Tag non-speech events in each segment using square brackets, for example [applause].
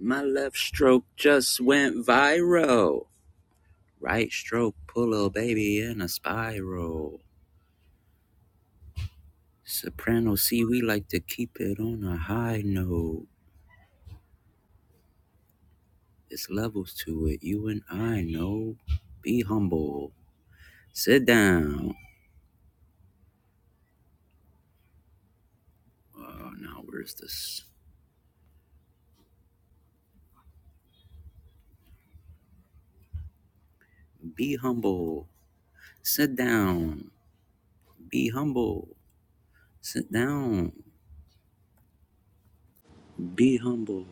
My left stroke just went viral. Right stroke pull a baby in a spiral. Soprano C, we like to keep it on a high note. It's levels to it, you and I know. Be humble. Sit down. Oh, now where's this? Be humble. Sit down. Be humble. Sit down. Be humble.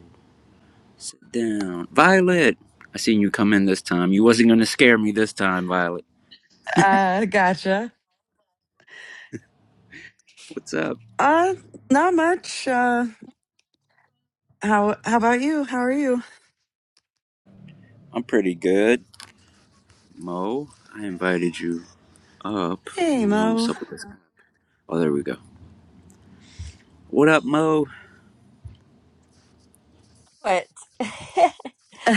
Sit down. Violet! I seen you come in this time. You wasn't gonna scare me this time, Violet. Uh, gotcha. What's up? Uh, not much. Uh, how how about you? How are you? I'm pretty good. Mo, I invited you up. I Hey, don't know what's Mo. up with this. Oh, there we go. What up, Mo? But [laughs] [laughs]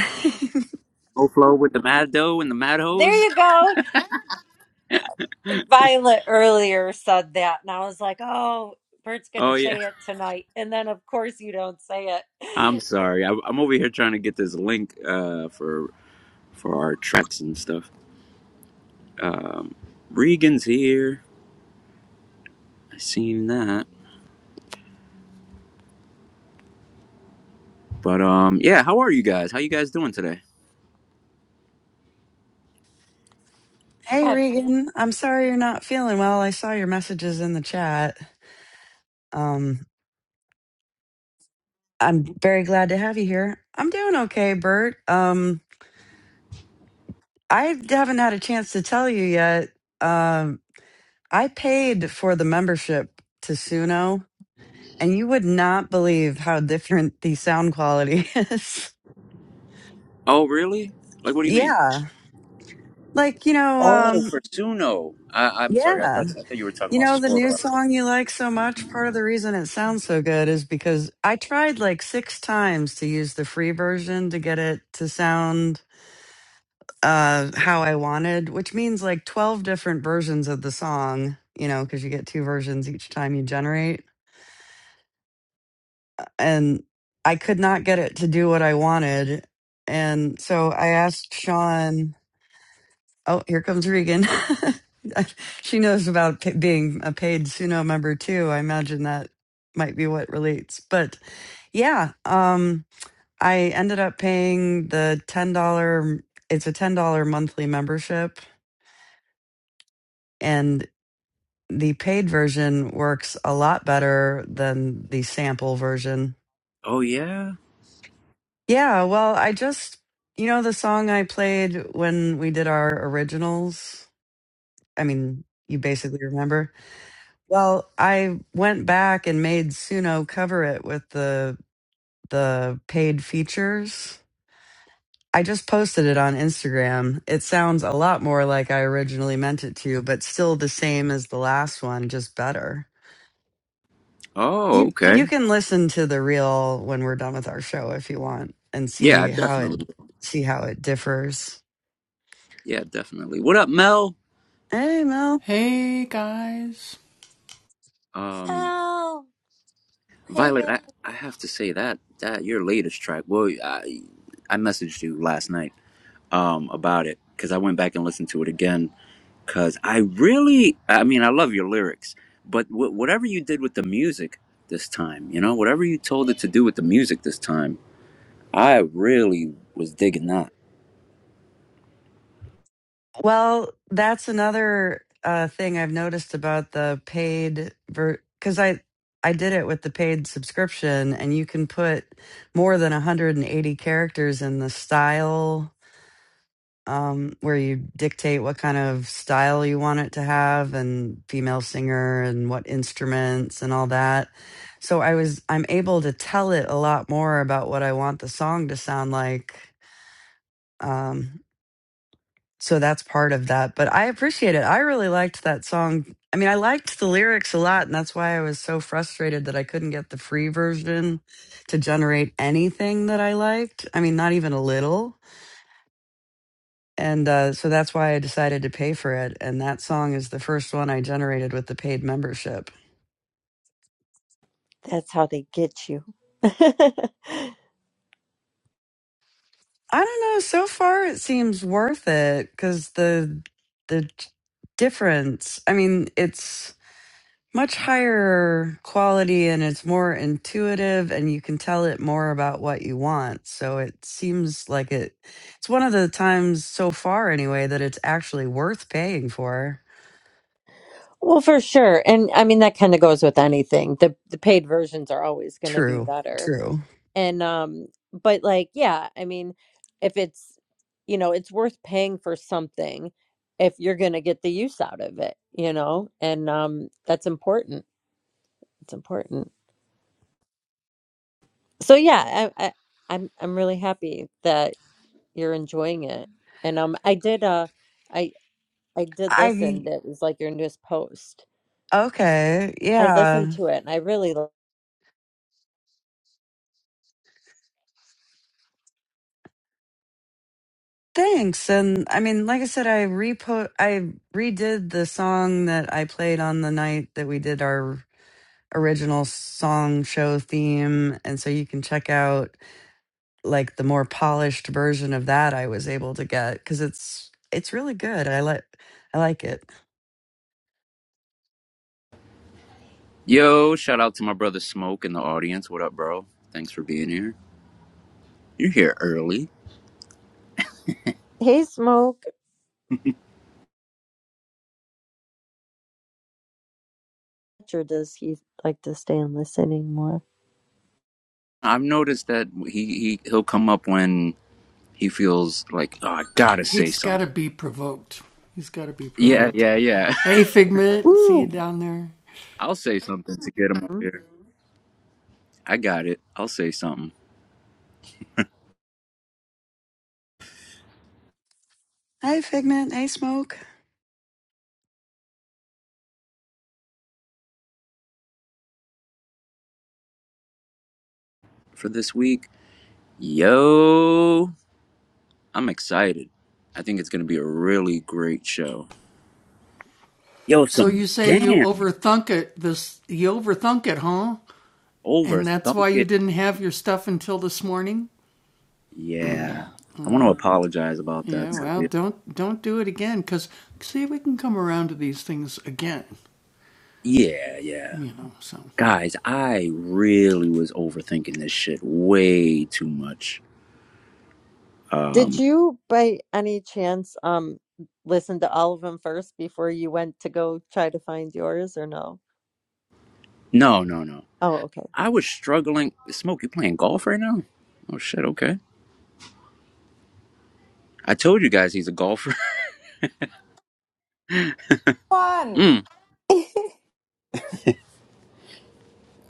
Mo Flow with the Mad Doe and the Mad there Hose? [laughs] you go. Violet earlier said that, and I was like, oh, Bert's going to Oh, yeah. say it tonight. And then, of course, you don't say I'm it. sorry. I, I'm over here trying to get this link uh, for for our tracks and stuff. Regan's here. I seen that. But um, yeah. How are you guys? How you guys doing today? [laughs] hey, Go ahead, Violet. Regan. I'm sorry you're not feeling well. I saw your messages in the chat. Um, I'm very glad to have you here. I'm doing okay, Bert. Um, I haven't had a chance to tell you yet. Um, I paid for the membership to Suno, and you would not believe how different the sound quality [laughs] is. Oh, really? Like, what do you mean? yeah, like you know. Oh, um, for Suno. I, I'm sorry. I Yeah. thought I thought you were talking You about know, the new Sora. song you like so much, part of the reason it sounds so good is because I tried like six times to use the free version to get it to sound uh, how I wanted, which means like 12 different versions of the song, you know, because you get two versions each time you generate. And I could not get it to do what I wanted. And so I asked Sean Oh, here comes Regan. [laughs] she knows about pa being a paid Suno member too. I imagine that might be what relates. But yeah, um, I ended up paying the ten dollar. It's a ten dollar monthly membership, and the paid version works a lot better than the sample version. Oh yeah. Yeah, well, I just you know the song I played when we did our originals. I mean, you basically remember. Well, I went back and made Suno cover it with the the paid features. I just posted it on Instagram. It sounds a lot more like I originally meant it to, but still the same as the last one, just better. Oh You okay. you can listen to the real when we're done with our show if you want and see Yeah, how it definitely. see how it differs. Yeah, definitely. What up, Mel? Hey Mel. Um, Oh, hang Violet, it. I, I have to say that that your latest track. Well, I I messaged you last night um about it because I went back and listened to it again because I really, I mean, I love your lyrics, but w- whatever you did with the music this time, you know, whatever you told it to do with the music this time, I really was digging that. Well, that's another uh, thing I've noticed about the paid ver because I I did it with the paid subscription, and you can put more than 180 characters in the style um, where you dictate what kind of style you want it to have, and female singer, and what instruments, and all that. So I was I'm able to tell it a lot more about what I want the song to sound like Um, so that's part of that but i appreciate it i really liked that song i mean i liked the lyrics a lot and that's why i was so frustrated that i couldn't get the free version to generate anything that i liked i mean not even a little and uh, so that's why i decided to pay for it and that song is the first one i generated with the paid membership That's how they get you. [laughs] i don't know so far it seems worth it because the the difference i mean it's much higher quality and it's more intuitive and you can tell it more about what you want so it seems like it it's one of the times so far anyway that it's actually worth paying for well, for sure. And I mean, that kind of goes with anything. The, the paid versions are always going to be true better. true and um but like yeah i mean if it's you know it's worth paying for something if you're going to get the use out of it you know and um that's important it's important so yeah i, I i'm i'm really happy that you're enjoying it and um i did uh i i did i listen to it was like your newest post okay i yeah listened to it and i really li- thanks and i mean like i said i repo i redid the song that i played on the night that we did our original song show theme and so you can check out like the more polished version of that I was able to get because it's it's really good. I like I like it. Yo, shout out to my brother Smoke in the audience. What up, bro? Thanks for being here. You're here early. hey smoke or does he like to stay and listening more I've noticed that he, he he'll come up when he feels like oh, I gotta say something. Yeah, yeah, yeah. Ooh. [laughs] I'll say something to get him up here. I got it. I'll say something Hey Figment, hey Smoke. for this week. Yo, I'm excited. I think it's gonna be a really great show. Yo, some jam over thunk it. Yeah, I want to apologize about that. Too. Yeah, yeah. Guys, I really was overthinking this shit way too much. Um, Did you, by any chance, um, listen to all of them first before you went to go try to find yours, or no? No, no, no. Oh, okay. I was struggling. Smoke, you playing golf right now? Oh shit. Okay. I told you guys he's a golfer. [laughs] one. mm. [laughs]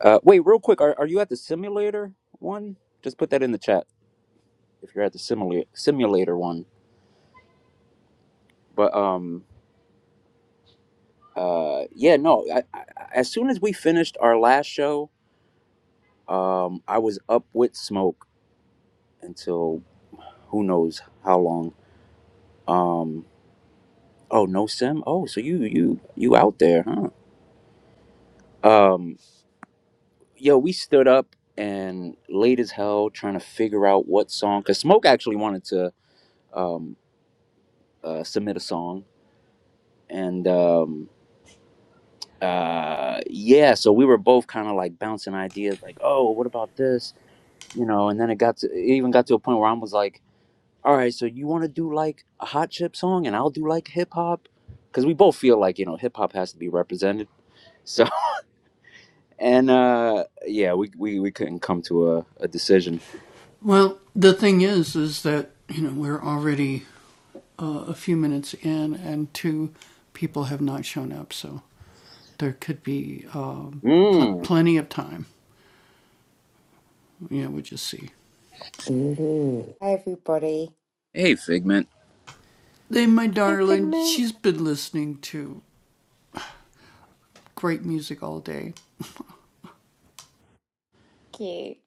Uh, wait, real quick. Are are you at the simulator one? Just put that in the chat if you're at the simulator simulator one. But um, uh, yeah, no. I, I, as soon as we finished our last show, um, I was up with Smoke until who knows how long. Um, oh no, Sim. Oh, so you you you out there, huh? Um, yo, we stood up and late as hell trying to figure out what song. Cause Smoke actually wanted to um, uh, submit a song, and um, uh, yeah, so we were both kind of like bouncing ideas, like, oh, what about this, you know? And then it got to, it even got to a point where I was like, all right, so you want to do like a hot chip song, and I'll do like hip hop, cause we both feel like you know hip hop has to be represented. So [laughs] and uh, yeah, we, we we couldn't come to a, a decision. Mm. Ooh. Hey, everybody. Hey, Figment. Hi, Figment. Cute.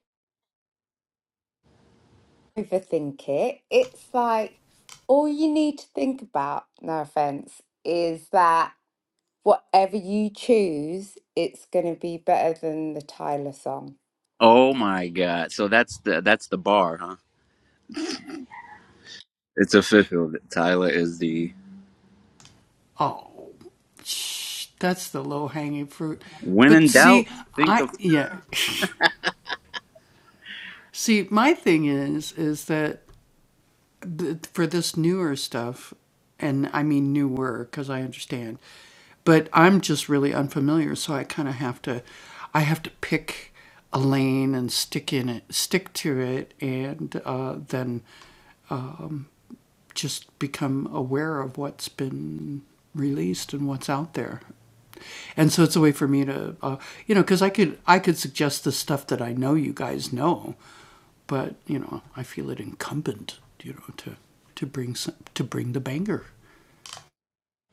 Overthink it. It's like all you need to think about, no offense, is that whatever you choose, it's going to be better than the Tyler song. Oh my god. So that's the that's the bar, huh? It's official. Tyler is the when in doubt, think of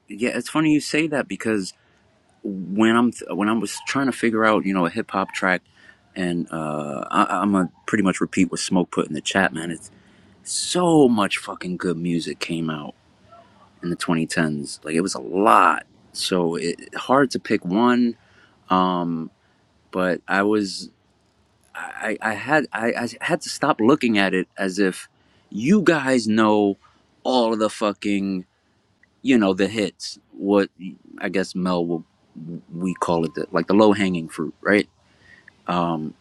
yeah, it's funny you say that because when I'm when I was trying to figure out, you know, a hip hop track and uh I I'm gonna pretty much repeat what Smoke put in the chat, man. It's so much fucking good music came out in the 2010s. Like it was a lot. So it hard to pick one um but I was I, I had I, I had to stop looking at it as if you guys know all of the fucking you know the hits. What I guess Mel will we call it the, like the low hanging fruit, right? Um,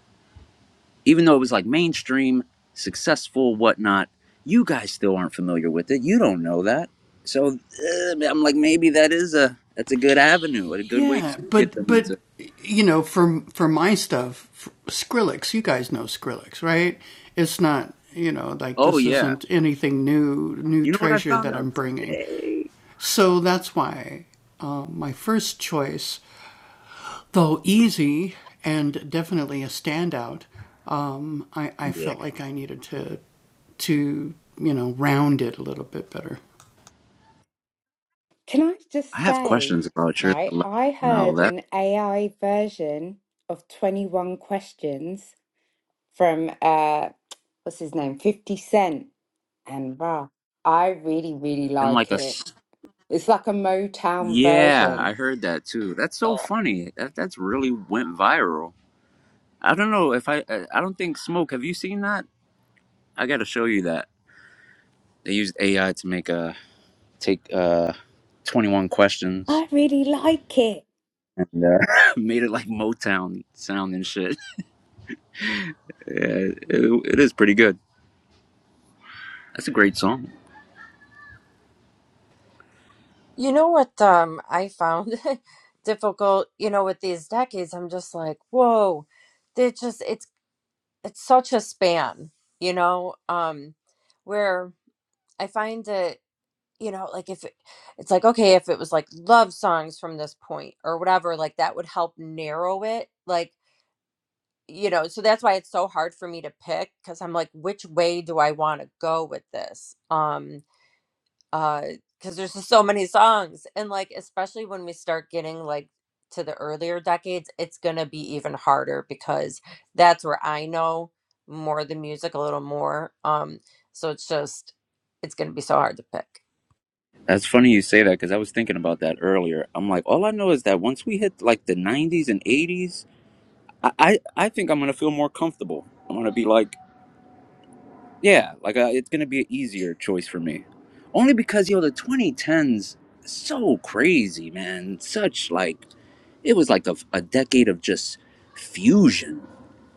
even though it was like mainstream, successful, whatnot, you guys still aren't familiar with it. You don't know that, so uh, I'm like maybe that is a that's a good avenue, a good way to get them into. Oh yeah, you know what I found out today? Yeah. Can I I just have questions say, about your right? selection, I though. heard That's an AI version of 21 questions from uh what's his name 50 cent and wow i really really been like like a. it s- it's like a motown Yeah, I version heard that too. That's so oh funny. That that's really went viral. I don't know if I. I I don't think Smoke. Have you seen that? I got to show you that they used AI to make a take uh, twenty one questions i really like it and uh, [laughs] made it like Motown sound and shit. Yeah, it, it is pretty good. That's a great song. You know what um I found [laughs] difficult, you know, with these decades, I'm just like, whoa, they just it's it's such a span, you know, um where I find it, you know, like if it, it's like okay, if it was like love songs from this point or whatever, like that would help narrow it. Like you know, so that's why it's so hard for me to pick because I'm like, which way do I want to go with this? Um, uh, because there's just so many songs, and like, especially when we start getting like to the earlier decades, it's gonna be even harder because that's where I know more of the music a little more. Um, so it's just, it's gonna be so hard to pick. That's funny you say that because I was thinking about that earlier. I'm like, all I know is that once we hit like the 90s and 80s, I, I I think I'm gonna feel more comfortable. I'm gonna be like, yeah, like uh, it's gonna be an easier choice for me, only because yo, the 2010s so crazy, man. Such like it was like a, a decade of just fusion.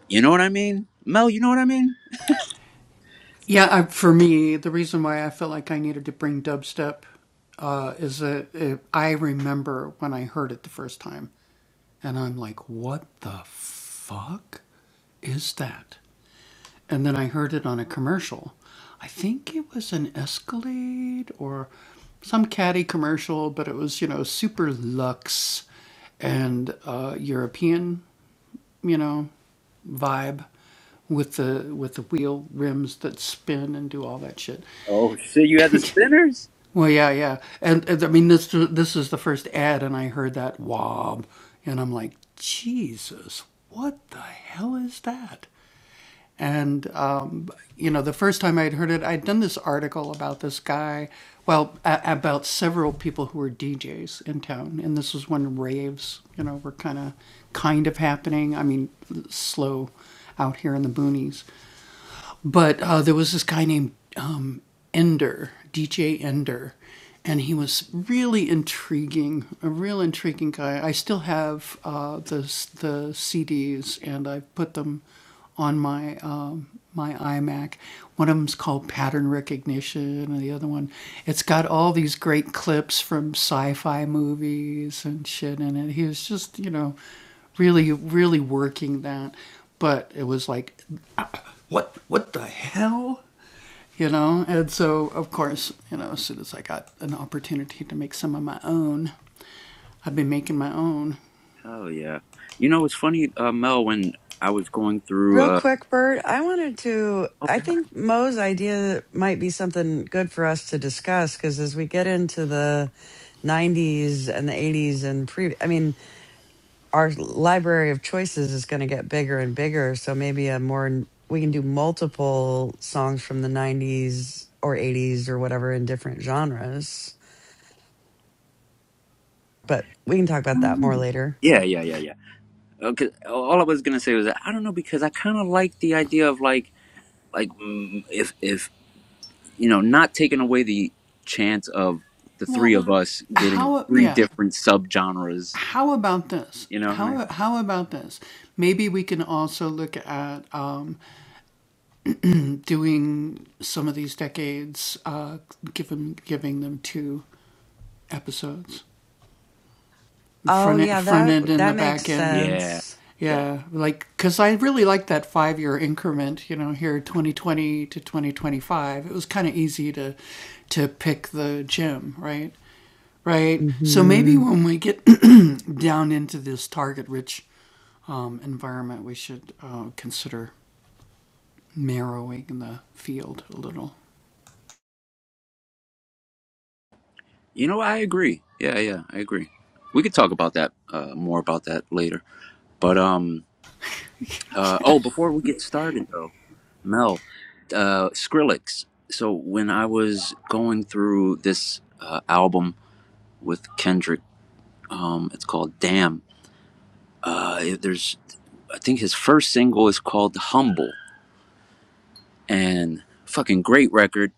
You know what I mean, Mel? You know what I mean? Oh shit, you had the spinners? Hell yeah. You know it's funny, uh, Mel, when I was going through. Real Uh, quick, Bert, I wanted to oh I yeah. think Mo's idea might be something good for us to discuss because as we get into the 90s and the 80s and pre I mean our library of choices is going to get bigger and bigger so maybe a more we can do multiple songs from the 90s or 80s or whatever in different genres but we can talk about that more Mhm. later. Yeah, yeah, yeah, yeah. Okay, all I was gonna say was that I don't know because I kind of like the idea of like like mm, if if you know not taking away the chance of the three of us getting three different subgenres you know what i mean Oh yeah, that that makes yeah sense. yeah. hmm you know i agree yeah yeah i agree we could talk about that uh more about that later but um uh oh before we get started though mel uh skrillex so when i was going through this uh, album with kendrick um it's called damn uh, it- there's I think his first single is called Humble and fucking great record.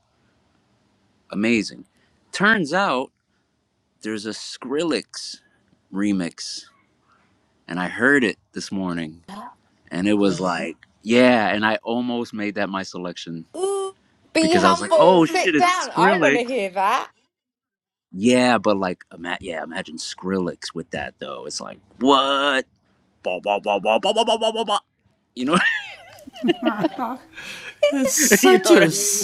Amazing. Turns out there's a Skrillex remix and I heard it this morning and it was like, yeah. And I almost made that my selection ooh be because I was like, humble oh shit, sit it's down i want Skrillex. to hear that Yeah, but like, ima- yeah, imagine Skrillex with that though. It's like, what? Bah, bah, bah, bah, bah, bah, bah, bah, bah, You know, [laughs] you know what I mean?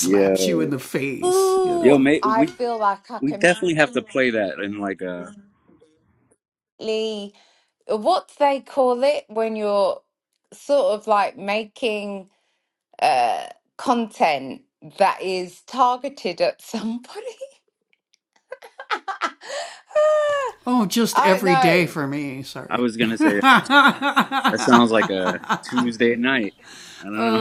Yo, ooh yo, mate, i we feel like i We can definitely have to play that in [laughs] like a. really what they call it when you're sort of like making uh content that is targeted at somebody [laughs] Ah, I don't know. I was gonna say that sounds like a Tuesday night. I don't know.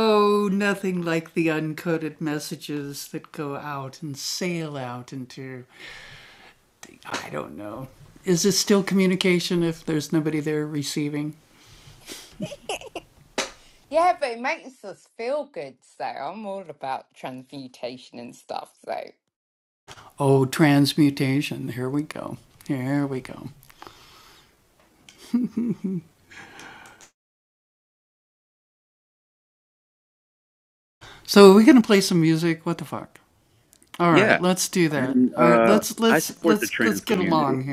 Yeah, but it makes us feel good. So I'm all about transmutation and stuff. So Yeah, and uh, I support the trans community.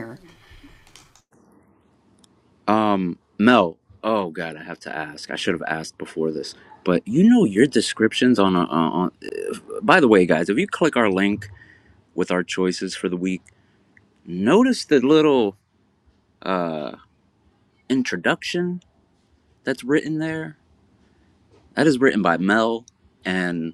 Um, Mel. Oh God, I have to ask. I should have asked before this, but you know your descriptions on a uh, on. By the way, guys, if you click our link with our choices for the week, notice the little uh introduction that's written there. That is written by Mel, and.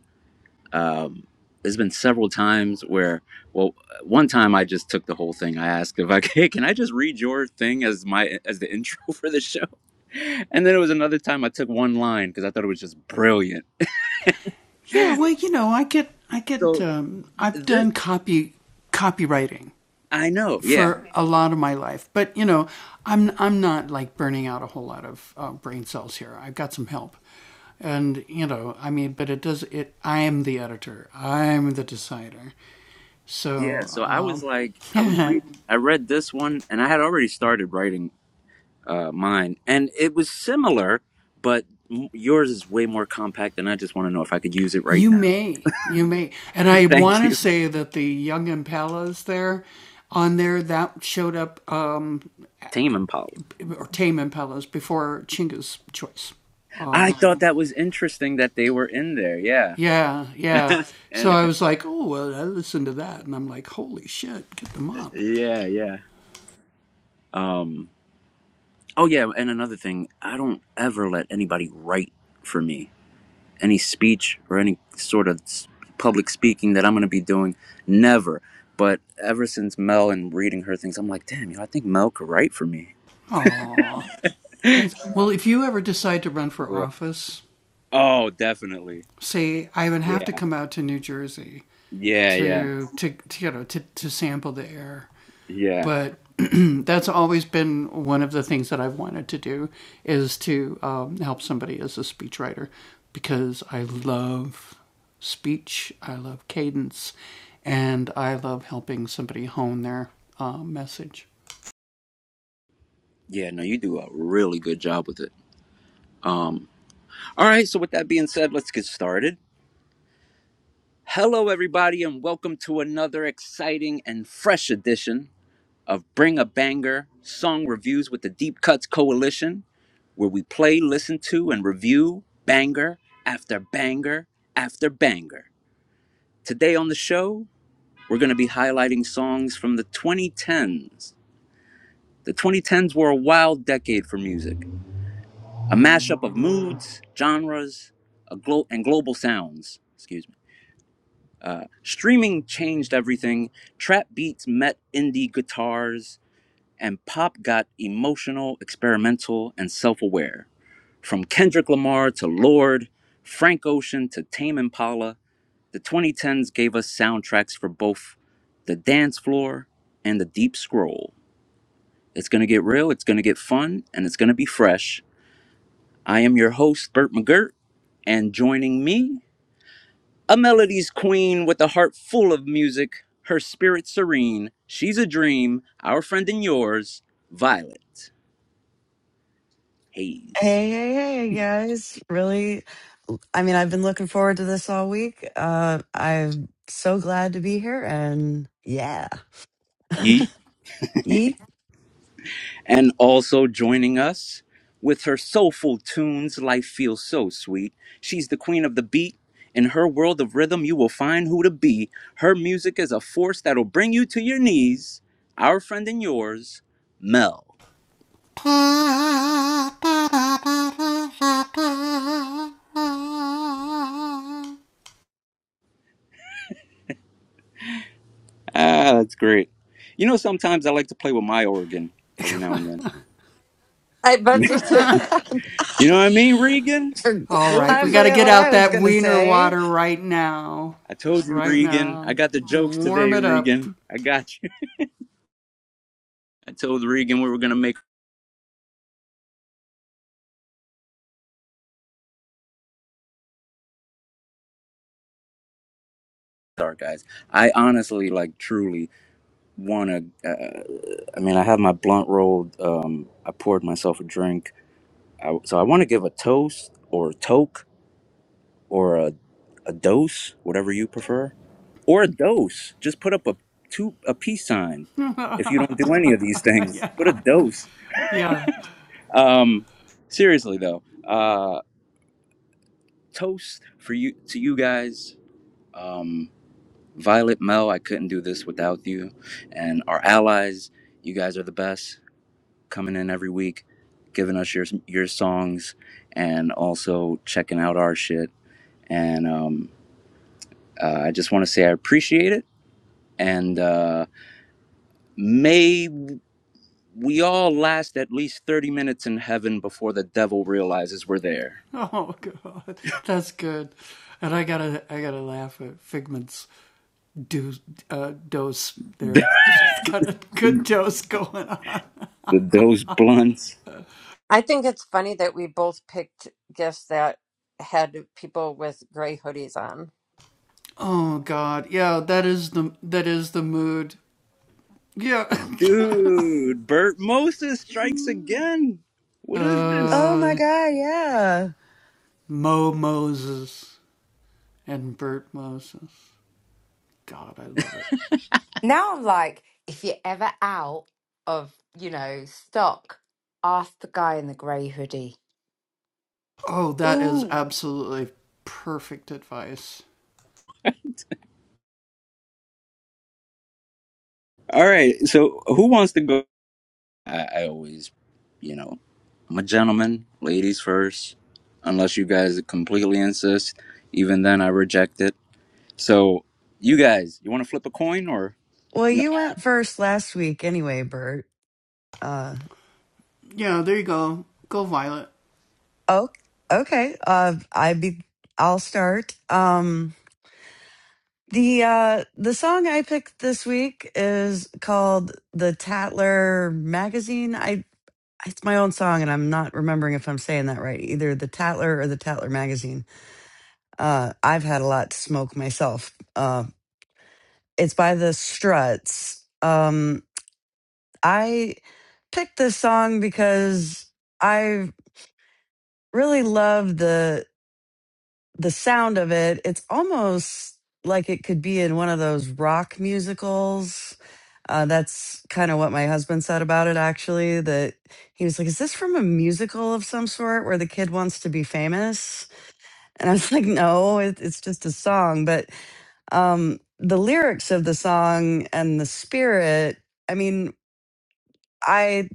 um, there's been several times where well one time i just took the whole thing i asked if i [laughs] hey can i just read your thing as my as the [laughs] intro for the show and then it was another time i took one line because i thought it was just brilliant so this, i know yeah yeah so i was like i was reading i read this one and i had already started writing uh, mine and it was similar but m- yours is way more compact and i just want to know if i could use it right now [laughs] thank you tame impala I thought that was interesting that they were in there. Yeah. [laughs] And- yeah, yeah. Um oh yeah, and another thing, I don't ever let anybody write for me. Any speech or any sort of s- public speaking that I'm going to be doing, never. But ever since Mel and reading her things, I'm like, damn, you know, I think Mel could write for me. [laughs] Real. Oh, definitely. Yeah. Yeah, yeah. Yeah. Yeah, no, you do a really good job with it. Um all right, so with that being said, let's get started. Hello, everybody, and welcome to another exciting and fresh edition of Bring a Banger Song Reviews with the Deep Cuts Coalition, where we play, listen to, and review banger after banger after banger. Today on the show, we're going to be highlighting songs from the 2010s. The 2010s were a wild decade for music, a mashup of moods, genres, a glo- and global sounds. Excuse me. Uh, streaming changed everything. Trap beats met indie guitars, and pop got emotional, experimental, and self aware. From Kendrick Lamar to Lord, Frank Ocean to Tame Impala, the 2010s gave us soundtracks for both the dance floor and the deep scroll. It's going to get real, it's going to get fun, and it's going to be fresh. I am your host, Bert McGirt, and joining me A melody's queen with a heart full of music, her spirit serene. She's a dream, our friend and yours, Violet Hayes. Hey, hey, hey, guys! Really, I mean, I've been looking forward to this all week. Uh, I'm so glad to be here, and yeah, Yeet. yeet. [laughs] And also joining us with her soulful tunes, life feels so sweet. She's the queen of the beat. In her world of rhythm, you will find who to be. Her music is a force that'll bring you to your knees. Our friend and yours, Mel. Ah, that's great. You know, sometimes I like to play with my organ every now and then. I bet you too. For- You know what I mean, Regan? I told I you. forget what I was gonna say. I told you, Regan. I got the jokes today, Regan. I got you. [laughs] I told Regan we were gonna make our guys. I honestly, like, truly wanna. Uh, I mean, I have my blunt rolled. Um, I poured myself a drink. I, so I want to give a toast or a toke or a, a dose, whatever you prefer, or a dose. Just put up a two a peace sign. If you don't do any of these things, put a dose. Um, seriously though. uh, toast for you to you guys. Um, Violet Mel, I couldn't do this without you, and our allies. You guys are the best, coming in every week, giving us your your songs, and also checking out our shit. And um, uh, I just want to say I appreciate it. And uh, may we all last at least thirty minutes in heaven before the devil realizes we're there. [laughs] Those blunts. I think it's funny that we both picked gifts that had people with gray hoodies on. Dude, Bert Moses strikes again. What is this? Oh my god, yeah. now I'm like, if you're ever out of, you know, stock, ask the guy in the grey hoodie. Ooh. All right, so who wants to go? I, I always, you know, I'm a gentleman, ladies first, unless you guys completely insist. Even then, I reject it. So, you guys, you want to flip a coin or Well, no? you went first last week, anyway, Bert. Uh, oh, okay. Uh, I be. I'll start. Um, The uh the song I picked this week is called The Tatler Magazine. I it's my own song and I'm not remembering if I'm saying that right. Either The Tatler or The Tatler Magazine. Uh I've had a lot to smoke myself. Uh it's by The Struts. Um I picked this song because I really love the the sound of it, it's almost like it could be in one of those rock musicals. Uh, that's kind of what my husband said about it, actually. That he was like, Is this from a musical of some sort where the kid wants to be famous? And I was [laughs] like, No, it, it's just a song. But um, the lyrics of the song and the spirit, I mean, I,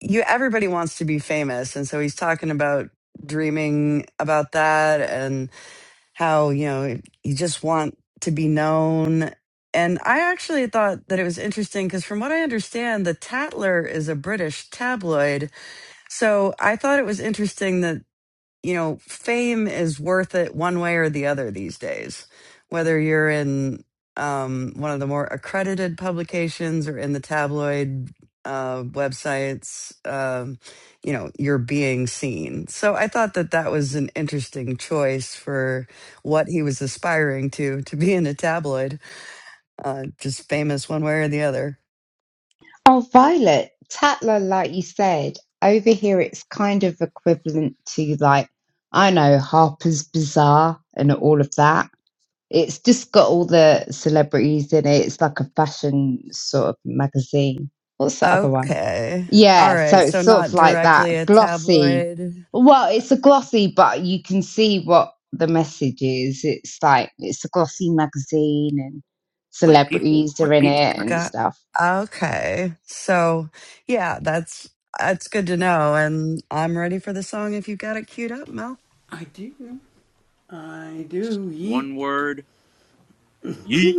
you, everybody wants to be famous. And so he's talking about dreaming about that how you know you just want to be known and i actually thought that it was interesting because from what i understand the tatler is a british tabloid so i thought it was interesting you know, fame is worth it one way or the other these days, whether you're in um, one of the more accredited publications or in the tabloid uh, websites, um, you know, you're being seen. So I thought that that was an interesting choice for what he was aspiring to, to be in a tabloid, uh, just famous one way or the other. Oh, Violet, Tatler, like you said, over here it's kind of equivalent to like, I know, Harper's Bazaar and all of that. It's just got all the celebrities in it. It's like a fashion sort of magazine. What's the other one? Okay. All Yeah, so right. it's So sort of not like that directly a glossy. tabloid. Well, it's a glossy, but you can see what the message is. It's like it's a glossy magazine and It's like people, celebrities are like in people. it and Got stuff. okay. So yeah, that's that's good to know. And I'm ready for the song if you got it queued up, Mel. One word, yeet.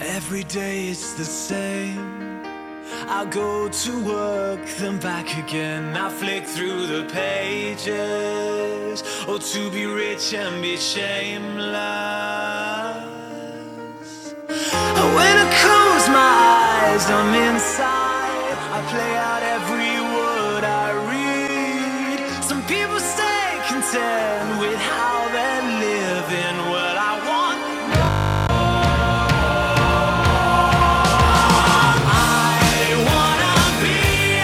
Every day it's the same. I go to work, then back again. I flick through the pages. Oh, to be rich and be shameless. Oh, When I close my eyes, I'm inside. I play out every word I read. Some people stay content with how they're living. Well, I want more. Young and free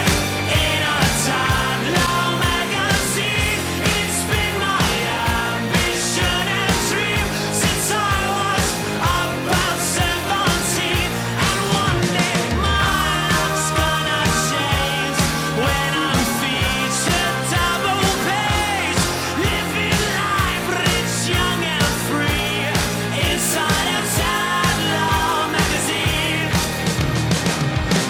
inside of Time magazine.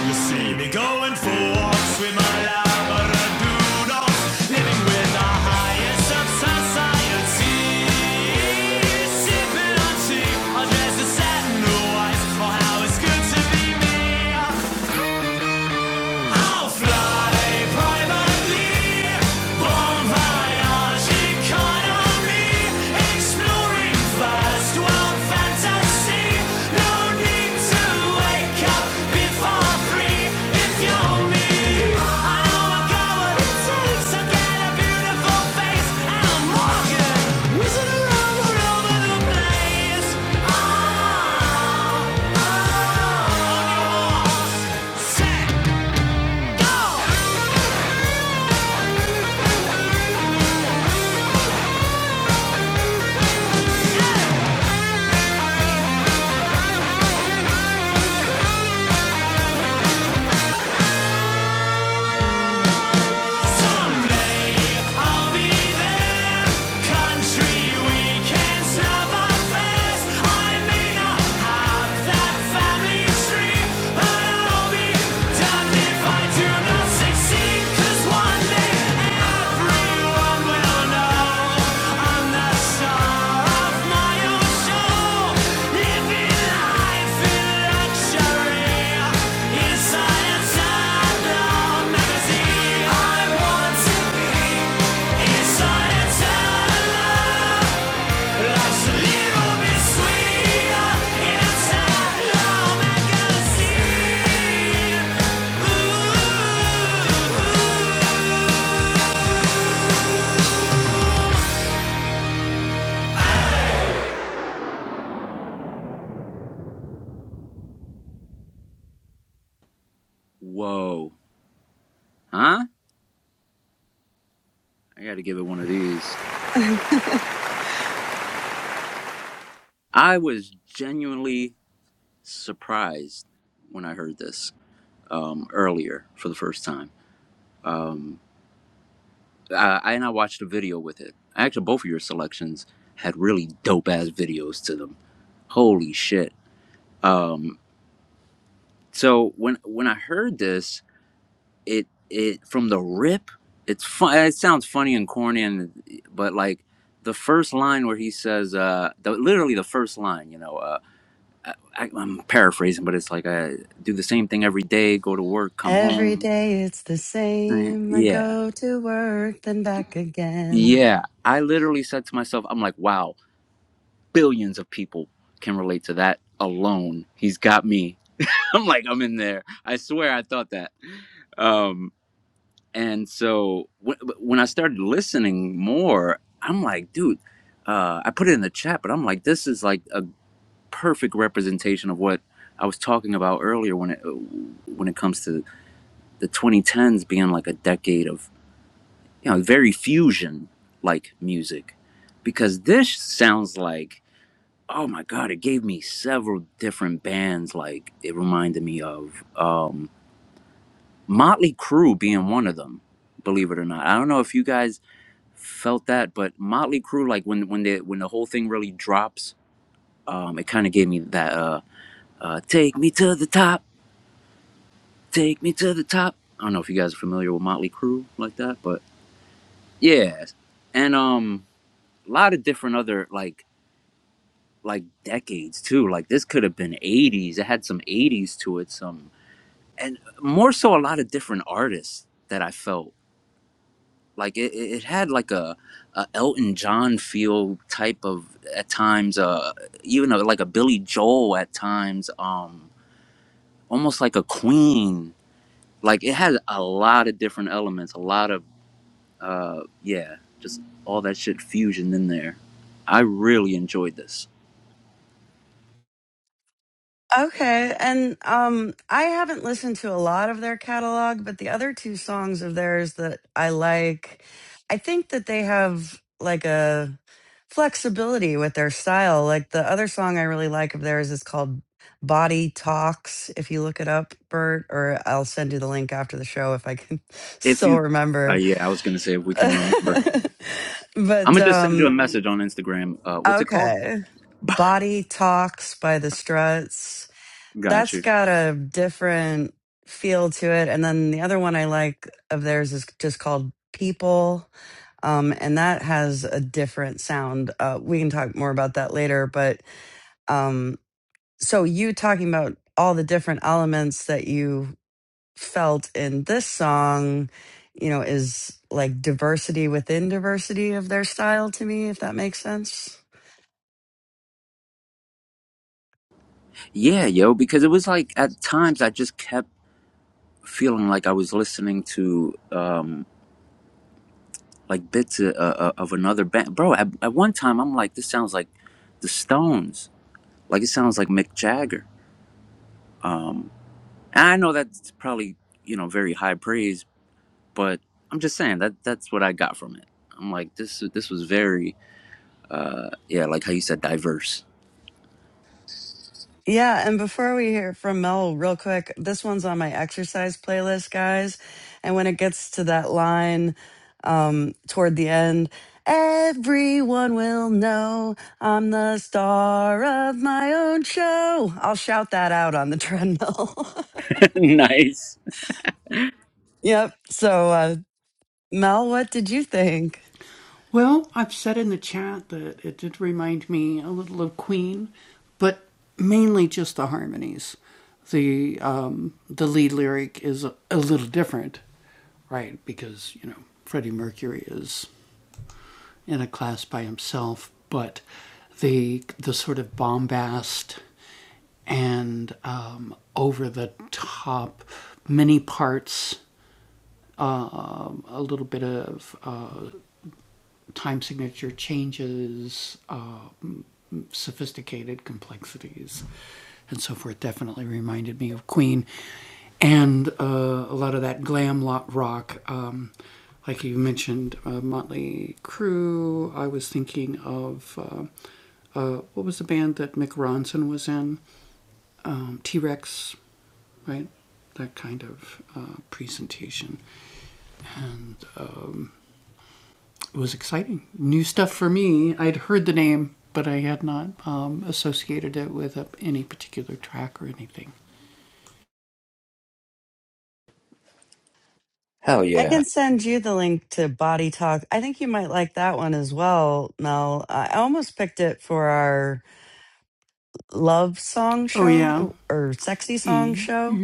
You see me going for walks with my labradoodles, living with the highest of society. Sipping on tea, all dressed in satin and white. Oh, how it's good to be me. I'll fly privately, bon voyage economy, exploring first world fantasy. No need to wake up before three if you're me. I know I got what it takes. I got a beautiful face and I'm whizzing around all over the place. Oh, oh, on your walls, set. Done if I do not succeed, one day everyone will. Ooh. Whoa, huh? I got to give it one of these. I was genuinely surprised when I heard this. um, earlier for the first time. Um, I, I and I watched a video with it. Actually, both of your selections had really dope ass videos to them. Holy shit! Um, so when when I heard this, it it from the rip, it's fun. It sounds funny and corny, and but like the first line where he says, uh, the, literally the first line, you know. Uh, I, I, I'm paraphrasing, but it's like I do the same thing every day, go to work, come Every home. day it's the same. I Yeah go to work, then back again. Yeah, I literally said to myself, I'm like, wow, billions of people can relate to that alone. He's got me. [laughs] I'm like, I'm in there. I swear I thought that. Um, and so w- when I started listening more, I'm like, dude, uh, I put it in the chat, but I'm like, this is like a perfect representation of what I was talking about earlier when it when it comes to the 2010s being like a decade of. you know, very fusion like music. Because this sounds like, oh my God, it gave me several different bands. Like it reminded me of um, Motley Crue being one of them, believe it or not. I don't know if you guys felt that, but Motley Crue, like when, when, the, when the whole thing really drops, um, it kind of gave me that uh, uh, take me to the top, take me to the top. I don't know if you guys are familiar with Motley Crue like that, but yeah. And um, a lot of different other like like decades too. Like this could have been 80s. It had some 80s to it, some and more so a lot of different artists that I felt like it, it had like a, a Elton John feel type of at times, uh, even a, like a Billy Joel at times, um, almost like a Queen. Like it had a lot of different elements, a lot of uh, yeah, just all that shit fusion in there. I really enjoyed this. Okay, and um I haven't listened to a lot of their catalog, but the other two songs of theirs that I like, I think that they have like a flexibility with their style. Like the other song I really like of theirs is called Body Talks. If you look it up, Bert, or I'll send you the link after the show if I can [laughs] If still you, uh, remember. yeah, I was gonna say if we can remember. [laughs] I'm but gonna just send you a um message on Instagram. Uh, what's it called? okay. Body Talks by the Struts Got that's you. got a different feel to it. And then the other one I like of theirs is just called People. Um, and that has a different sound. Uh, we can talk more about that later. But um, so you talking about all the different elements that you felt in this song, you know, is like diversity within diversity of their style to me, if that makes sense. Yeah, yo, because it was like at times I just kept feeling like I was listening to um like bits of, uh, uh, of another band, bro. At, at one time, I'm like, this sounds like the Stones. Like it sounds like Mick Jagger. And I know that's probably you know very high praise, but I'm just saying that that's what I got from it. I'm like, this this was very yeah, like how you said, diverse. Yeah, and before we hear from Mel, real quick, this one's on my exercise playlist, guys. And when it gets to that line um, toward the end, everyone will know I'm the star of my own show. I'll shout that out on the treadmill. [laughs] nice. [laughs] yep. So, uh, Mel, what did you think? Hell I yeah. can send you the link to Body Talk. I think you might like that one as well, Mel. I almost picked it for our love song show or sexy song show.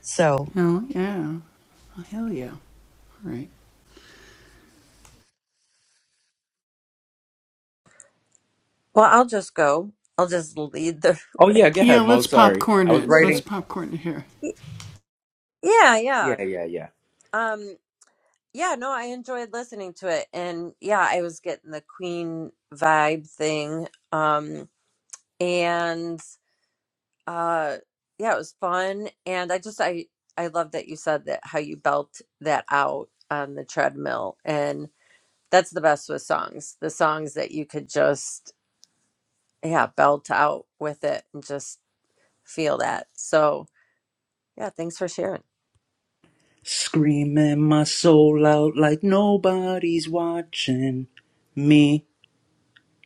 So Well, I'll just go. I'll just lead the. Oh yeah, go ahead, Mo. Sorry. I was writing [laughs] Y- Yeah, Yeah. yeah. Um, yeah, no, I enjoyed listening to it. And yeah, I was getting the Queen vibe thing. Um, and uh, yeah, it was fun. And I just, I, I love that you said that how you belt that out on the treadmill. And that's the best with songs, the songs that you could just, yeah, belt out with it and just feel that. So yeah, thanks for sharing. Screaming my soul out like nobody's watching me.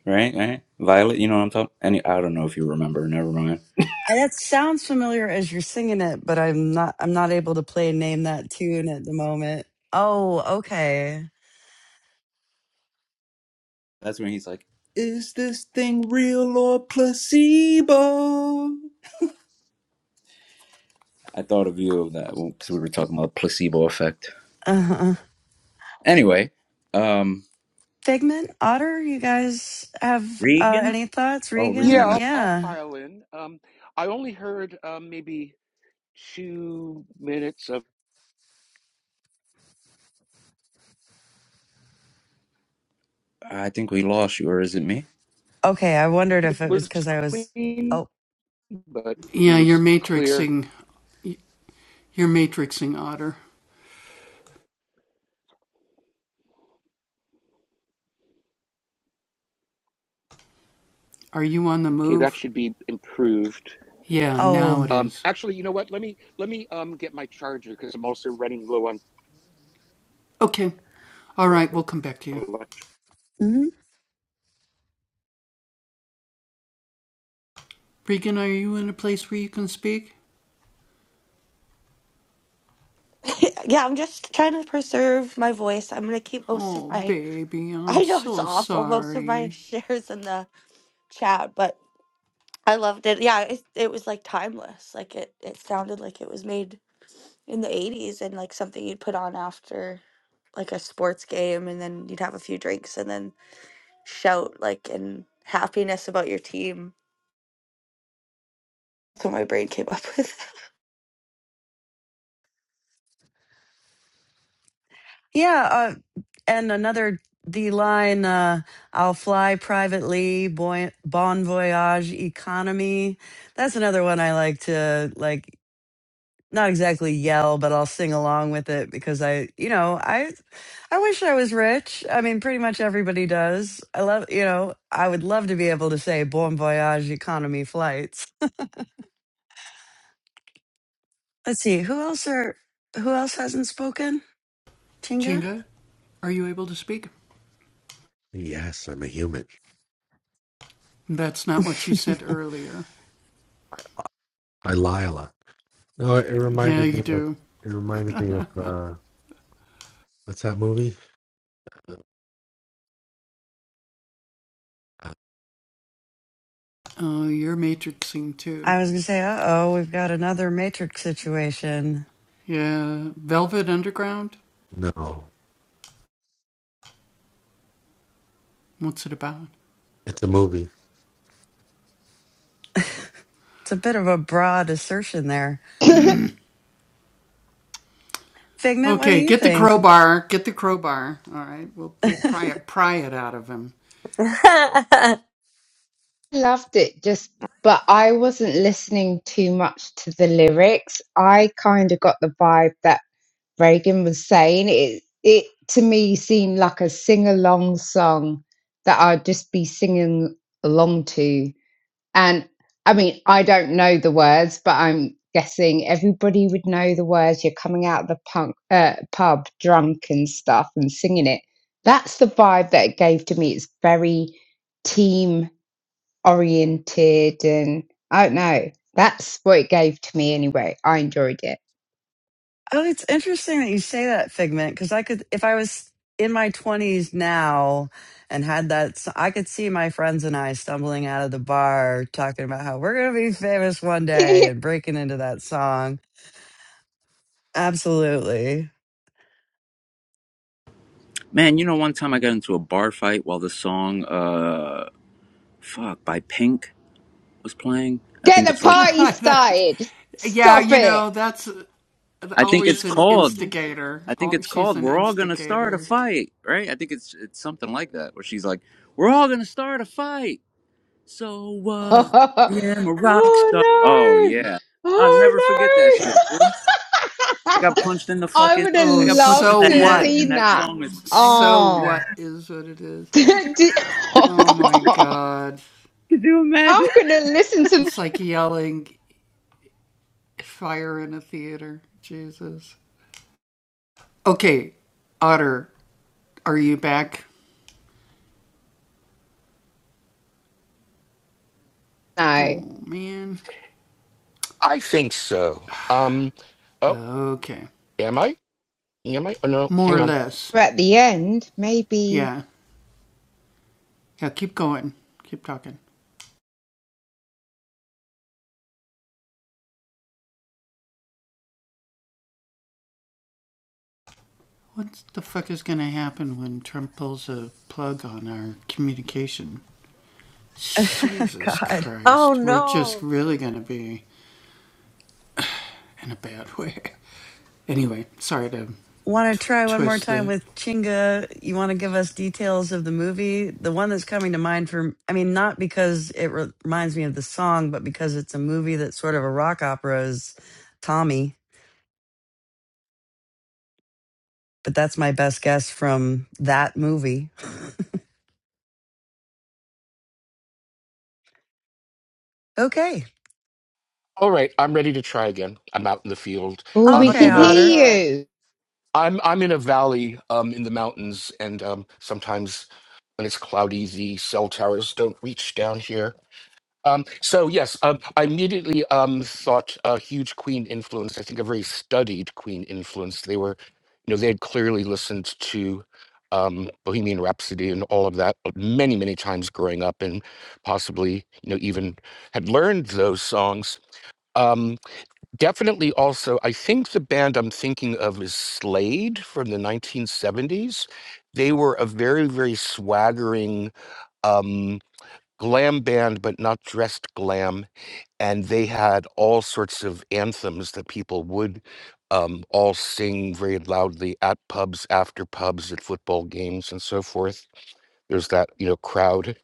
Right, right. Violet, you know what I'm talking Any I don't know if you remember, never mind. I, that sounds familiar as you're singing it, but I'm not. I'm not able to play name that tune at the moment. Oh, okay. [laughs] That's when he's like, Is this thing real or placebo? I thought of you of that because we were talking about placebo effect. Uh-huh. Anyway, um Figment, Otter, you guys have uh, Regan? any thoughts? Oh Regan, I Yeah, Regan, know. I'll, I'll yeah. pile in. Um, I only heard um, maybe two minutes of I think we lost you, or is it me? Okay, I wondered it if it was was because I was. Queen, Oh, but it was clear. Okay, that should be improved. oh, Um, actually, you know what? Let me let me um get my charger because I'm also running low on electric. hmm [laughs] Yeah, I'm just trying to preserve my voice. I'm gonna keep most of my. [laughs] I know it's awful. Most of my [laughs] shares in the chat, but I loved it. Yeah, it it was like timeless. Like it it sounded like it was made in the '80s and like something you'd put on after like a sports game, and then you'd have a few drinks and then shout like in happiness about your team. That's what my brain came up with. [laughs] yeah. uh, and another D line, uh, I'll fly privately, boy, bon voyage economy. That's another one I like to like not exactly yell, but I'll sing along with it because I, you know, I I wish I was rich. I mean, pretty much everybody does. I love, you know, I would love to be able to say bon voyage economy flights. Let's see, who else are who else hasn't spoken? Tinga? Yes, I'm a human. I Lila. No, it, it reminded me of. It reminded me of. uh What's that movie? Uh, uh, I was gonna say, uh oh, we've got another matrix situation. no, it's a movie. It's a bit of a broad assertion there. [laughs] Figment, what do you think? [laughs] Loved it just but I wasn't listening too much to the lyrics. I kind of got the vibe that Reagan was saying. It it to me seemed like a sing-along song that I'd just be singing along to And I mean, I don't know the words, but I'm guessing everybody would know the words. You're coming out of the punk, uh, pub drunk and stuff and singing it. That's the vibe that it gave to me. It's very team oriented and I don't know. That's what it gave to me anyway. I enjoyed it. Oh, it's interesting that you say that, Figment, because I could, if I was in my 20s now and had that, so I could see my friends and I stumbling out of the bar talking about how we're going to be famous one day [laughs] and breaking into that song. Absolutely. Man, you know one time I got into a bar fight while the song uh fuck by Pink was playing. I Get think the it's like party started. Stop it. I think it's called I think it's called We're All Gonna Start a Fight, right? I think it's it's something like that where she's like, We're all gonna start a fight. So [laughs] what? oh I am a rock star. Oh no. yeah. I'll never forget that Oh no. [laughs] shit, dude. I [laughs] got punched in the I fucking would have I got punched loved in the to have head and seen that that. song is playing. Oh, [laughs] Did- [laughs] I'm gonna listen to now. I think so. Um, oh, am I? Am I? Oh no, hang on. We're At the end, maybe. [laughs] God. Oh no! Want to try one more time with Chinga? You want to give us details of the movie? The one that's coming to mind for, I mean, not because it re- reminds me of the song, but because it's a movie that's sort of a rock opera is Tommy. But that's my best guess from that movie. Okay. All right, I'm ready to try again. I'm out in the field. Oh, we I'm Oh, you Okay, can in a sound Otter. good. hear I'm I'm in a valley um, in the mountains, and um, sometimes when it's cloudy, the cell towers don't reach down here. Um, so yes, um, I immediately um, thought a huge Queen influence. I think a very studied Queen influence. They were, you know, they had clearly listened to um, Bohemian Rhapsody and all of that many, many times growing up, and possibly, you know, even had learned those songs. Um definitely also i think the band i'm thinking of is slade from the 1970s they were a very very swaggering um glam band but not dressed glam and they had all sorts of anthems that people would um, all sing very loudly at pubs after pubs at football games and so forth there's that you know crowd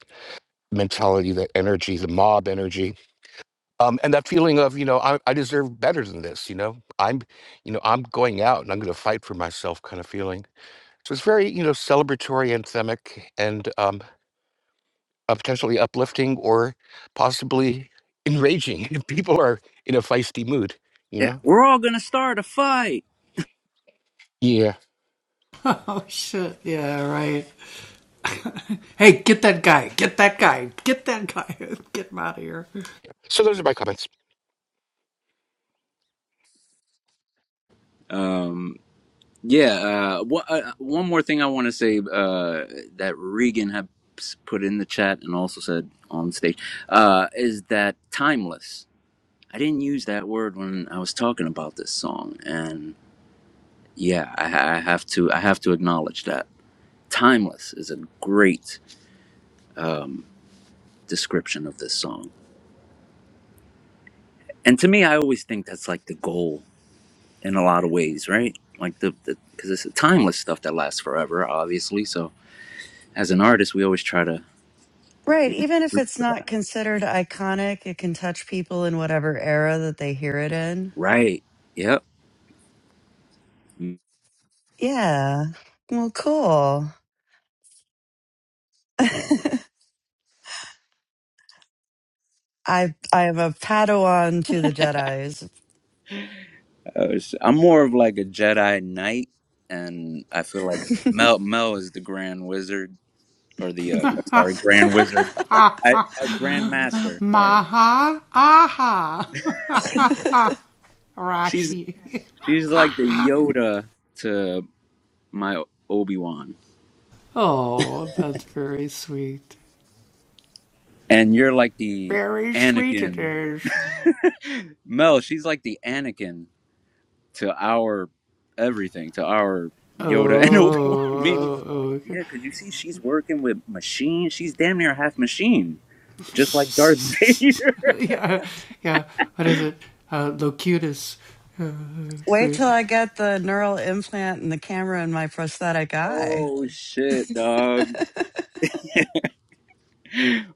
mentality that energy the mob energy um, and that feeling of you know I, I deserve better than this you know i'm you know i'm going out and i'm going to fight for myself kind of feeling so it's very you know celebratory anthemic and um, uh, potentially uplifting or possibly enraging [laughs] if people are in a feisty mood you Yeah, know we're all gonna start a fight. yeah so those are my comments Um Yeah. Uh, wha- uh, one more thing I want to say uh, that Regan had s- put in the chat and also said on stage uh, is that timeless. I didn't use that word when I was talking about this song, and yeah, I, ha- I have to. I have to acknowledge that timeless is a great um, description of this song. And to me, I always think that's like the goal in a lot of ways, right? Like the because it's timeless stuff that lasts forever, obviously. So as an artist, we always try to Right. Even if reach it's for that. not considered iconic, it can touch people in whatever era that they hear it in. Right. Yep. Yeah. Well, cool. I I am a Padawan to the Jedi's. I was- I'm more of like a Jedi Knight, and I feel like Mel Mel is the Grand Wizard or the uh, sorry Grand [laughs] Wizard, I, I Grand Master. Sorry, she's she's like the Yoda to my Obi Wan, and you're like the Anakin. [laughs] Mel, she's like the Anakin to our everything, to our Yoda and Obi Wan. [laughs] Maybe, yeah, because you see, she's working with machine. She's damn near half machine, just like Darth Vader. [laughs] Wait till I get the neural implant and the camera in my prosthetic eye. Oh shit, dog!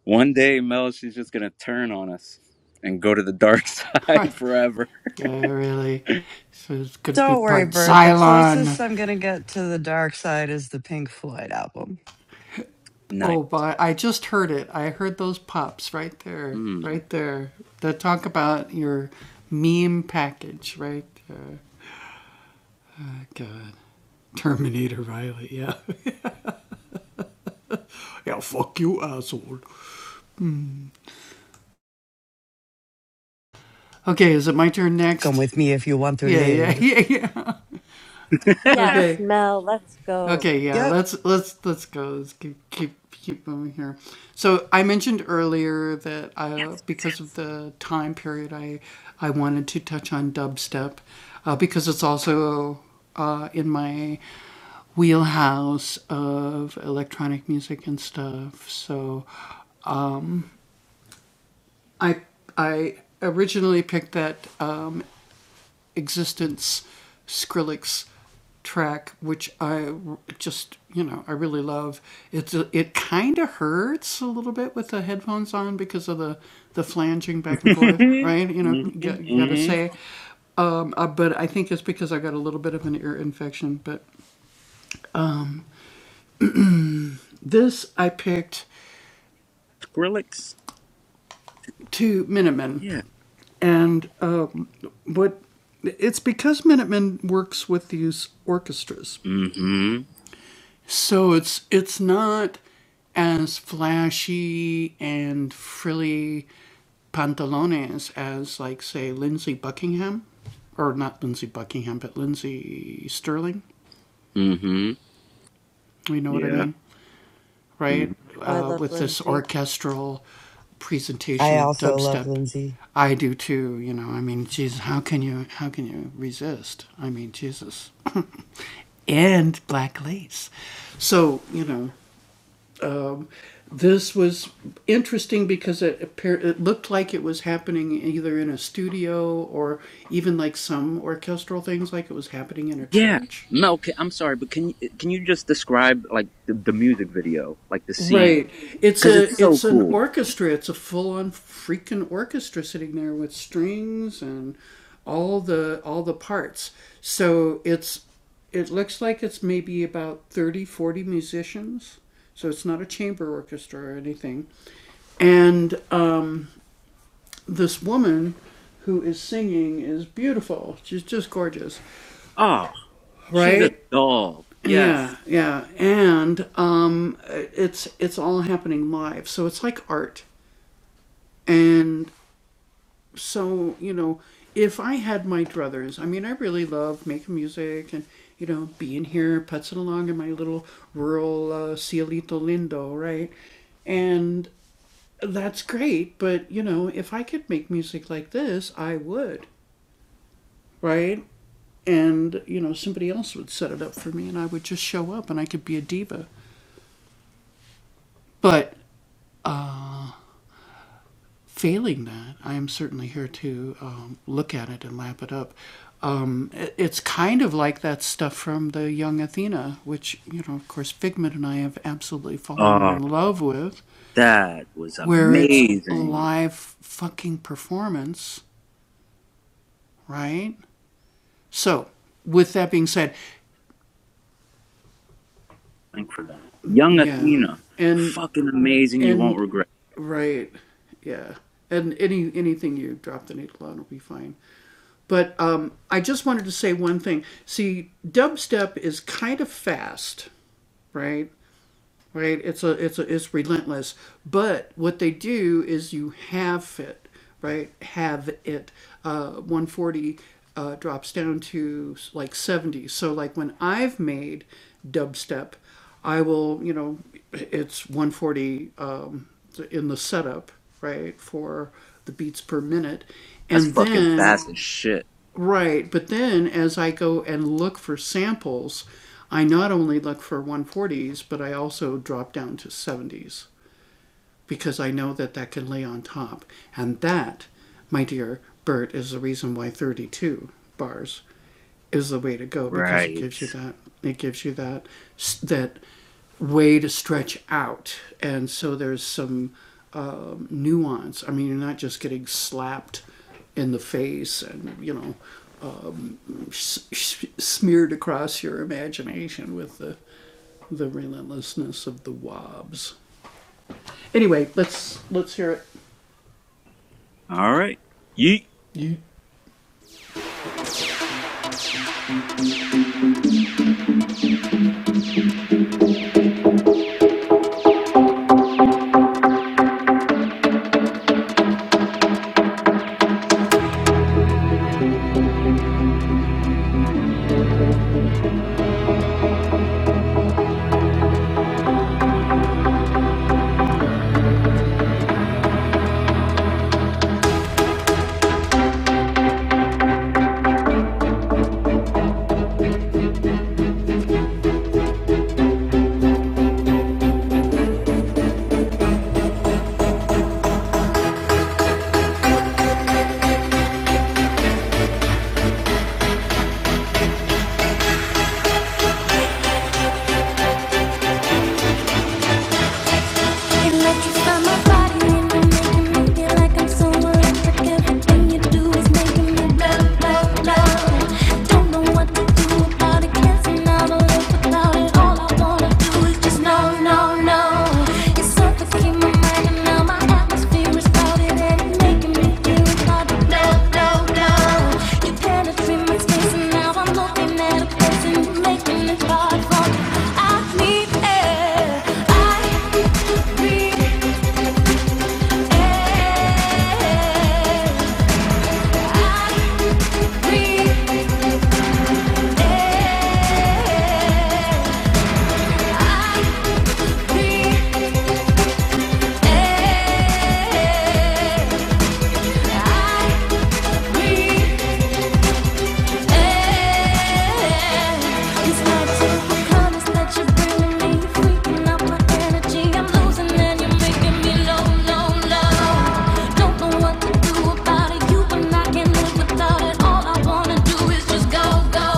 One day, Mel, she's just gonna turn on us and go to the dark [laughs] side forever. Don't worry, Bert. The closest I'm going to get to the dark side is the Pink Floyd album. Nice. Mm. Come with me if you want to live. [laughs] yes. Yes, Mel, let's go. Yep. [laughs] Mm. hmm hmm Skrillex. Yeah. hmm hmm Yeah. Mm-hmm. Oh, I love Lindsay. I also love Lindsay. Yeah. Mel, ca- I'm sorry, but can you- can you just describe like the, the music video, like the scene, because it's so cool. Oh, she's a doll. Yes. Oh, that was amazing. Thank for that. Young Athena, fucking amazing. You won't regret. That's fucking fast as shit. Right. All right. You No, no, no. It's something I breathe. Without it, all I wanna do is just go, go. I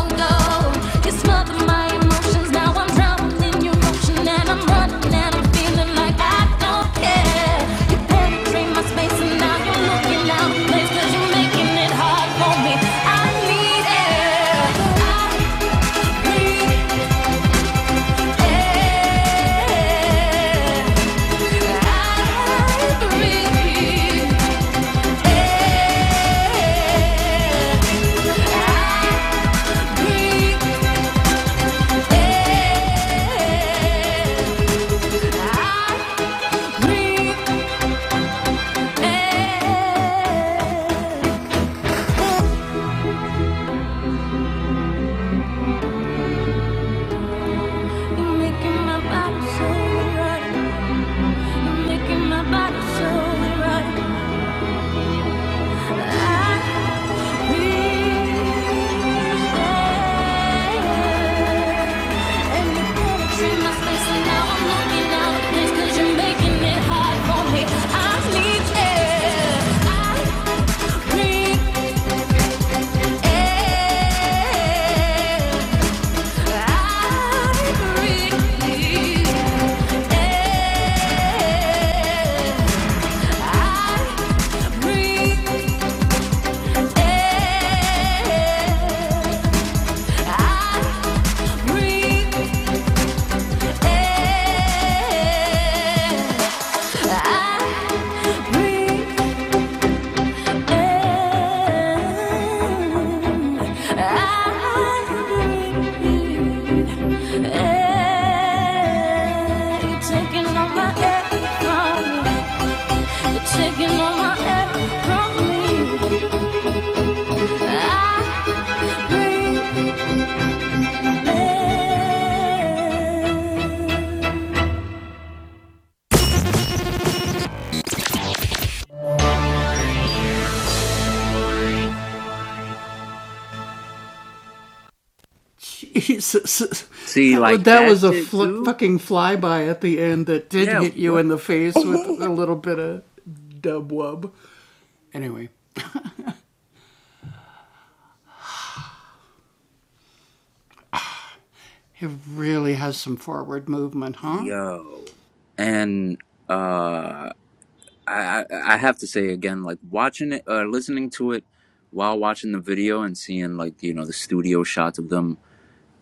breathe I need air, breathe air. I breathe Taking all my air from me. I breathe see, like that shit too. Yeah. What? The- you. [laughs] Yo. And uh. I, I have to say again, like watching it, uh, listening to it while watching the video and seeing like you know the studio shots of them,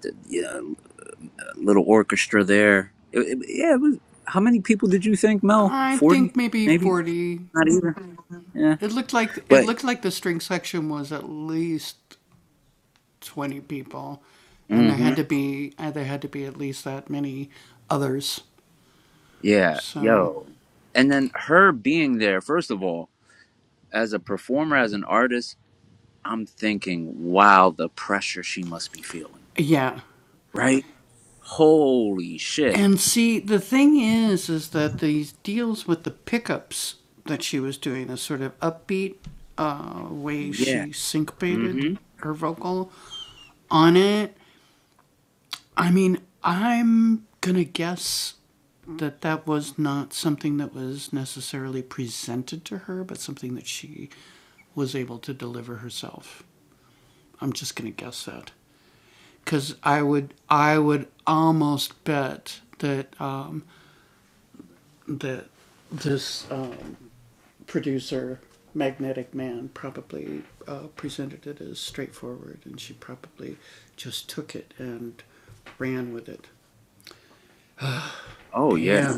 the yeah, little orchestra there. It, it, yeah, it was. How many people did you think, Mel? Forty, maybe. Not even. Yeah, but. Mm-hmm. Yeah, yo. And then her being there, first of all, as a performer, as an artist, I'm thinking, wow, the pressure she must be feeling, right? Holy shit. Yeah. Mm-hmm. Oh yeah.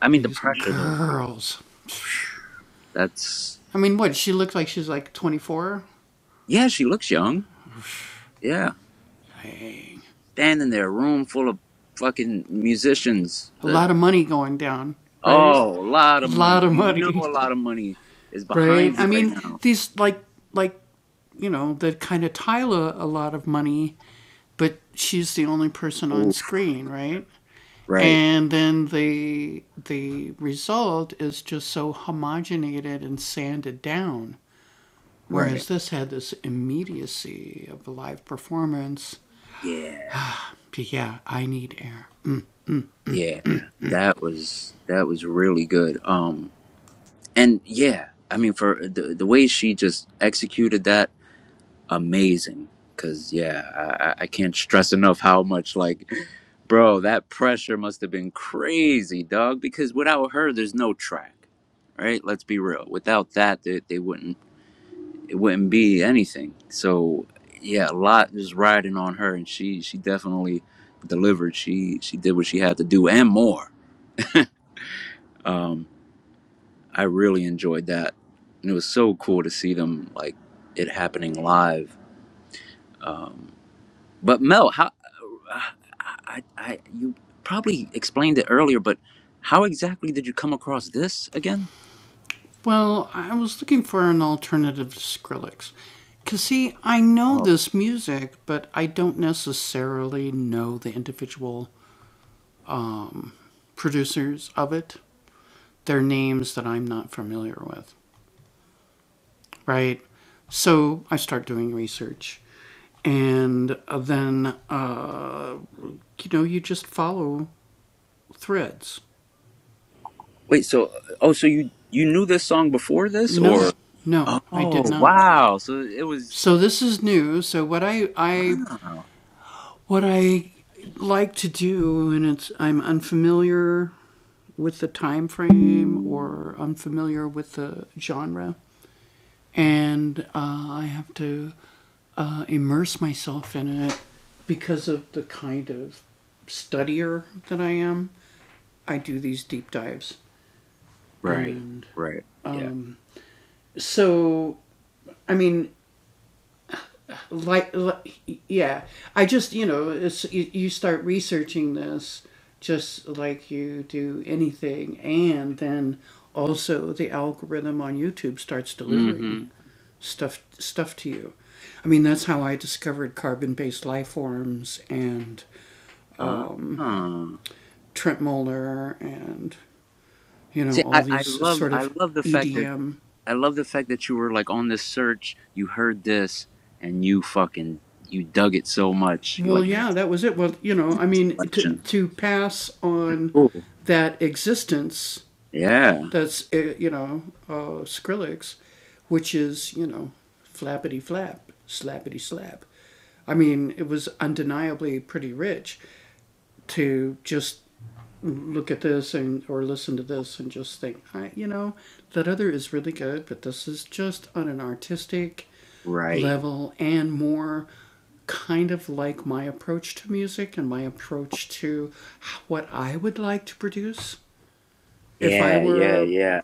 I mean the pressure though. That's yeah. She looks young. Yeah, standing there, room full of fucking musicians. that- Oh, a lot of money. You know, a lot of money is behind you right now. Oof. Right. Right. Yeah. Yeah. That was that was really good. Um. And yeah, I mean for the the way she just executed that. amazing. Cause yeah, I, I can't stress enough how much like, bro, that pressure must have been crazy, dog. Because without her, there's no track, right? Let's be real. Without that, they, they wouldn't it wouldn't be anything. So yeah, a lot was riding on her, and she she definitely delivered. She she did what she had to do and more. Um, I really enjoyed that, and it was so cool to see them like it happening live. But Mel, how? I, I, you probably explained it earlier, but how exactly did you come across this again? Oh, wait. So, oh, so you you knew this song before this, or? Oh, wow. So it was. Wow. Right. Right. Yeah. Mm-hmm. Ah. See, I, I love I love the fact that I love the fact that you were like on this search. You heard this, and you fucking you dug it so much. You like here's the selection. Cool. Yeah. Right. Yeah, yeah, yeah.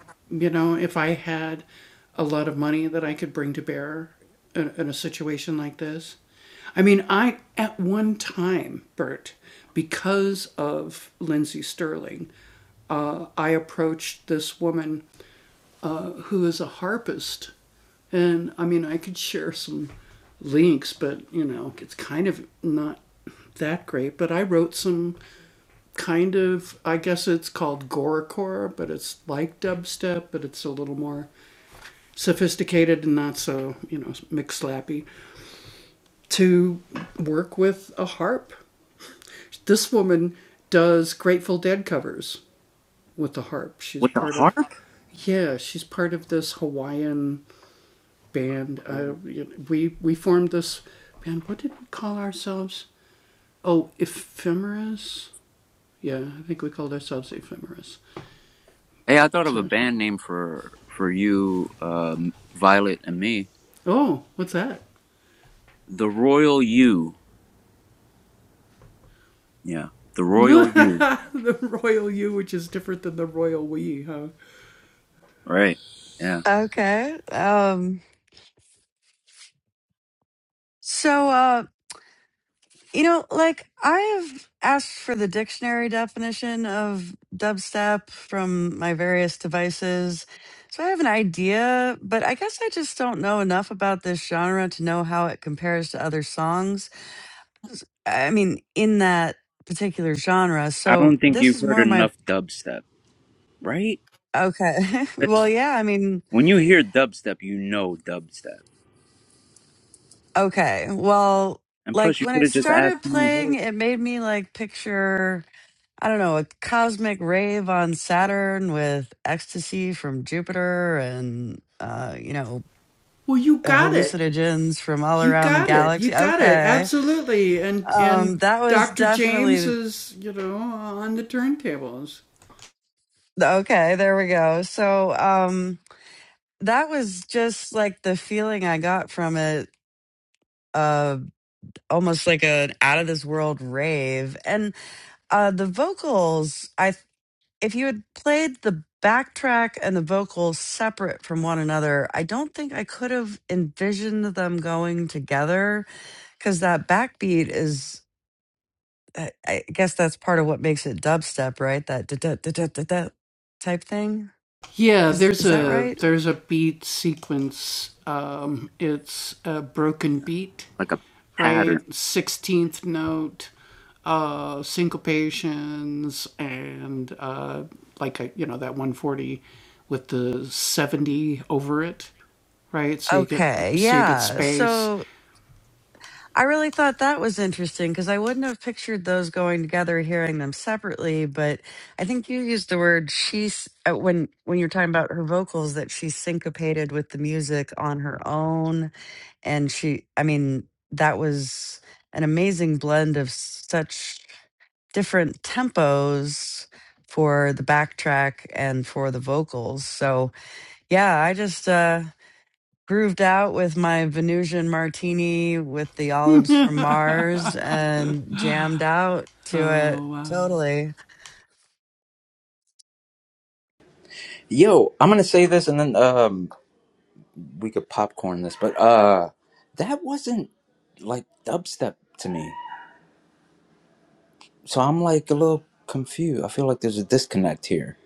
With the harp? Hey, I thought of a band name for for you, um, Violet and me. The Royal You. Yeah, the Royal You. Right. Yeah. Okay. Um so uh. You know, like I've asked for the dictionary definition of dubstep from my various devices. So I have an idea, but I guess I just don't know enough about this genre to know how it compares to other songs. S- I mean, in that particular genre. I So don't think this you've is heard more my enough dubstep, right? okay. [laughs] well, 'Cause yeah, I mean, When you hear dubstep, you know dubstep. okay. Well, And like plus, you when could it have just started asked me, playing, hey, it made me like picture I don't know, a cosmic rave on Saturn with ecstasy from Jupiter and, uh, you know, uh, hallucinogens from all around the galaxy. Okay. Um, that was definitely, okay, there we go. So, um, that was just like the feeling I got from it, uh, almost like an out of this world rave. And, uh, the vocals, I. if you had played the backtrack and the vocals separate from one another, I don't think I could have envisioned them going together because that backbeat is, I I guess that's part of what makes it dubstep, right? That da da da da da da type thing. Is is that right? like a pattern. Okay, yeah. So. I really thought that was interesting because I wouldn't have pictured those going together, hearing them separately. But I think you used the word she's uh, when when you're talking about her vocals that she syncopated with the music on her own, and she, I mean, that was an amazing blend of such different tempos for the backtrack and for the vocals. So yeah, I just uh, grooved out with my Venusian martini with the olives from Mars and jammed out to it. Totally. Yo, I'm gonna say this, and then um, we could popcorn this, but uh, that wasn't like dubstep to me. So I'm like a little confused. I feel like there's a disconnect here.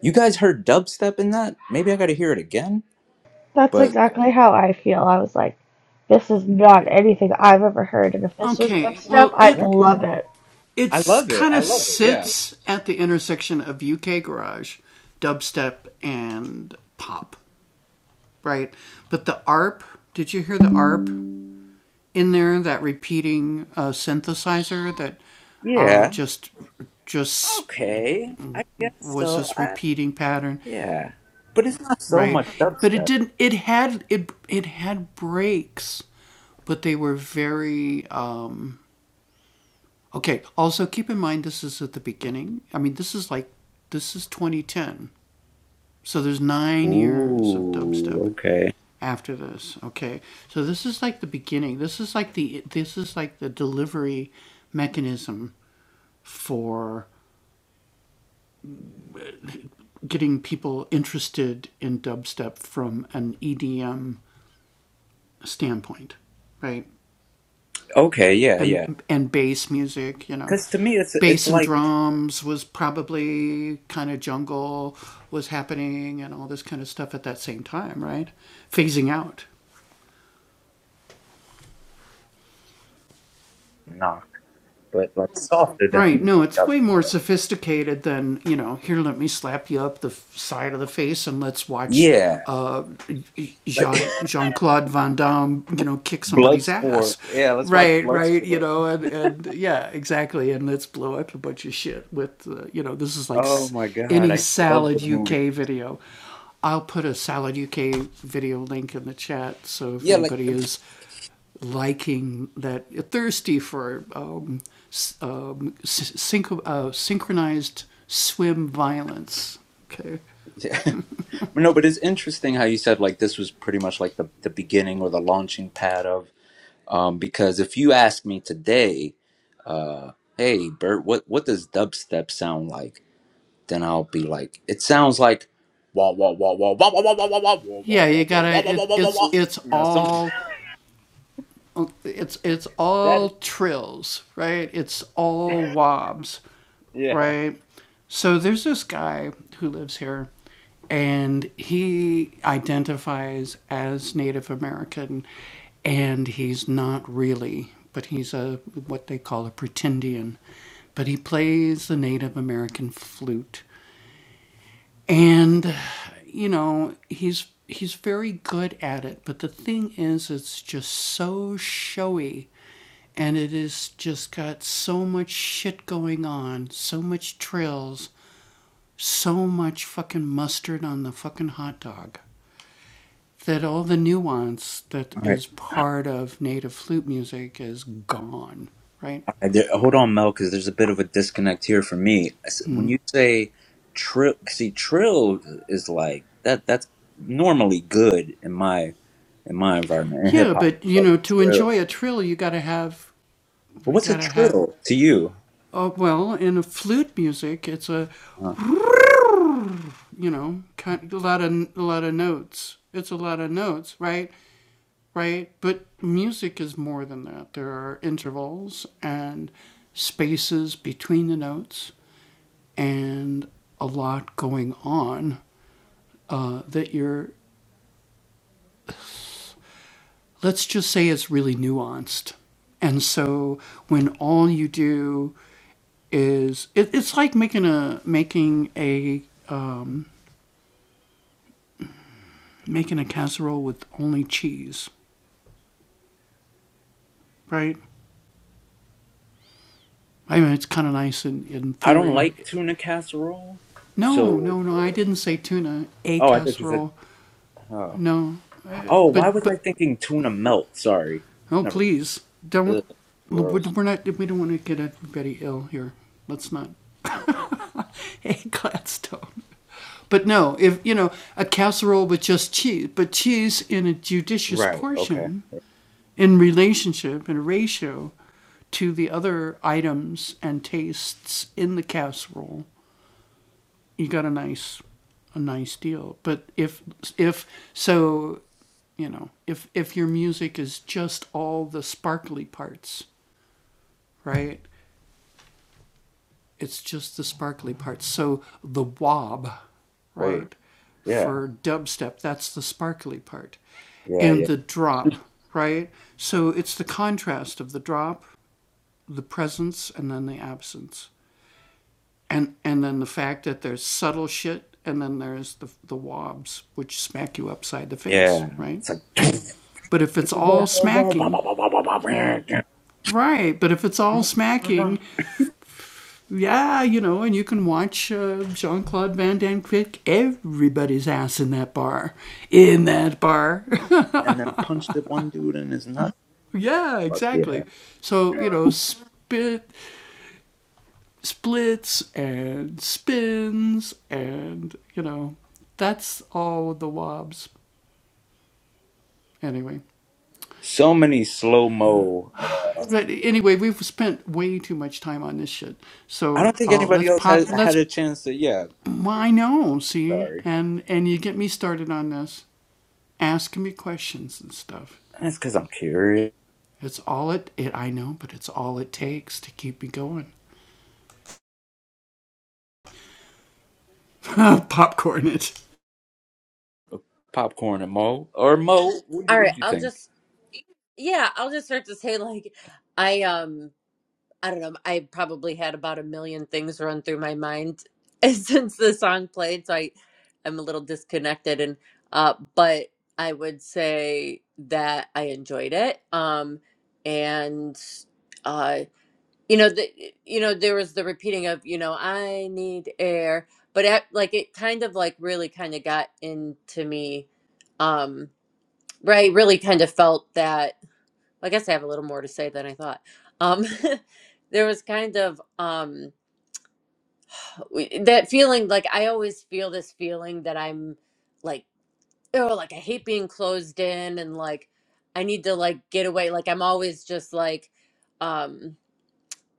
You guys heard dubstep in that? Maybe I got to hear it again. That's But exactly how I feel. I was like, this is not anything I've ever heard, and if this was dubstep, I'd Right. love it. I love it. I love it. Yeah. yeah, okay, I guess so. I, yeah, but it's not so much dubstep. Ooh, okay, okay, yeah, yeah. Because to me, it's it's like knock, but like softer than dubstep. Yeah, like [laughs] Bloodsport. Yeah, let's watch Bloodsport. Oh my god, I love those movies. Yeah, like [laughs] yeah. no, but it's interesting how you said like this was pretty much like the the beginning or the launching pad of um because if you ask me today, uh, hey Bert, what what does dubstep sound like? Then I'll be like, it sounds like you know some [laughs] that yeah. All right, all right there, hold on, Mel, because there's a bit of a disconnect here for me. I S- When you say trill, see, trill is like that. That's normally good in my in my environment in hip hop. Like But what's a Uh, trill to you? uh, I don't like tuna casserole. So, oh, I thought you said, oh, oh, why was I thinking tuna melt? Sorry, never mind. Ugh, gross. Right. Okay. Word. Yeah. Yeah. Yeah. Yeah. It's like, [laughs] and then punch the one dude in his nut. Fuck yeah. So many slow mo. I don't think anybody else has had a chance to. Yeah. Sorry. That's because I'm curious. popcorn and Mo or Mo. What do All you, what right, do you I'll think? just yeah, I'll just start to say like I um I don't know. I probably had about a million things run through my mind [laughs] since the song played, so I I'm a little disconnected and uh, but I would say that I enjoyed it. Um, and uh, you know the you know there was the repeating of you know i need air but it, like it kind of like really kind of got into me um where i really kind of felt that i guess i have a little more to say than i thought um [laughs] there was kind of um w- that feeling like i always feel this feeling that i'm like oh like i hate being closed in and like i need to like get away like i'm always just like um,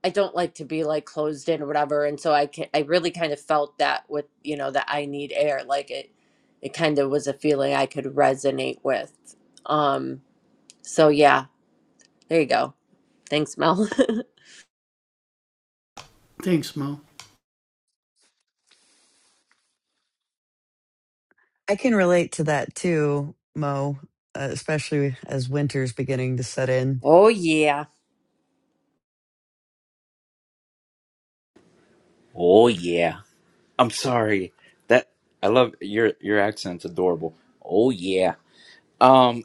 I don't like to be like closed in or whatever. And so I can, I really kind of felt that with, you know, that I need air. Like it, it kind of was a feeling I could resonate with. Um, so yeah, there you go. Thanks, Mel. I can relate to that too, Mo, uh, especially as winter's beginning to set [laughs] in. oh yeah. Oh yeah. I'm sorry. That I love your your accent's adorable. Oh yeah. Um,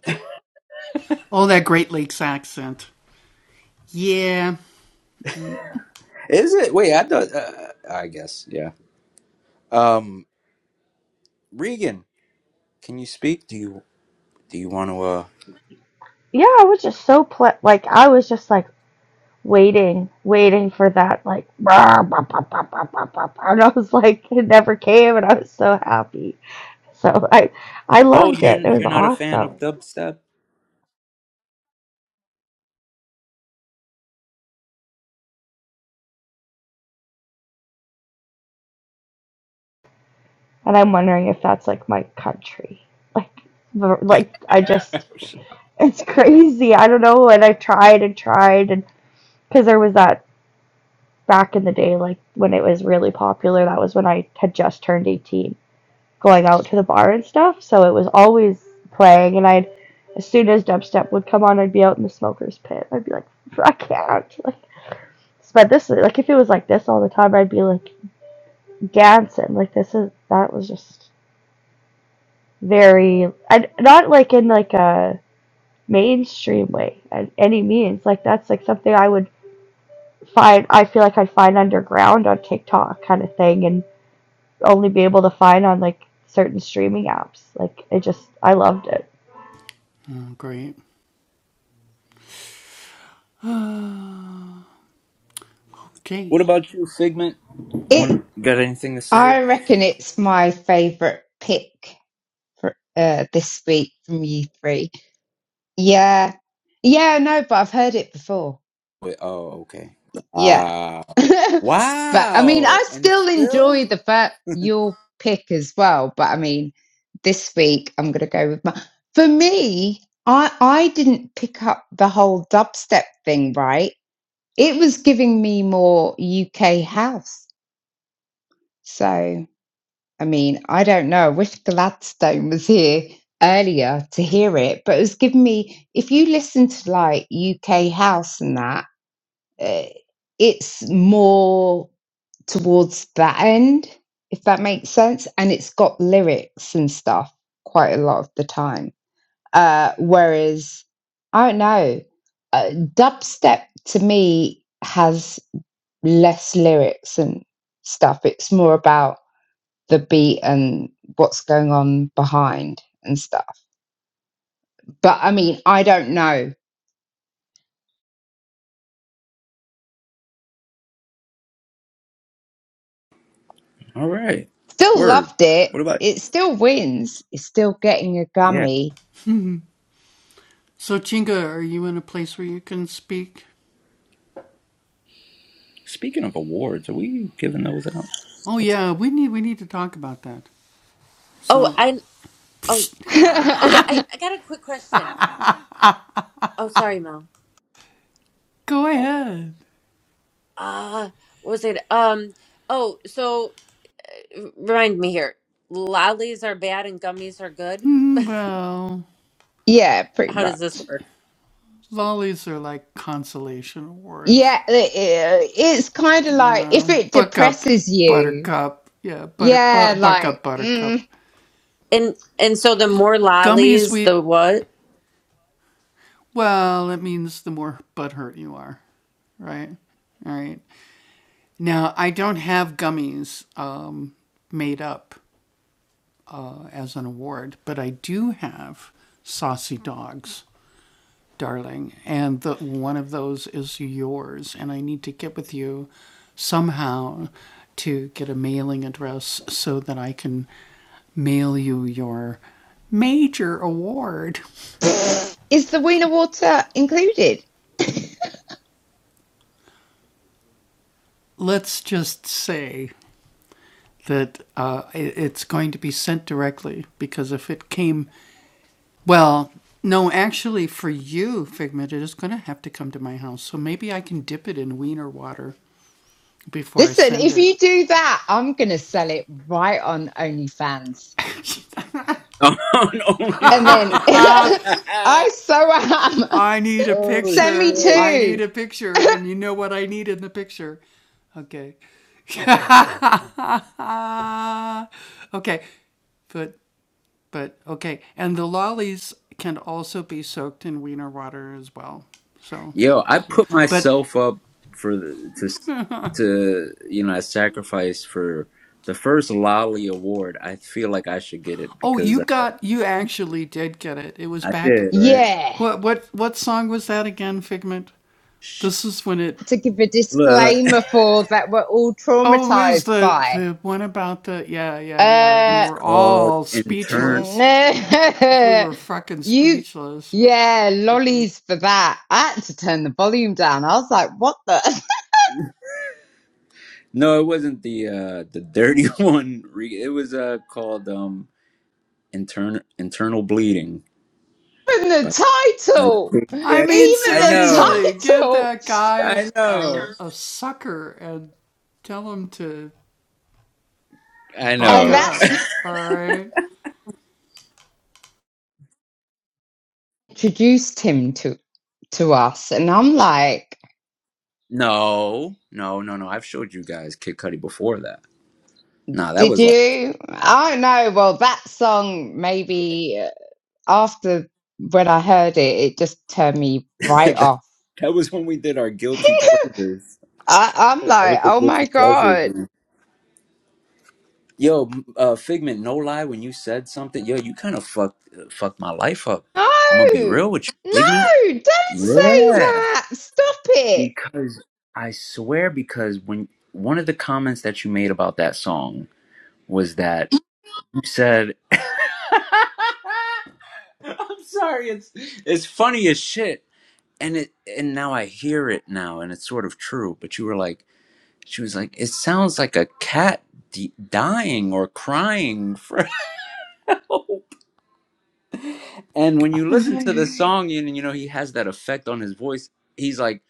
[laughs] is it? Wait, I thought. Uh, I guess yeah. Um, Regan, can you speak? Do you do you want to? uh yeah, I was just so ple- like I was just like waiting, waiting for that like "Bah, bah, bah, bah, bah, bah, bah," bah," and I was like [laughs] it never came and I was so happy. So I I Oh, loved you're it. It was you're not a fan of awesome. dubstep. And I'm wondering if that's like my country. Like the- like I just [laughs] see I don't know what I did cuz that back like really probably 10 to 18 going out and stuff. So it was always playing and I'd as soon as dubstep would come on I'd be out in the smokers pit. I'd be like I can't. [laughs] like this all the time. like gas like this is that was just very I, not like in like a mainstream way at any means. Like that's like something I would find. I feel like I'd find underground on TikTok kind of thing, and only be able to find on like certain streaming apps. Like it just I loved it. What about you, Figment? It. One got anything to say? I reckon it's my favourite pick for uh, this week from you three. Yeah, yeah, no, but I've heard it before. Wait, oh, okay. Yeah. Uh, [laughs] but I mean, I wow. And still still, enjoy the fact your pick as well. But I mean, this week I'm going to go with my. For me, I I didn't pick up the whole dubstep thing, right? It was giving me more UK house. So I mean, I don't know. I wish Gladstone was here earlier to hear it, but it was giving me. If you listen to like UK house and that, uh, it's more towards that end, if that makes sense. And it's got lyrics and stuff quite a lot of the time. Uh, whereas, I don't know, uh, dubstep to me has less lyrics and stuff. It's more about the beat and what's going on behind and stuff. But I mean, I don't know. all right. Still Word. loved it. What about? It still wins. It's still getting a Yeah. gummy. Speaking of awards, are we giving those out? What's Oh, and oh, [laughs] okay. I, yeah, I got a quick question. Oh, sorry, Mel. Oh, ah, what was it? Um, oh, so r- remind me here. Lollies are bad and gummies are good. pretty How does this much. work? Yeah, it, it- it's kind of like if it depresses you, yeah, like, mm, And and so the more lollies, the what? pfft, is the wiener water included? Listen, if you do that, I'm going to sell it right on OnlyFans. [laughs] on And then OnlyFans? [laughs] I so am. [laughs] oh Send me shit! two. Yo, I put myself up for the, to to you know I sacrificed for the first Lolly Award. I feel like I should get it because I, I did right. Yeah. To give a Look, look. disclaimer for that we're all traumatized by. [laughs] Uh, it's called intern. No, [laughs] you, yeah, lollies for that. I had to turn the volume down. I was like, what the? No, it wasn't the uh the dirty [laughs] one. Re- It was uh called um intern internal bleeding [laughs] Even the Like title, Big even Daddy. I the know. title, I know. I and know. that introduced him to to us. And I'm like, No, no, no, no. I've showed you guys Kid Cudi before that. Nah, that did was like you? I don't know. Well, that song maybe uh, after when I heard it, it just turned me [laughs] right that, off. that was when we did our [laughs] guilty I, pleasures. I'm That like, was the oh guilty my pleasures. god. Man. Yo, m- uh, Figment, no lie, when you said something, yo, you kind of fucked uh, fucked my life up. No, I'm gonna be real with you, no, Figment. don't say Yeah, that. Stop it. because I swear, because when one of the comments that you made about that song was that you said. I'm sorry. It's it's funny as shit. And it and now I hear it now, and it's sort of true. But you were like, she was like, it sounds like a cat d- dying or crying [laughs] for help. And when Oh you listen to the [laughs] no, song, you you know he has that effect on his voice. He's like,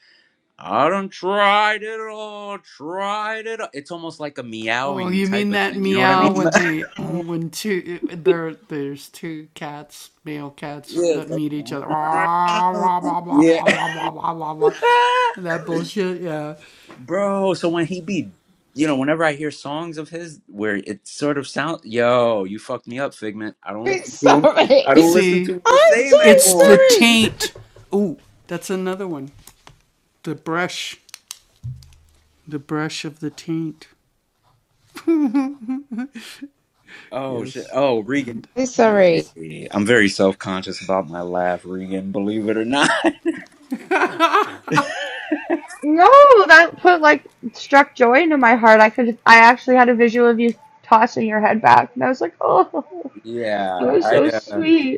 I don't tried it all, tried it. All. It's almost like a meowing type of thing. You know what I mean? [laughs] I'm yeah. it's like, [laughs] yeah. [laughs] Bro, so when he be, you know, whenever I hear songs of his where it sort of sound, yo, you fucked me up, Figment. I don't [laughs] listen to him. sorry. I don't listen to him the I'm so same anymore. [laughs] sorry. Oh shit. Oh, Regan. I'm sorry. Hey, I'm very self-conscious about my laugh, Regan, believe it or not. [laughs] No, that put like struck joy into my heart. I could I actually had a visual of you tossing your head back, and I was like, oh, that Yeah, was I so uh sweet.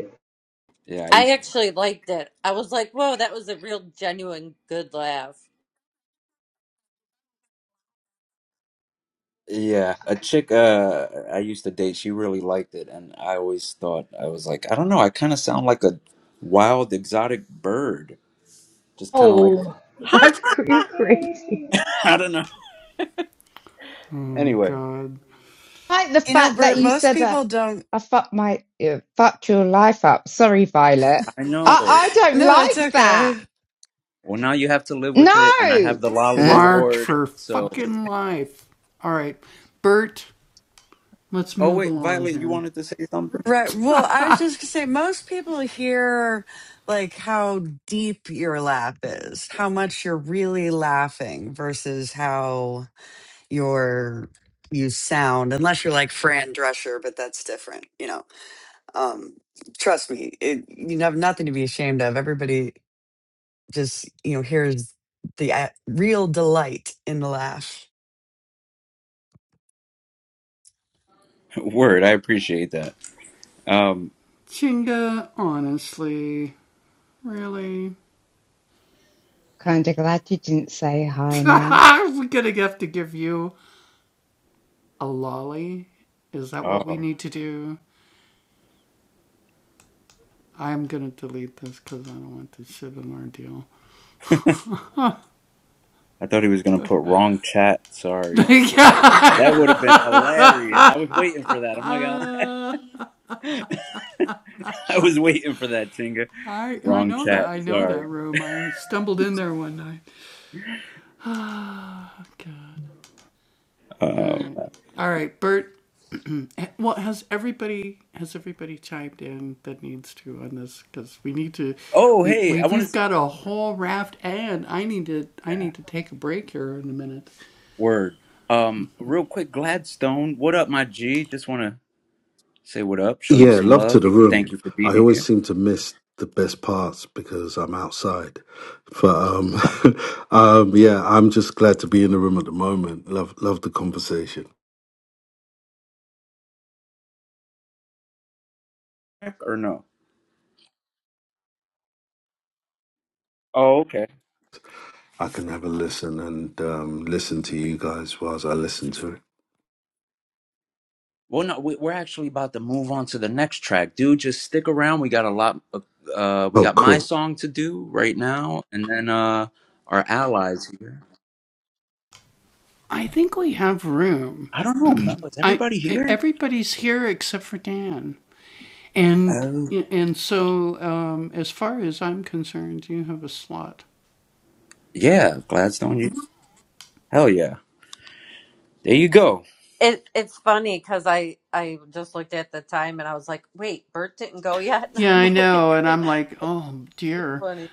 yeah, I I used actually liked it. I was like, "Whoa, that was a real genuine good laugh." yeah, a chick uh I used to date, she really liked it and I always thought I was like, I don't know, I kind of sound like a wild exotic bird. Just kind of like Oh, [laughs] [laughs] that's cr- you're crazy. I don't know. Anyway, like the You know, fact that Bert, you most said uh, people don't. I fucked my uh, fucked your life up. Sorry, Violet. I I know. I don't No, it's like that. okay. Well, now you have to live with it, and I have No. the Lolly Huh? Award. So, oh wait, Violet, you wanted to say something? Right. Well, I was just going to say, most people hear like how deep your laugh is, how much you're really laughing versus how. your you sound unless you're like Fran Drescher, but that's different, you know. Um, trust me, it, you have nothing to be ashamed of. Everybody just you know hears the a real delight in the laugh. [laughs] Word, I appreciate that. Um, Kind of glad you didn't say hi now. oh, I thought he was gonna put wrong chat. Sorry, that would have been hilarious. I was waiting for that. I'm not gonna lie. [laughs] I was waiting for that, Tinga. Wrong chat. Sorry. Um, oh, hey, I want to. Yeah, word. Um, real quick, Gladstone. What up, my G? Just want to Say what up, show you Yeah, some love to love. the Thank room. you for I being always here. seem to miss the best parts because I'm outside. But um, [laughs] um, yeah, I'm just glad to be in the room at the moment. Love, love the conversation. Or no? Oh, okay. I can have a listen and um, listen to you guys whilst I listen to it. Well, no, we, we're actually about to move on to the next track, dude. Just stick around. We got a lot. Of, Uh, we Oh, got my cool. song to do right now, and then uh, our allies here. I don't know, Mel. Is everybody here? Oh, yeah, Gladstone. you- Hell yeah. There you go. It it's funny because I I just looked at the time and I was like, "Wait, Bert didn't go yet." [laughs] And I'm like, "It's pretty funny."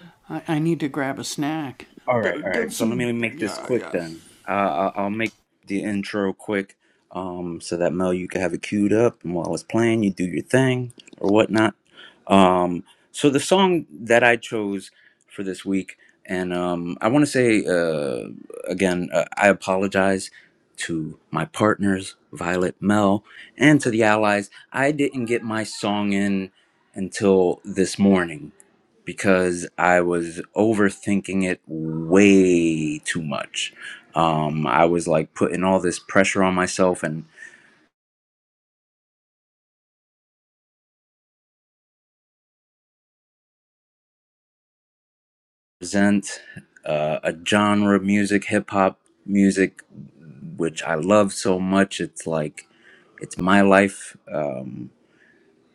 All right, all right. So let me make this quick then. Uh, I'll I'll make the intro quick, um, so that Mel, you can have it queued up, and while it's playing, you do your thing or whatnot. Um, so the song that I chose for this week, and um, I want to say uh, again, uh, I apologize to my partners, Violet, Mel, and to the allies. I didn't get my song in until this morning because I was overthinking it way too much. Um, I was like putting all this pressure on myself and present uh, a genre of music, hip hop music, which I love so much. It's like it's my life, um,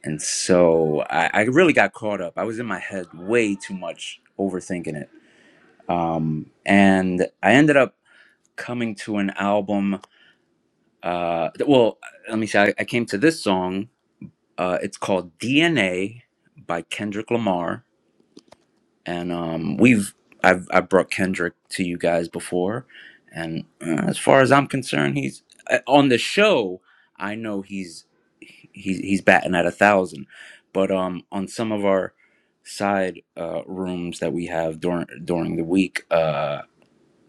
and so I, I really got caught up. I was in my head way too much, overthinking it, um, and I ended up coming to an album uh well let me say I, I came to this song uh it's called dna by kendrick lamar and um we've i've i brought kendrick to you guys before and uh, as far as i'm concerned he's uh, on the show i know he's he's he's batting at a thousand but um on some of our side uh rooms that we have during during the week uh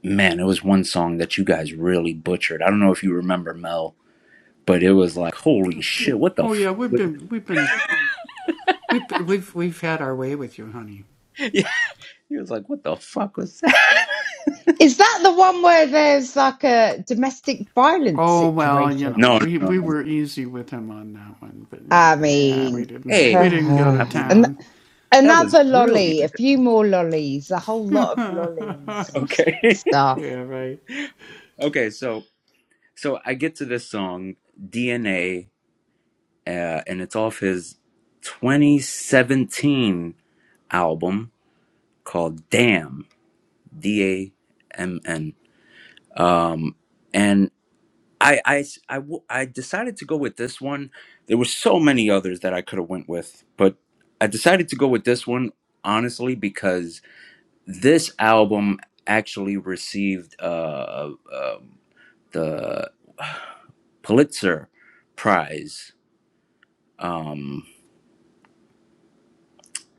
man it was one song that you guys really butchered i don't know if you remember mel but it was like, holy shit, what the fuck was that? [laughs] Yeah, he was like, "What the fuck was that?" Is that the one where there's like a domestic violence situation? No, no, no, no. no. I mean, [sighs] Hey, I mean, and that was another lolly, a brilliant. few more lollies, a whole lot of lollies and s- Okay. stuff. [laughs] okay, so so I get to this song DNA uh, and it's off his 2017 album called Damn, D A M N. Um and. I I s- I w- I decided to go with this one. There were so many others that I could have went with, but I decided to go with this one honestly because this album actually received uh, uh the [sighs] Pulitzer Prize. Um,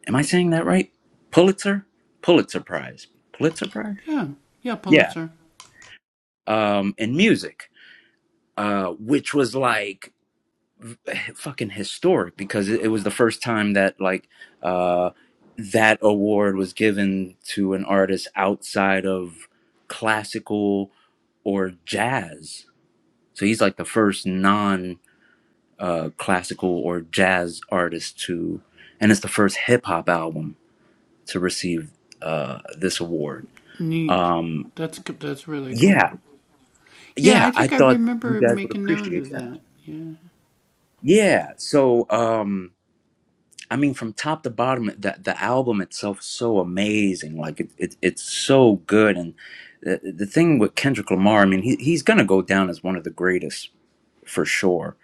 am I saying that right? Pulitzer Pulitzer Prize Pulitzer Prize. Yeah. Um, in music, uh, which was like [sighs] fucking historic because it, it was the first time that like uh, that award was given to an artist outside of classical or jazz. So he's like the first non uh, classical or jazz artist to, and it's the first hip hop album to receive uh, this award. Um, yeah, yeah, I thought you guys would appreciate that. Yeah, so. Um, I mean, from top to bottom, the the album itself is so amazing. Like it, it it's so good, and the, the thing with Kendrick Lamar, I mean, he he's gonna go down as one of the greatest for sure,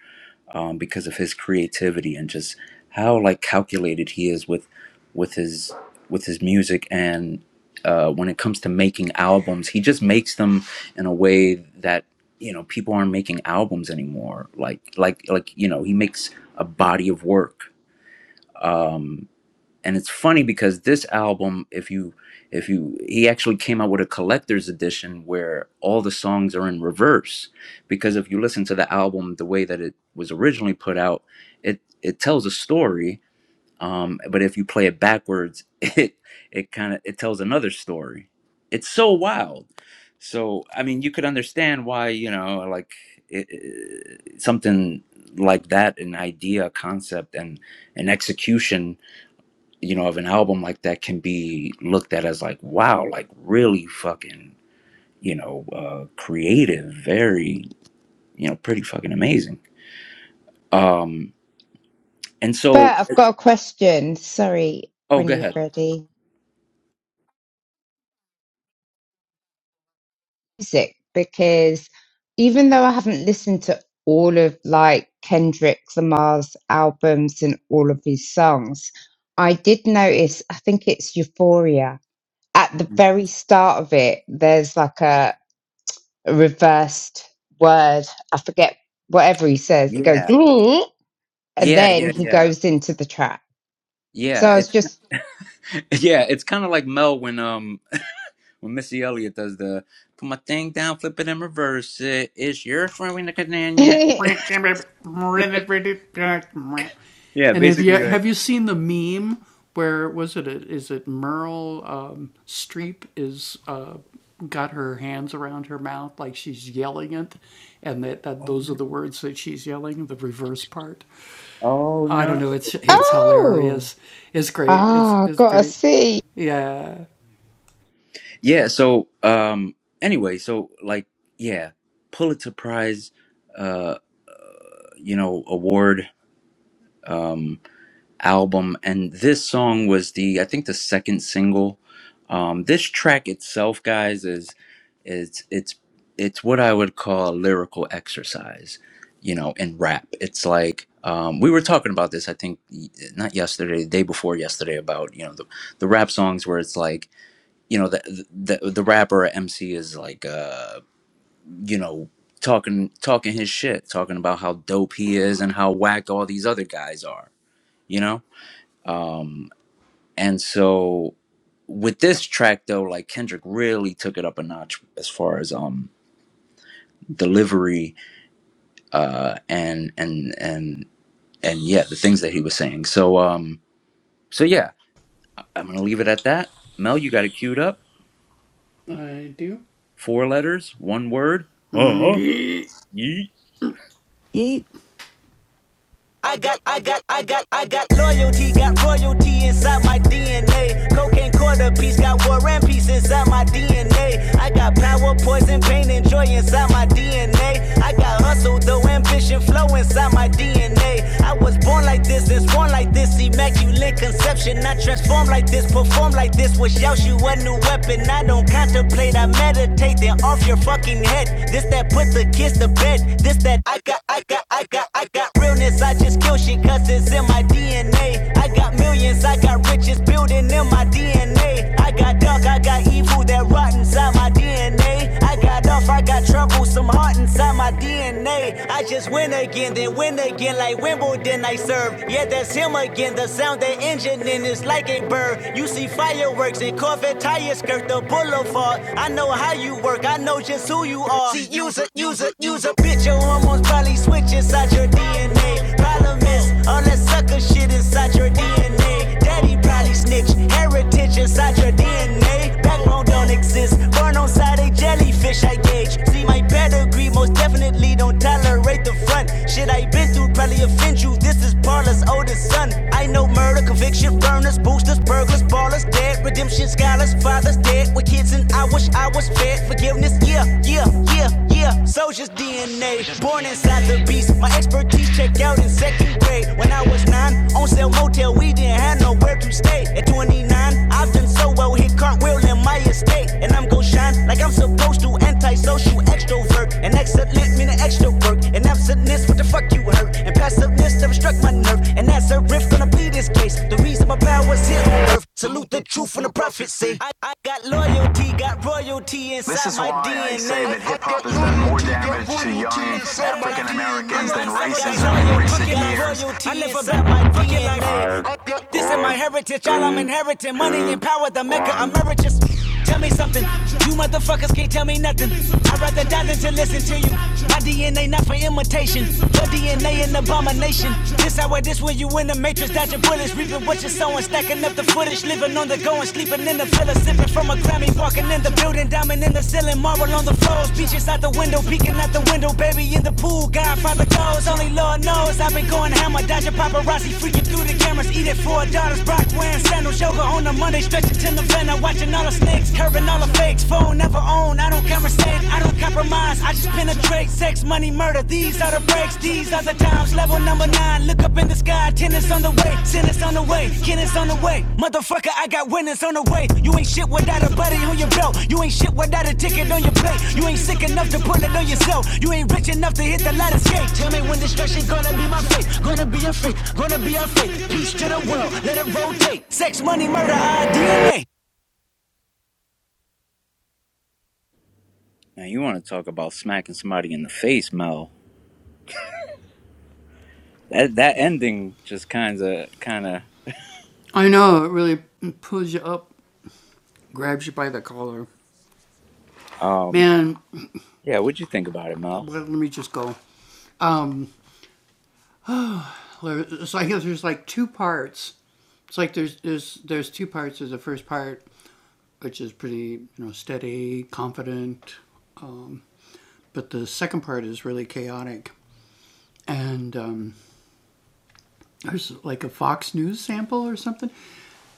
um, because of his creativity and just how like calculated he is with with his with his music and uh, when it comes to making albums, he just makes them in a way that you know people aren't making albums anymore. Like like like you know, he makes a body of work. Um, and it's funny because this album if you if you he actually came out with a collector's edition where all the songs are in reverse because if you listen to the album the way that it was originally put out it it tells a story um but if you play it backwards [laughs] it it kind of it tells another story it's so wild so i mean you could understand why you know like it, it, something like that an idea a concept and an execution you know, of an album like that can be looked at as like, wow, like really fucking, you know, uh, creative, very, you know, pretty fucking amazing. Um, and so, But I've got a question. Sorry, oh, when go you're ahead. ready, music, because even though I haven't listened to all of like Kendrick Lamar's albums and all of his songs, I did notice. I think it's Euphoria. At the very start of it, there's like a a reversed word. I forget whatever he says. It goes, Yeah, and yeah, then yeah, he yeah, goes into the trap. yeah. So I It, was just, [laughs] yeah, it's kind of like Mel when um [laughs] when Missy Elliott does the put my thing down, flip it and reverse it. Is your friend in the [laughs] cannon yet? Yeah, basically like, oh no, oh no. oh, ah, gotta see. Yeah. So, um, anyway, so like, yeah, Pulitzer Prize, uh, you know, award, um, album. And this song was the, I think the second single. Um, this track itself, guys, is, is, it's, it's what I would call a lyrical exercise, you know, in rap. It's like, um, we were talking about this, I think, y- not yesterday, the day before yesterday, about, you know, the, the rap songs where it's like, you know the the the rapper or MC is like uh you know talking talking his shit, talking about how dope he is and how whack all these other guys are, you know? Um and so with this track though, like Kendrick really took it up a notch as far as um delivery uh and and and and yeah, the things that he was saying. So um so yeah, I'm going to leave it at that. Mel, you got it queued up. Four letters, one word. Huh? Yeet. I got, I got, I got, I got loyalty, got royalty inside my DNA. Cocaine quarter piece, got war and peace inside my DNA. I got power, poison, pain, and joy inside my DNA. I got hustle, though ambition, flow inside my DNA. I was born like this, and born like this, immaculate conception. I transform like this, perform like this, wish out you a new weapon. I don't contemplate, I meditate, then off your fucking head. This that put the kids to bed, this that I got got, I got, I got, I got realness. I just kill shit cause it's in my DNA. I got millions, I got riches building in my DNA. I got dark, I got evil that rot inside my DNA. I got off, I got trouble, some heart inside my DNA. I just win again, then win again like Wimbledon I serve. Yeah, that's him again. The sound that engine in is like a bird. You see fireworks and Corvette tires skirt the boulevard. I know how you work, I know just who you are. See, you a, use a, use a bitch. Your hormones probably switch inside your DNA. Problem is, all that sucker shit inside your DNA. Daddy probably snitch. Heritage inside your DNA. Backbone don't exist. Born on side a jellyfish, I gauge. See my pedigree, most definitely don't tolerate the front. Shit I been through probably offend you. This this is Parlor's oldest son. I know murder, conviction, burners, boosters, burglars, ballers, dead, redemption, scholars, fathers, dead. With kids, and I wish I was fed. Forgiveness, yeah, yeah, yeah, yeah. Soldier's DNA, born inside the beast. My expertise checked out in second grade. When I was nine, on sale motel, we didn't have nowhere to stay. At 29, I've often, so I'll hit cartwheel in my estate. And I'm gon' shine like I'm supposed to. Antisocial extrovert. And excellent meaning extra work. And absentness, what the fuck you hurt? And passiveness never struck my nerve. And that's a riff gonna be this case. The reason my power's here on earth. Salute the truth and the prophecy. I, I got loyalty, got royalty inside my D N A. This is why I say that hip hop has done more damage to young African African Americans than racism in recent years. I live about my DNA. This is my heritage, all I'm inheriting. Money and power, the maker emeritus. Tell me something. You motherfuckers can't tell me nothing. I'd rather die than to listen to you. My DNA not for imitation. Your DNA an abomination. This how it is when you in the matrix, dodging bullets, reaping what you're sowing, stacking up the footage, living on the go and sleep. Sleeping in the villa, sipping from a Grammy. Walking in the building, diamond in the ceiling, marble on the floors. Beaches out the window, peeking out the window. Baby in the pool, Godfather goes. Only Lord knows I've been going hammer, dodging paparazzi, freaking through the cameras. Eating four daughters, Brock wearing sandals. Yoga on the Monday, stretching till November. Watching all the snakes, curving all the fakes. Phone never own, I don't conversate, I don't compromise. I just penetrate sex, money, murder. These are the breaks. These are the times. Level number nine. Look up in the sky. Tennis on the way. Tennis on the way. Tennis on the way. Motherfucker, I got winners on the way. You ain't shit without a buddy on your belt. You ain't shit without a ticket on your plate. You ain't sick enough to pull it on yourself. You ain't rich enough to hit the ladder skate. Tell me when destruction gonna be my fate. Gonna be a fate. Gonna be a fate. Peace to the world. Let it rotate. Sex, money, murder, our DNA. Now you want to talk about smacking somebody in the face, Mel? That that ending just kind of kind of um yeah. What'd you think about it, Mel?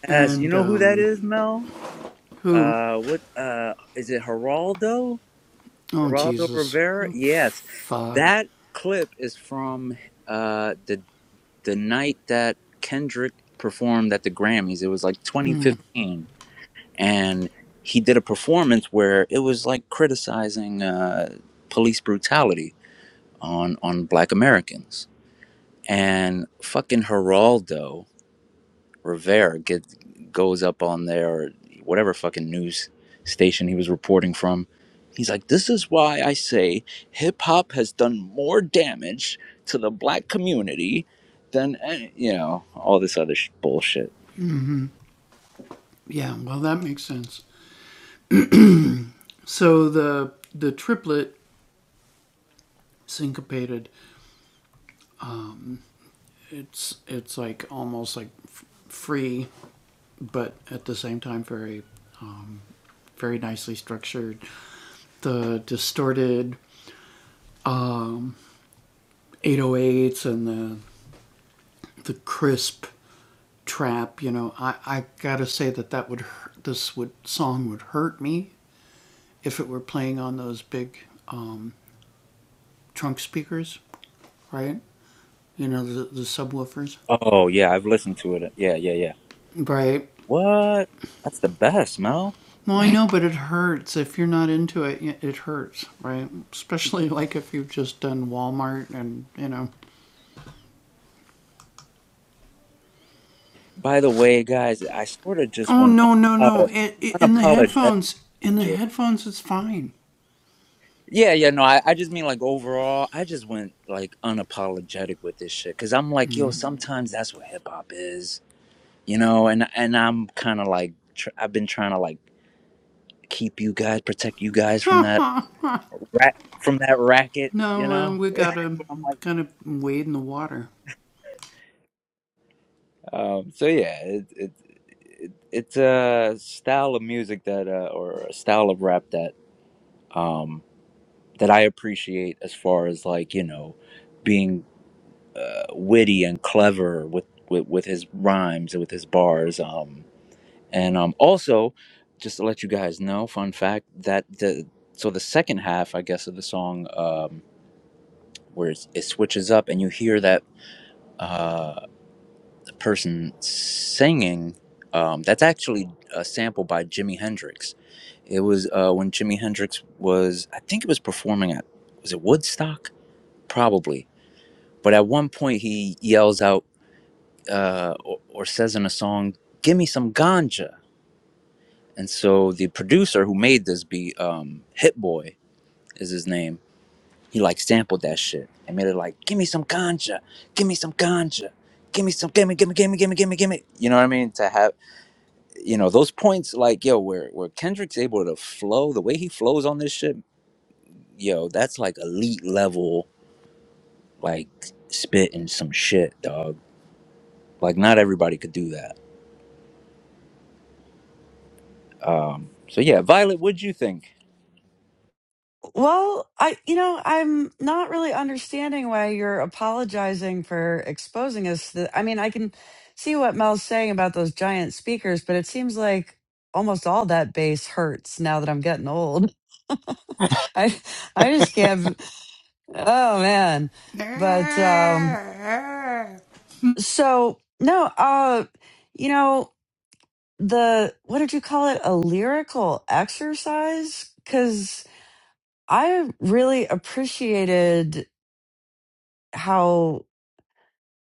Yes, you know who that is, Mel? Uh, what uh is it? Geraldo? Geraldo Rivera? Yes, that clip is from uh the the night that Kendrick performed at the Grammys. It was like 2015, and he did a performance where it was like criticizing uh police brutality on on black Americans. And fucking Geraldo Rivera get, goes up on there or whatever fucking news station he was reporting from. He's like, "This is why I say hip hop has done more damage to the black community than you know all this other sh- bullshit." Oh yeah, I've listened to it. Yeah, yeah, yeah. What? That's the best, Mel. By the way, guys, I sort of just went unapolo- unapologetic shit Yeah, yeah, no, I, I just mean like overall, I just went like unapologetic with this shit because I'm like, yo, sometimes that's what hip hop is, you know, and and I'm kind of like, tr- I've been trying to like keep you guys, protect you guys from that rat, from that racket, you know. [laughs] I'm like, um, so yeah, it, it, it it's a style of music that, uh, or a style of rap that, um, that I appreciate as far as like you know. being. uh, witty and clever with, with with his rhymes and with his bars. Um, and um, also, just to let you guys know, fun fact that the so the second half, I guess, of the song um, where it's, it switches up and you hear that uh, person singing. Um, that's actually a sample by Jimi Hendrix. It was uh, when Jimi Hendrix was, I think it was performing at, was it Woodstock? Probably. But at one point he yells out uh, or, or says in a song, "Give me some ganja." And so the producer who made this beat, um, Hit Boy, is his name. He like sampled that shit and made it like, "Give me some ganja, give me some ganja, give me some, give me, give me, give me, give me, give me, give me." You know what I mean? To have you know those points, like yo, where where Kendrick's able to flow the way he flows on this shit, yo, that's like elite level, like spitting some shit, dog. Like not everybody could do that. So yeah, Violet, what'd you think? Well, I you know I'm not really understanding why you're apologizing for exposing us. To, I mean, I can see what Mel's saying about those giant speakers, but it seems like almost all that bass hurts now that I'm getting old. [laughs] I I just can't. Oh man. But um so no, uh you know, the what did you call it? A lyrical exercise cuz I really appreciated how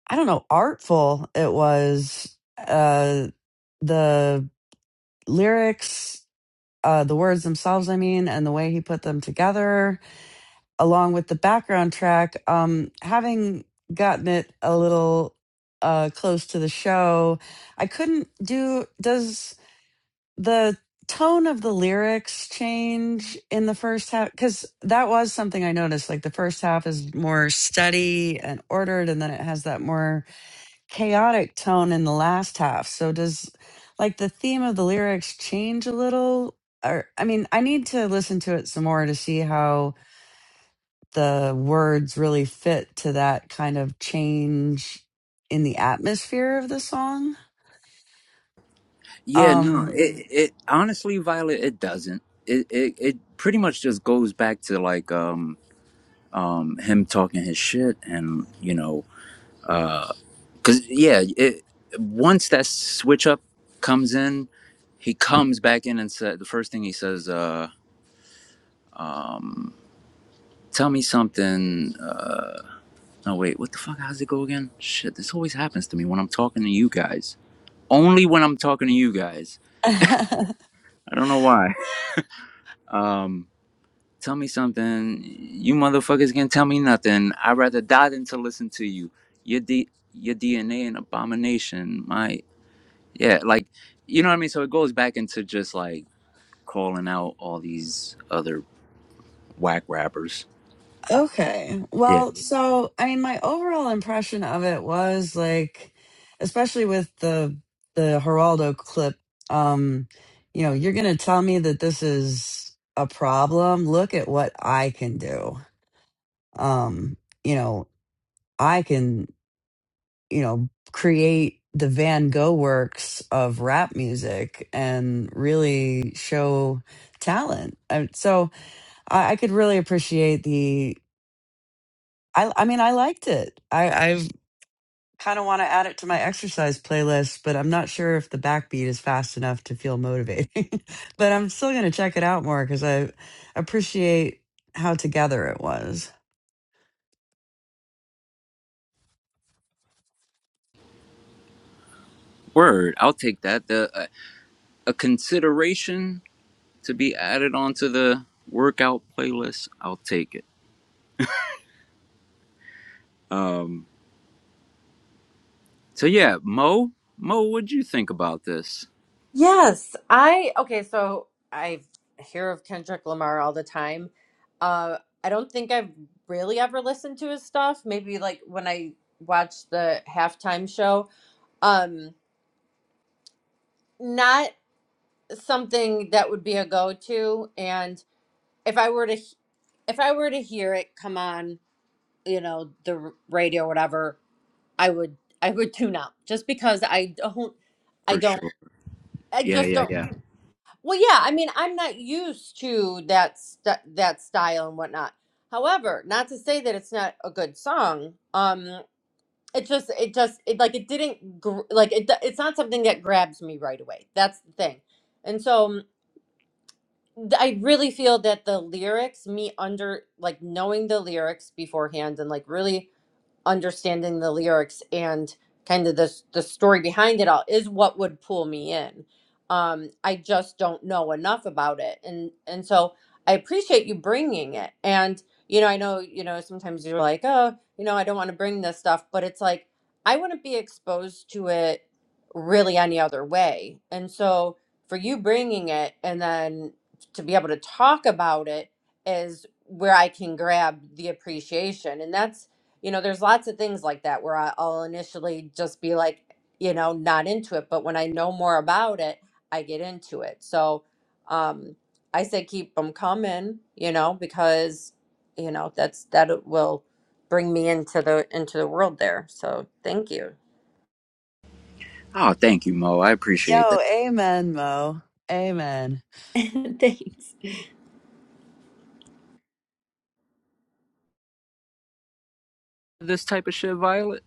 I don't know, artful it was uh the lyrics uh the words themselves I mean and the way he put them together along with the background track. Um, having gotten it a little uh, close to the show, I couldn't do. Does the tone of the lyrics change in the first half? Because that was something I noticed. Like the first half is more steady and ordered, and then it has that more chaotic tone in the last half. So does like the theme of the lyrics change a little? Or I mean, I need to listen to it some more to see how the words really fit to that kind of change in the atmosphere of the song. Yeah, no, Um it it honestly, Violet, it doesn't. It it it pretty much just goes back to like um um him talking his shit and you know uh cause yeah it once that switch up comes in, he comes back in and said the first thing he says uh um tell me something uh no wait what the fuck how's it go again shit this always happens to me when I'm talking to you guys only when I'm talking to you guys [laughs] I don't know why [laughs] um. Tell me something. You motherfuckers can't tell me nothing. I'd rather die than to listen to you. Your D your DNA an abomination. My yeah, like you know what I mean? So it goes back into just like calling out all these other whack rappers. okay. Yeah. Well, so I mean my overall impression of it was like especially with the the Geraldo clip um you know, you're going to tell me that this is a problem. Look at what I can do. Um, you know, I can. you know, create the Van Gogh works of rap music and really show talent. And so I, I could really appreciate the. I, I mean, I liked it. I, I've kind of want to add it to my exercise playlist, but I'm not sure if the backbeat is fast enough to feel motivating. [laughs] but I'm still going to check it out more because I appreciate how together it was. Word. I'll take that. The uh, a consideration to be added onto the workout playlist. I'll take it. Um so yeah, Mo, Mo, what'd you think about this? Yes, I okay. So I hear of Kendrick Lamar all the time. Uh, I don't think I've really ever listened to his stuff. Maybe like when I watched the halftime show. Um, not something that would be a go to, and if I were to if I were to hear it come on, you know, the r- radio, whatever, I would I would tune out just because I don't I For don't sure. I Yeah, just yeah, don't. yeah. Well, yeah, I mean, I'm not used to that st- that style and whatnot. However, not to say that it's not a good song. Um, it just it just it like it didn't gr- like it. d- It's not something that grabs me right away. That's the thing. And so um, th- I really feel that the lyrics, me under like knowing the lyrics beforehand and like really understanding the lyrics and kind of the the story behind it all is what would pull me in. Um, I just don't know enough about it, and and so I appreciate you bringing it. And you know, I know you know sometimes you're like, oh, you know, I don't want to bring this stuff, but it's like I wouldn't be exposed to it really any other way. And so for you bringing it and then to be able to talk about it is where I can grab the appreciation, and that's you know there's lots of things like that where I- i'll initially just be like you know not into it but when i know more about it i get into it so um i say keep them coming you know because you know that's that it will bring me into the into the world there so thank you Oh, thank you, Mo. I appreciate Yo, that. amen, Mo. Amen. [laughs] Thanks. This type of shit, Violet.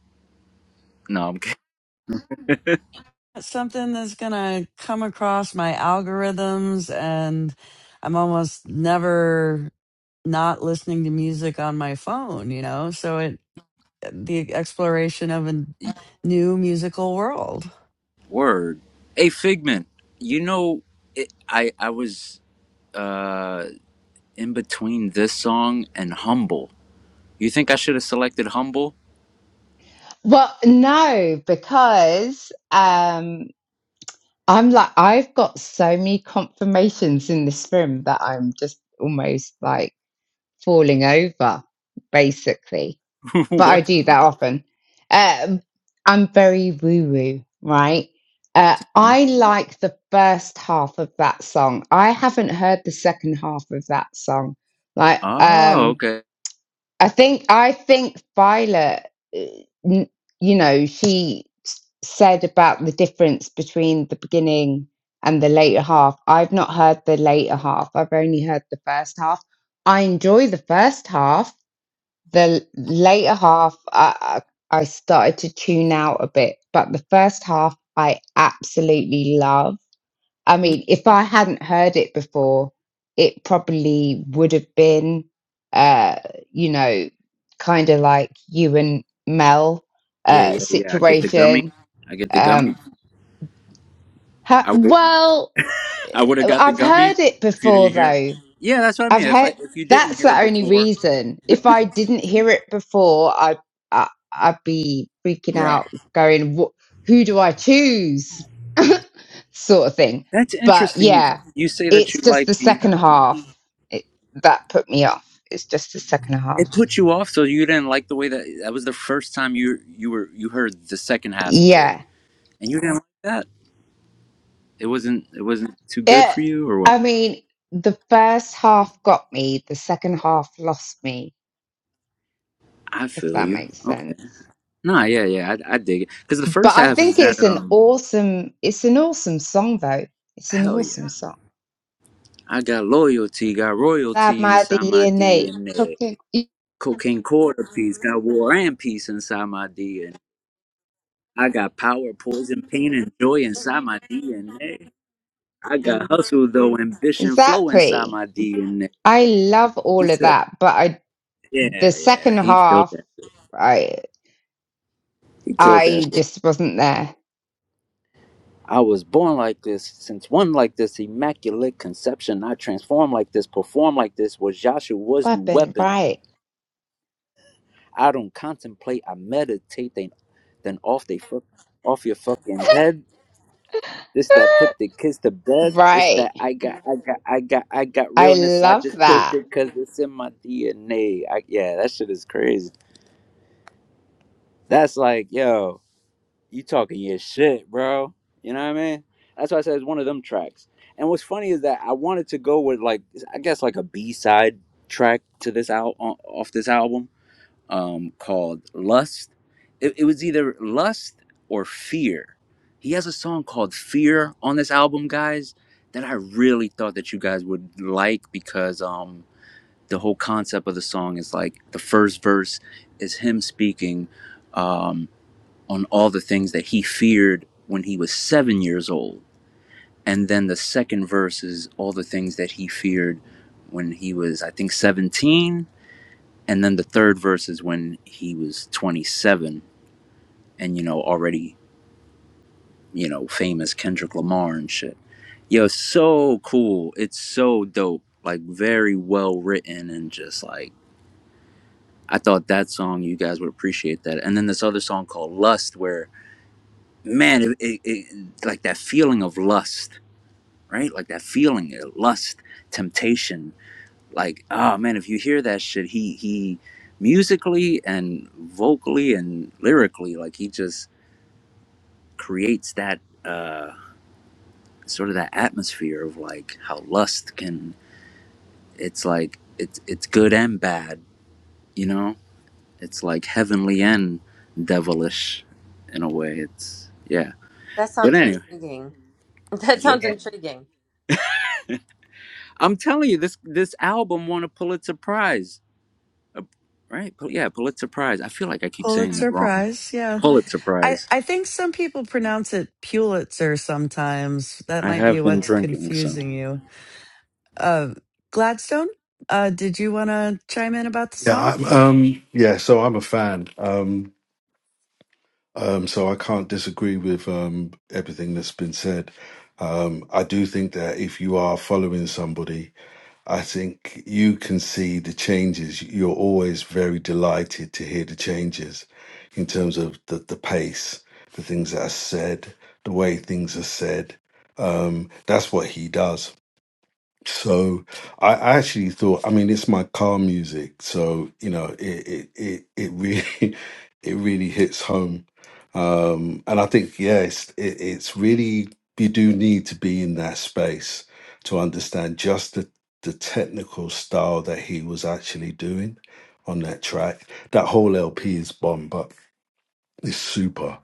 No, I'm kidding. something that's gonna come across my algorithms and I'm almost never not listening to music on my phone, you know? So it the exploration of a new musical world. Word. Hey, Figment. You know, it, I I was uh in between this song and Humble. You think I should have selected Humble? Well, no, because um, I'm like, I've got so many confirmations in this room that I'm just almost like falling over, basically [laughs] but I what? do that often. Um, I'm very woo woo, right? Uh, I like the first half of that song. I haven't heard the second half of that song. Like, Oh, um, okay. I think I think Violet, uh, n- you know, she s- said about the difference between the beginning and the later half. I've not heard the later half. I've only heard the first half. I enjoy the first half the later half I, I I started to tune out a bit, but the first half I absolutely love. I mean, if I hadn't heard it before, it probably would have been, uh, you know, kind of like you and Mel Yeah, uh, yeah, yeah. I get the gummy. situation. I get the gummy. Um, ha- I would well, I would have got the I've gummy heard it if you before didn't hear. It. though. Yeah, that's what I I've mean. If I heard if you didn't that's hear the it only before, reason. If I didn't hear it before, I, I I'd be freaking right? out, going, "What? Who do I choose?" [laughs] sort of thing. That's But interesting. yeah, You say that it's you just the like the uh, second half it, that put me off. It's just the second half. It put you off, so you didn't like the way that that was the first time you you were you heard the second half of it, Yeah, and you didn't like that. It wasn't it wasn't too good it. for you, or what? I mean, the first half got me. The second half lost me. I If feel that you. makes Okay. sense. Nah, yeah, yeah, I, I dig it because the but first I half is think it's that an um awesome it's an awesome song though. It's an hell awesome yeah. song. I got loyalty, got That royalty my the inside my year Nate DNA. cooking. Cocaine quarter piece, got war and peace inside my DNA. I got power, poison, pain, and joy inside my DNA. I got hustle though, ambition flow inside Exactly. my DNA. I love He all of said. that, but I the Yeah, yeah, second he killed half that. I He killed that. I shit. just wasn't there. I was born like this, since one like this, immaculate conception. I transform like this, perform like this. Was Joshua's new Weapon, weapon? right. I don't contemplate. I meditate. Then, then off they fuck, off your fucking head. This that [gasps] put the kids to [laughs] bed. This right. that I got, I got, I got, I got I realness. I love just kill that. shit because it's in my DNA. I, yeah, that shit is crazy. That's like, yo. you talking your shit, bro. You know what I mean? That's why I said it's one of them tracks. And what's funny is that I wanted to go with like I guess like a B side track to this out off this album, um, called Lust. It, it was either Lust or Fear. He has a song called Fear on this album, guys, that I really thought that you guys would like because um the whole concept of the song is like the first verse is him speaking um on all the things that he feared when he was seven years old. And then the second verse is all the things that he feared when he was, I think, 17. And then the third verse is when he was 27 and, you know, already, you know, famous Kendrick Lamar and shit. Yo, so cool. It's so dope. Like, very well written and just like, I thought that song, you guys would appreciate that. And then this other song called Lust, where, man, it, it, it, like that feeling of lust right? Like that feeling, uh, lust, temptation. Like, oh man, if you hear that shit, he he musically and vocally and lyrically, like he just creates that uh sort of that atmosphere of like how lust can it's like it's it's good and bad, you know? It's like heavenly and devilish in a way. It's yeah. that But sounds anyway. intriguing [laughs] that sounds Yeah. intriguing I'm telling you, this this album won a Pulitzer Prize Uh, right? Pul- Yeah, Pulitzer Prize. I feel like I keep saying that Pulitzer wrong. Prize, yeah. Pulitzer I, Prize. I think some people pronounce it Pulitzer sometimes. That I might be have been what's drinking, so. confusing you. Uh, Gladstone, uh, did you want to chime in about the Yeah, song? I'm, um, yeah. So I'm a fan. Um, Um, so I can't disagree with um, everything that's been said. Um, I do think that if you are following somebody, I think you can see the changes. You're always very delighted to hear the changes in terms of the, the pace, the things that are said, the way things are said. Um, that's what he does so I I actually thought, I mean, it's my car music, so you know, it it it, it really [laughs] it really hits home. Um, and I think, yes, it, it's really you do need to be in that space to understand just the the technical style that he was actually doing on that track. That whole LP is bomb, but it's super.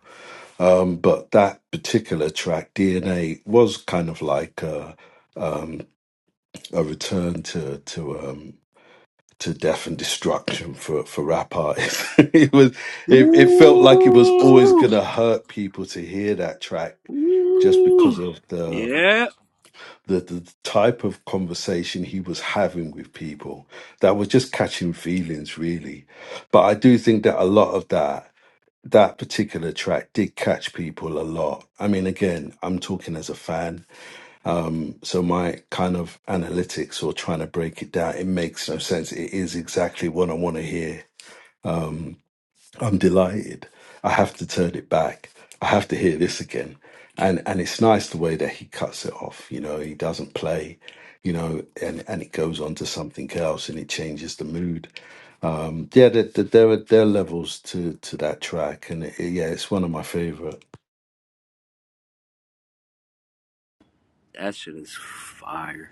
Um, but that particular track, DNA, was kind of like. Uh, a return to to um to death and destruction for for rap artists. [laughs] it was it, it felt like it was always Ooh, gonna hurt people to hear that track just because ooh. of the, Yeah, the the type of conversation he was having with people that was just catching feelings really. But I do think that a lot of that that particular track did catch people a lot. I mean again, I'm talking as a fan um, so my kind of analytics or trying to break it down, it makes no sense. It is exactly what I want to hear. I'm delighted. I have to turn it back. I have to hear this again. And and it's nice the way that he cuts it off. You know, he doesn't play, you know, and, and it goes on to something else and it changes the mood. Um, yeah, there, there, there are there are levels to to that track, and it, yeah, it's one of my favorite. that shit is fire.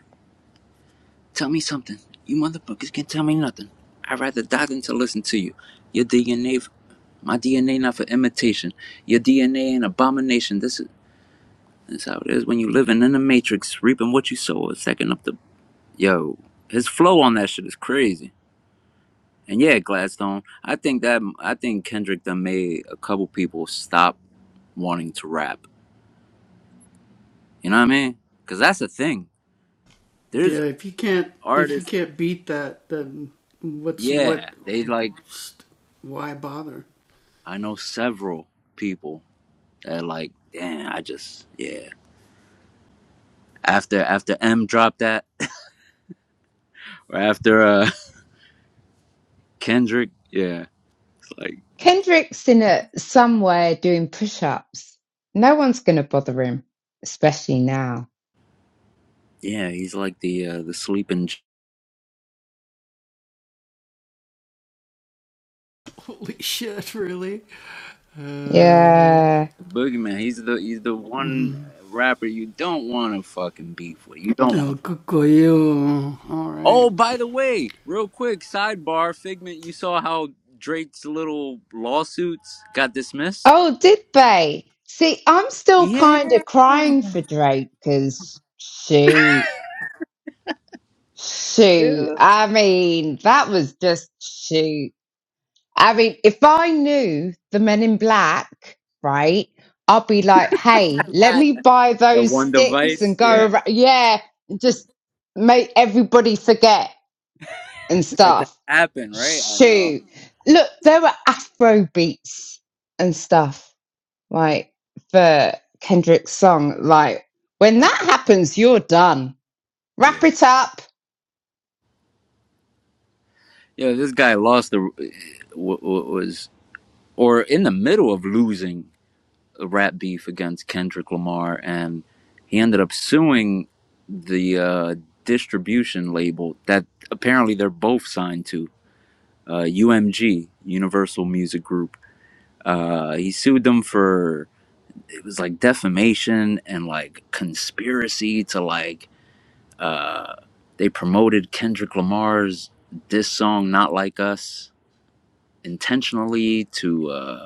Tell me something. You motherfuckers can't tell me nothing. I'd rather die than to listen to you. Your DNA, my DNA, not for imitation. Your DNA an abomination. This is, this how it is when you living in the matrix, reaping what you sow. A second up the yo. His flow on that shit is crazy. And yeah, Gladstone. I think that I think Kendrick done made a couple people stop wanting to rap. You know what I mean? Cause that's the thing. There's artists. Yeah, they like. I know several people that like. Damn, I just yeah. After after M dropped that, [laughs] or after uh [laughs] Kendrick, yeah, it's like Kendrick's in it somewhere doing push ups. No one's gonna bother him, especially now. yeah, he's like the uh, the sleeping j- Yeah. boogeyman. He's the he's the one rapper you don't want to fucking beef with. You don't. Oh, by the way, real quick sidebar, Figment, you saw how Drake's little lawsuits got dismissed? Oh, did they? See, I'm still Yeah. kind of crying for Drake because shoot, shoot. I mean, that was just shoot. I mean, if I knew the men in black, right, I'd be like, hey, let me buy That those one sticks and device, [laughs] go yeah. around. Yeah, just make everybody forget and That that stuff. happened, right? I know. Shoot. Look, there were Afro beats and stuff like for Kendrick's song. Like when Uh, that happens, you're done. Wrap yeah. it up. Yeah, this guy lost the w- w- was or in the middle of losing a rap beef against Kendrick Lamar and he ended up suing the uh distribution label that apparently they're both signed to, uh UMG, Universal Music Group Uh, he sued them for it was like defamation and like conspiracy to like uh, they promoted Kendrick Lamar's this song "Not Like Us" intentionally to uh,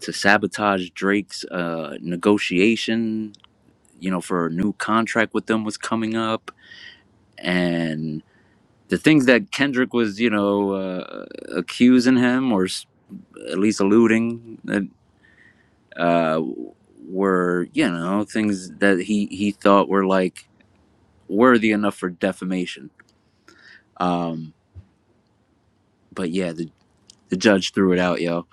to sabotage Drake's uh, negotiation. You know, for a new contract with them was coming up, and the things that Kendrick was, you know, uh, accusing him or s- at least alluding. uh, uh, were you know things that he he thought were like worthy enough for defamation. Um, but yeah, the the judge threw it out, yo.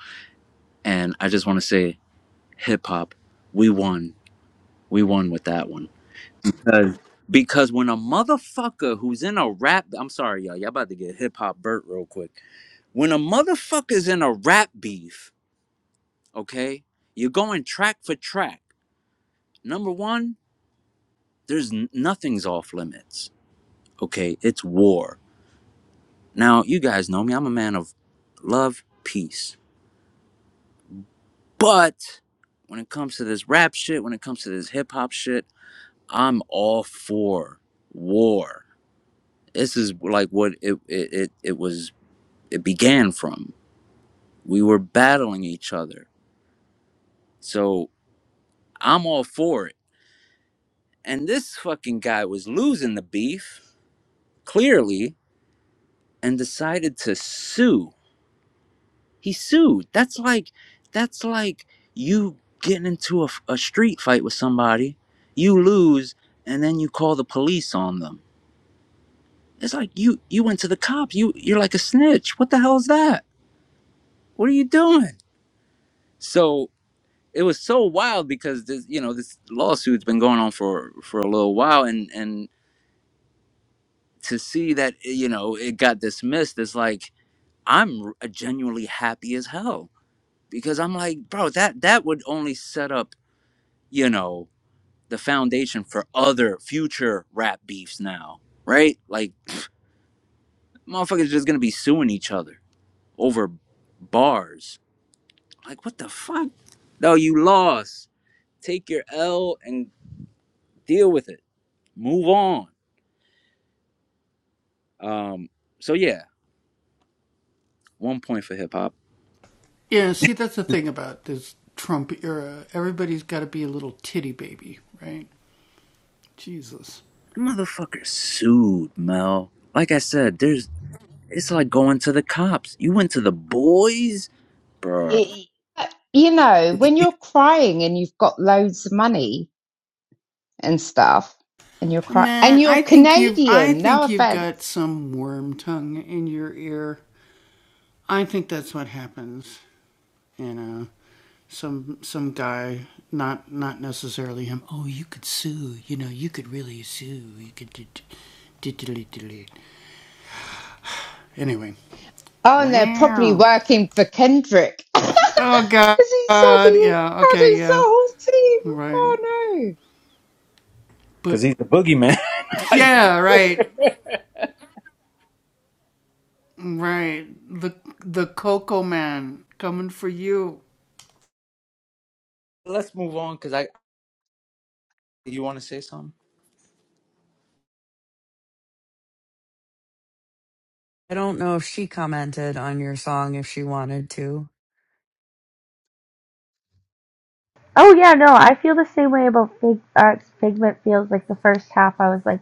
And I just want to say, hip hop, we won, we won with that one. Because because when a motherfucker who's in a rap, I'm sorry, y'all, y'all about to get hip hop burnt real quick. When a motherfucker's in a rap beef, okay, you're going track for track. Number one, there's n- nothing's off limits Okay, it's war. Now, you guys know me, I'm a man of love, peace. But when it comes to this rap shit, when it comes to this hip hop shit, I'm all for war. This is like what it, it, it, it was, it began from. We were battling each other. So I'm all for it. And this fucking guy was losing the beef, clearly, and decided to sue He sued. That's like that's like you getting into a a street fight with somebody, you lose, and then you call the police on them. It's like you you went to the cops. You you're like a snitch. What the hell is that? What are you doing? So it was so wild because this you know this lawsuit's been going on for for a little while, and and to see that you know it got dismissed is like I'm genuinely happy as hell because I'm like, bro, that that would only set up you know the foundation for other future rap beefs now, right? Like motherfuckers just gonna be suing each other over bars. Like what the fuck? No, you lost. Take your L and deal with it. Move on. Um. So yeah, one point for hip hop. Motherfucker sued Mel. Like I said, there's. It's like going to the cops. You went to the boys, bruh. It- you know, when you're crying and you've got loads of money and stuff, and you're crying, and you're Canadian. No offense. Oh, and they're probably working for Kendrick [laughs] because he said he had his whole team. Oh no! Cause he's the boogeyman. [laughs] Let's move on. Cause I. You want to say something? I don't know if she commented on your song if she wanted to. Oh yeah, no, I feel the same way about Fig Arts. Figment feels like the first half I was like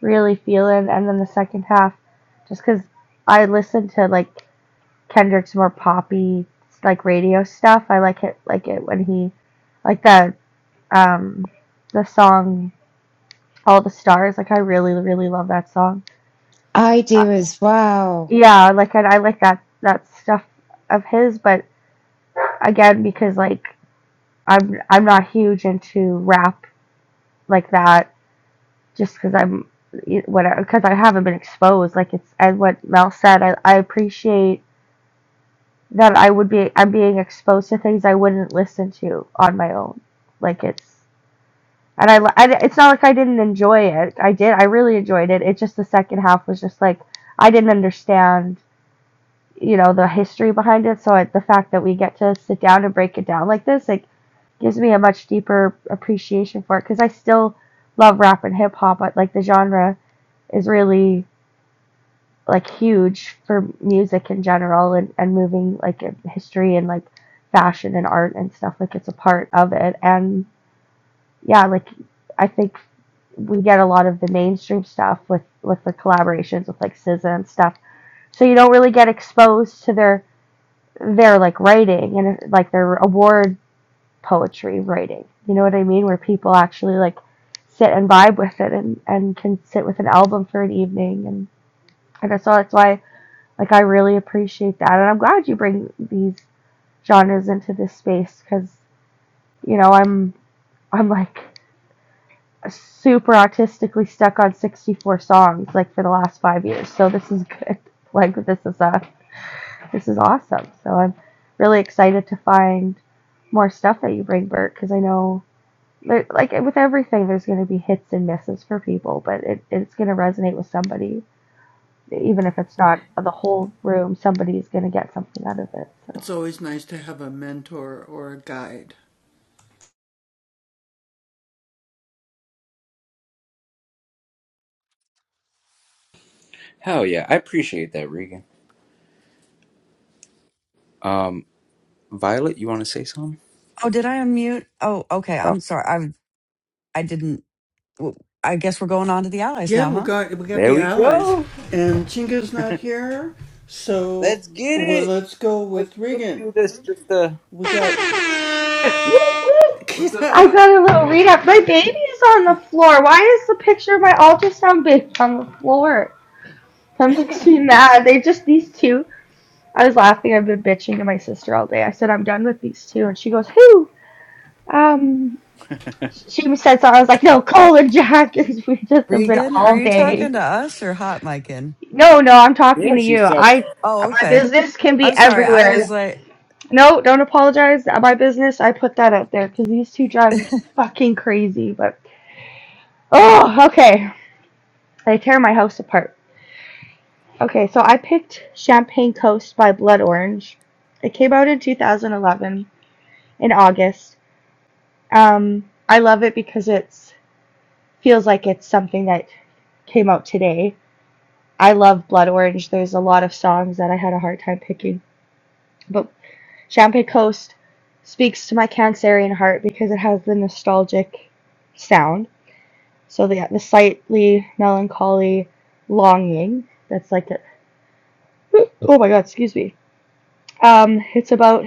really feeling, and then the second half, just 'cause I listen to like Kendrick's more poppy like radio stuff. I like it like it when he like the um the song All the Stars. Like I really really love that song. I Uh, do as well. yeah, like and I like that that stuff of his, but again because like. I'm I'm not huge into rap like that just because I'm whatever because I haven't been exposed like it's and what Mel said I, I appreciate that I would be I'm being exposed to things I wouldn't listen to on my own like it's and I, I it's not like I didn't enjoy it I did I really enjoyed it it's just the second half was just like I didn't understand you know the history behind it. So the fact that we get to sit down and break it down like this, like, gives me a much deeper appreciation for it because I still love rap and hip hop. But like the genre is really like huge for music in general and and moving like history and like fashion and art and stuff. Like it's a part of it. And yeah, like I think we get a lot of the mainstream stuff with with the collaborations with like SZA and stuff. So you don't really get exposed to their their like writing and like their award poetry writing. You know what I mean? Where people actually like sit and vibe with it and, and can sit with an album for an evening and, and so that's why like I really appreciate that and I'm glad you bring these genres into this space because you know I'm I'm like super autistically stuck on 64 songs like for the last five years so this is good [laughs] like this is a this is awesome. So I'm really excited to find more stuff that you bring, Bert, because I know, there, like with everything, there's going to be hits and misses for people, but it, it's going to resonate with somebody. Even if it's not the whole room, somebody's going to get something out of it. So. Hell yeah, I appreciate that, Regan. Um, Violet, you want to say something? Oh, did I unmute? Oh, okay. Oh, I'm sorry. I I didn't. w- I guess we're going on to the allies now, huh? there we go. Let's get it. Wait, let me do this. Just uh, I got a little read up. My baby's on the floor. Why is the picture of my ultrasound baby on the floor? That makes me mad. They just, these two. I was laughing. I've been bitching to my sister all day. I said, I'm done with these two. And she goes, Who? Um, she said so. I was like, no, Cole or Jack, [laughs] 'cause we just have been Regan, are all you day. talking to us or hot micin? No, no, I'm talking yeah, to you. she's so. I, Oh, my okay. business can be I'm sorry. I was everywhere. like, No, don't apologize. My business, I put that out there because these two drive me fucking crazy. But, oh, okay. They tear my house apart. Okay, so I picked Champagne Coast by Blood Orange. It came out in 2011 in August. Um, I love it because it's feels like it's something that came out today I love Blood Orange. There's a lot of songs that I had a hard time picking, but Champagne Coast speaks to my Cancerian heart because it has the nostalgic sound. So the the slightly melancholy longing that's like a, oh my god, excuse me. Um, it's about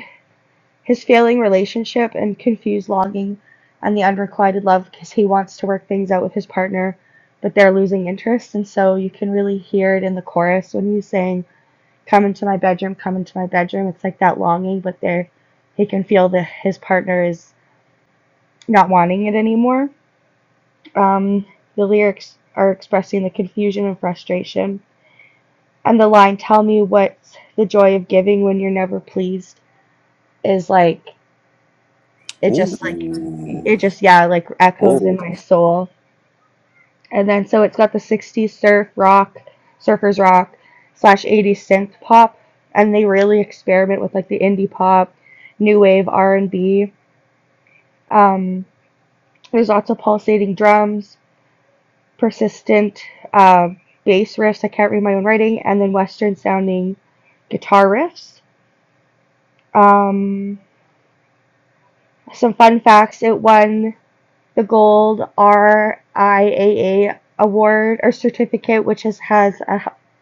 his failing relationship and confused longing and the unrequited love because he wants to work things out with his partner, but they're losing interest, and so you can really hear it in the chorus when he's saying come into my bedroom, come into my bedroom. It's like that longing, but there he can feel that his partner is not wanting it anymore. Um, the lyrics are expressing the confusion and frustration. And the line, tell me what's the joy of giving when you're never pleased, is like, it just like, it Ooh, just, yeah, like echoes in oh, my soul. And then so it's got the 60s surf rock, surfers rock, slash 80s synth pop, and they really experiment with like the indie pop, new wave R&B. Um, there's lots of pulsating drums, persistent uh, bass riffs. I can't read my own writing, and then Western sounding guitar riffs. Um, some fun facts: it won the gold RIAA award or certificate, which is, has a a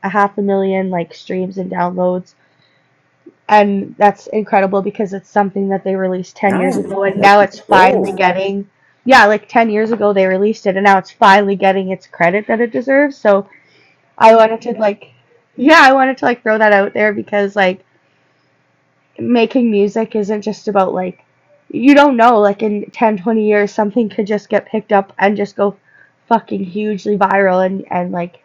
half a million like streams and downloads. And that's incredible because it's something that they released 10 years nice. ago and That now was it's finally gold. getting, yeah, like 10 years ago they released it and now it's finally getting its credit that it deserves. So I wanted to like, yeah, I wanted to like throw that out there because like making music isn't just about like you don't know like in 10 20 years something could just get picked up and just go fucking hugely viral and and like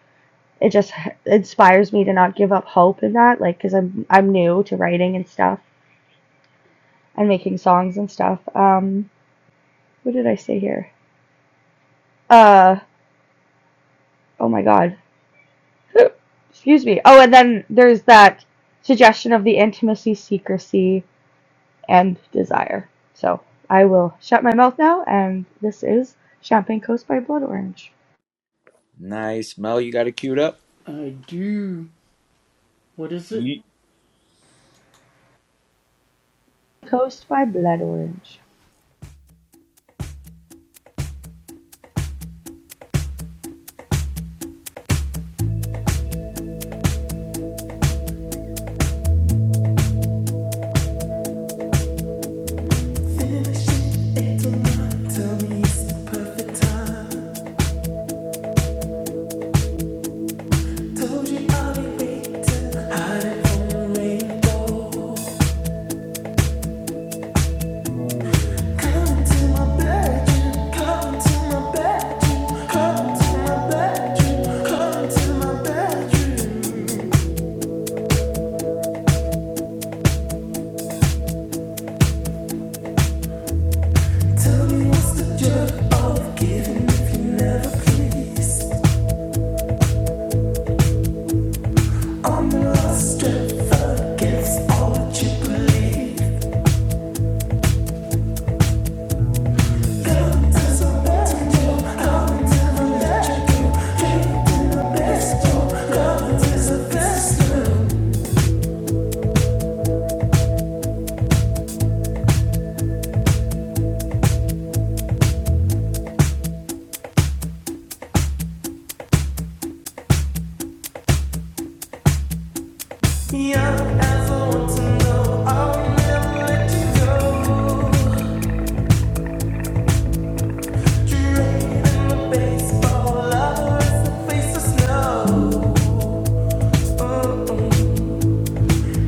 it just inspires me to not give up hope in that like cuz I'm I'm new to writing and stuff and making songs and stuff um what did I say here uh oh my god excuse me oh and then there's that suggestion of the intimacy secrecy and desire. So I will shut my mouth now, and this is Champagne Coast by Blood Orange. Nice, Mel. You got it queued up. What is it? Ye- Coast by Blood Orange. Young as I want to know, I'll never let you go. Dream in the baseball, love is the face of snow.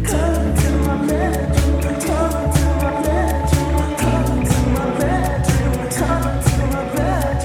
Come to my bedroom, come to my bedroom, come to my bedroom, come to my bedroom.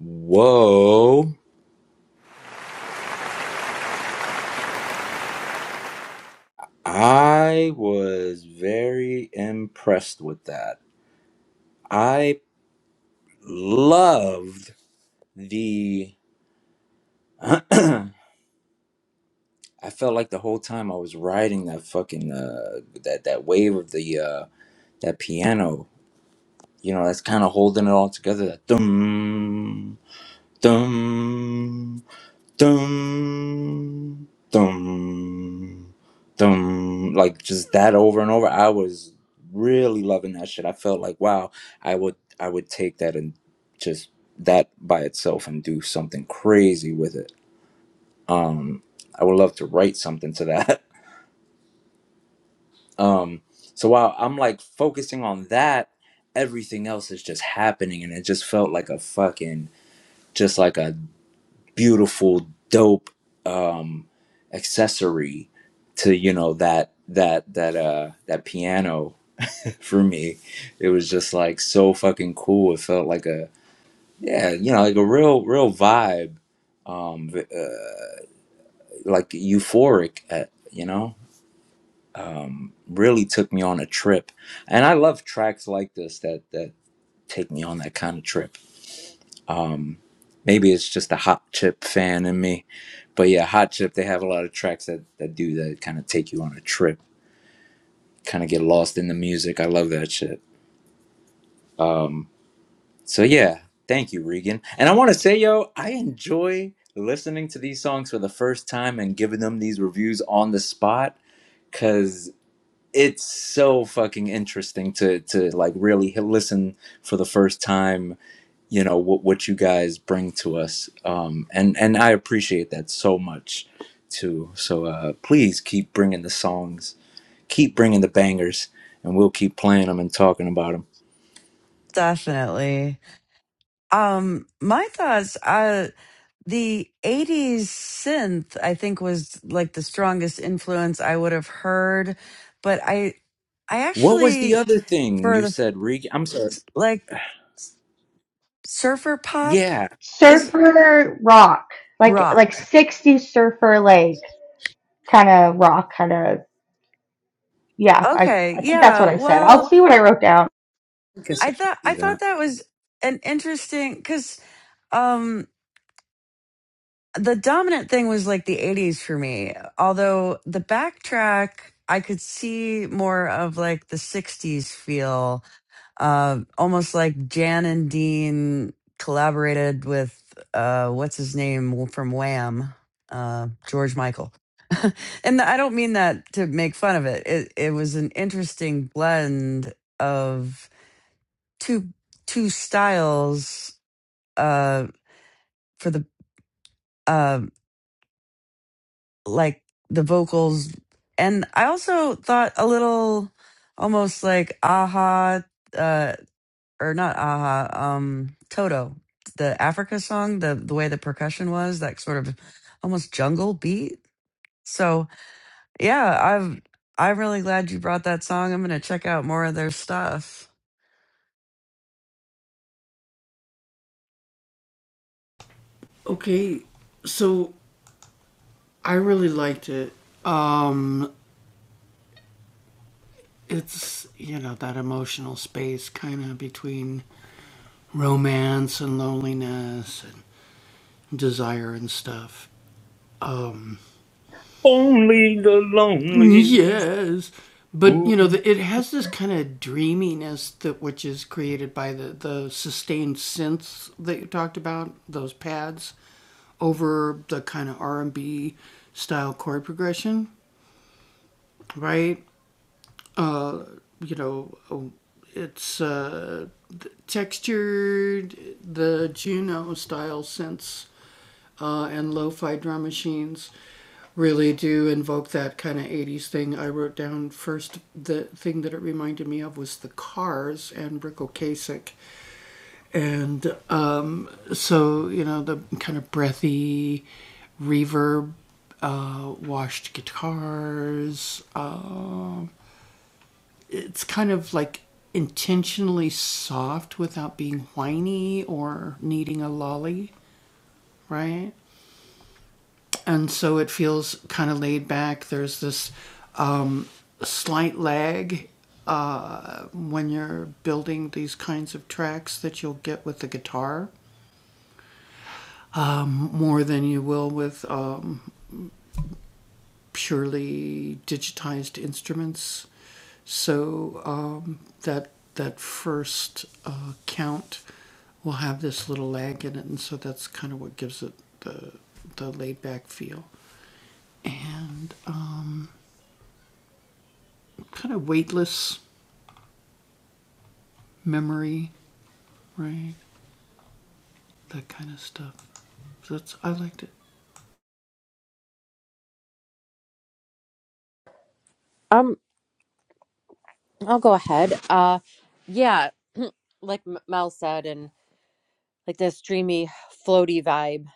Whoa, I was very impressed with that. I loved the [clears throat] I felt like the whole time I was riding that fucking uh that that wave of the uh that piano, you know, that's kind of holding it all together. That dum dum dum dum dum, like just that over and over. I was really loving that shit. I felt like wow, I would I would take that and just that by itself and do something crazy with it. Um, I would love to write something to that. [laughs] Um, so while I'm like focusing on that, everything else is just happening, and it just felt like a fucking, just like a beautiful, dope um, accessory to you know that that that uh that piano [laughs] for me. It was just like so fucking cool. It felt like a yeah, you know, like a real real vibe, um, uh, like euphoric, uh, you know. um, really took me on a trip, and I love tracks like this that that take me on that kind of trip. Um, maybe it's just a Hot Chip fan in me, but yeah, Hot Chip they have a lot of tracks that that do that kind of take you on a trip, kind of get lost in the music. I love that shit. Um, so yeah, thank you, Regan. And I want to say, yo, I enjoy listening to these songs for the first time and giving them these reviews on the spot because it's so fucking interesting to to like really listen for the first time you know what what you guys bring to us um and and i appreciate that so much too so uh please keep bringing the songs keep bringing the bangers and we'll keep playing them and talking about them definitely. Um, my thoughts. uh, the 80s synth i think was like the strongest influence i would have heard but i i what was the actually other thing for you the said Reg? i'm sorry like surfer pop yeah is Surfer rock, like like rock 60s surfer like kind of rock, kind of yeah. I okay yeah well found i guess i i can thought i see thought that that was an interesting because um the dominant thing was like the 80s for me although the backtrack i could see more of like the 60s feel uh, almost like Jan and Dean collaborated with uh, what's his name from Wham, uh, George Michael. And I don't mean that to make fun of it. It it was an interesting blend of two two styles uh, for the uh, like the vocals, and I also thought a little almost like aha. Uh. or not aha um toto the africa song the the way the percussion was that sort of almost jungle beat so yeah i've i'm really glad you brought that song i'm gonna check out more of their stuff only the lonely Ooh. Um, I'll go ahead. Uh, yeah, like M- Mel said, and like this dreamy, floaty vibe.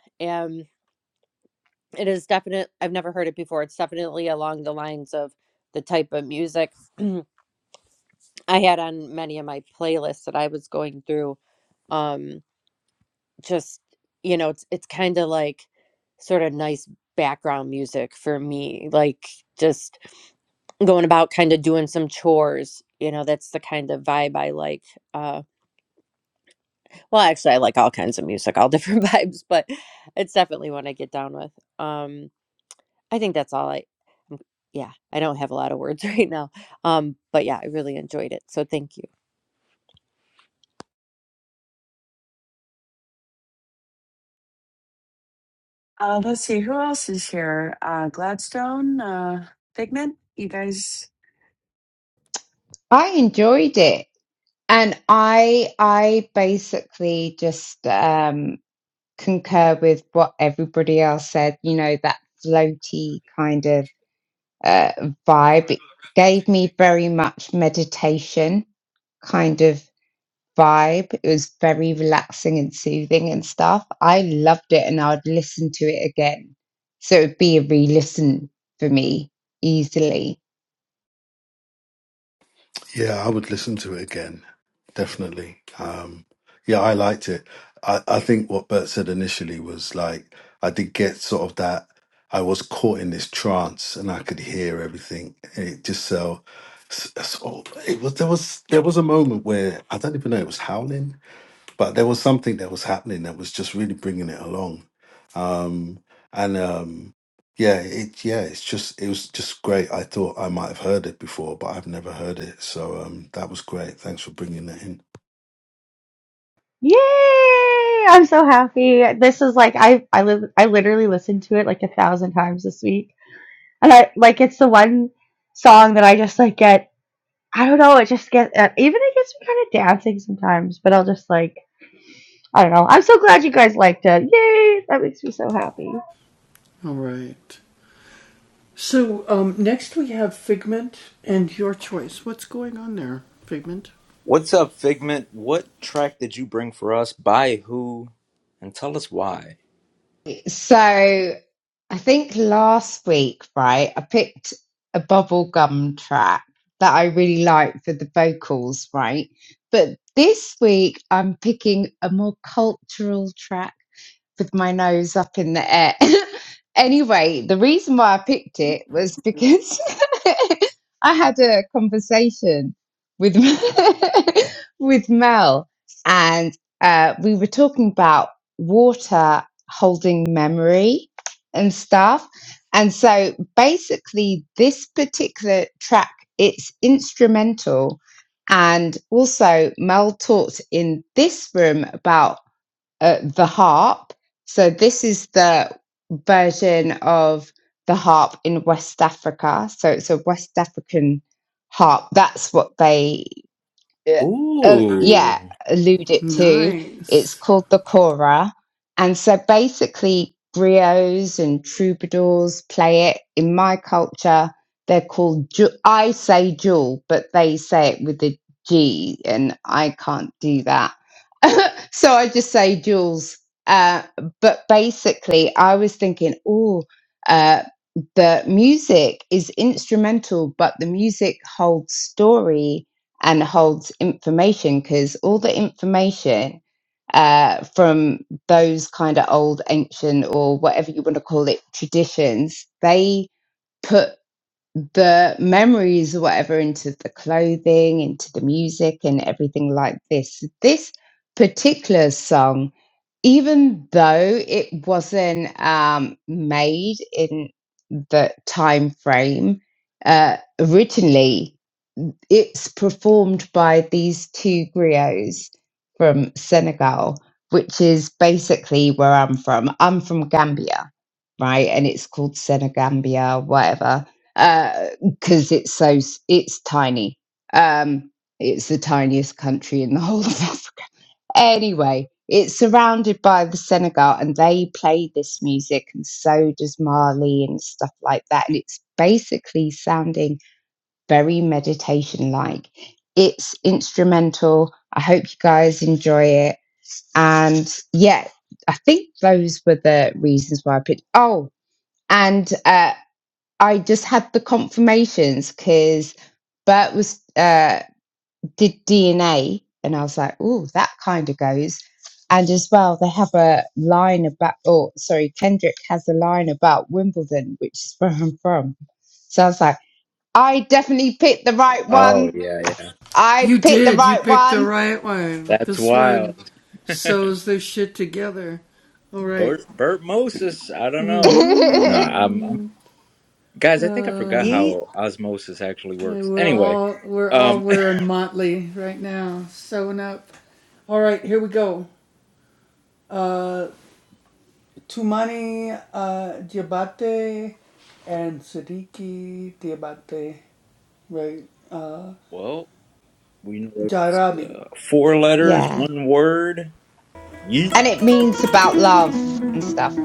It is definite. I've never heard it before. It's definitely along the lines of the type of music [clears throat] I had on many of my playlists that I was going through. Um, just you know, it's it's kind of like sort of nice background music for me, like just going about kind of doing some chores. You know, that's the kind of vibe I like. Uh, well, actually, I like all kinds of music, all different [laughs] vibes, but it's definitely one I get down with. Um, I think that's all I. yeah, I don't have a lot of words [laughs] right now. Um, but yeah, I really enjoyed it. So thank you. Uh, let's see, who else is here? Uh, Gladstone, uh, Figment, you guys. I enjoyed it, and I I basically just um concur with what everybody else said, you know, that floaty kind of uh, vibe. It gave me very much meditation kind of vibe. It was very relaxing and soothing and stuff. I loved it and I'd listen to it again. So it would be a re listen for me easily. Yeah, I would listen to it again, definitely. Um, yeah, I liked it. I, I think what Bert said initially was like, I did get sort of that, I was caught in this trance and I could hear everything. And it just so, so it was, there was, there was a moment where I don't even know, it was howling but there was something that was happening that was just really bringing it along um and um yeah it yeah it's just it was just great i thought i might have heard it before but i've never heard it so um that was great thanks for bringing that in yay! I'm so happy. This is like I I live I literally listened to it like a thousand times this week, and I like it's the one song that I just like get I don't know. It just gets uh, even it gets me kind of dancing sometimes, but I'll just like I don't know. I'm so glad you guys liked it. Yay! That makes me so happy. What's up, Figment? What track did you bring for us? By who? And tell us why. So I think last week, right, I picked a bubblegum track that I really liked for the vocals, right? But this week I'm picking a more cultural track with my nose up in the air. [laughs] anyway, the reason why I picked it was because [laughs] I had a conversation with [laughs] with Mel, and uh, we were talking about water holding memory and stuff. And so, basically, this particular track it's instrumental. And also, Mel talked in this room about uh, the harp. So this is the version of the harp in West Africa. So it's a West African harp. That's what they uh, uh, yeah, Ooh. allude it to. It's called the Cora. And so basically, griots and troubadours play it. In my culture, they're called, ju- I say jewel, but they say it with a G, and I can't do that. [laughs] so I just say jewels. Uh, but basically, I was thinking, oh, uh, the music is instrumental, but the music holds story and holds information because all the information uh, from those kind of old, ancient, or whatever you want to call it, traditions, they put the memories or whatever into the clothing, into the music, and everything like this. This particular song, even though it wasn't um, made in the time frame uh, originally, it's performed by these two griots from Senegal, which is basically where I'm from. I'm from Gambia, right? And it's called Senegambia, whatever, because uh, it's so it's tiny. Um, it's the tiniest country in the [laughs] whole of Africa. Anyway, it's surrounded by the Senegal, and they play this music, and so does Mali and stuff like that. And it's basically sounding very meditation like. It's instrumental. I hope you guys enjoy it. And yeah, I think those were the reasons why I picked. Oh, and uh, I just had the confirmations because Bert was uh, did DNA, and I was like, oh, that kind of goes. And as well, they have a line about, oh, sorry, Kendrick has a line about Wimbledon, which is where I'm from. So I was like, I definitely picked the right one Oh yeah, yeah. I picked the right one. That's wild. [laughs] Bert Bert Moses. I don't know. No, [laughs] I'm, I'm guys, I think I forgot yeet how osmosis actually works. Anyway, um [laughs] well, we know it's uh, four letters, yeah. one word. Yeet. And it means about love and stuff.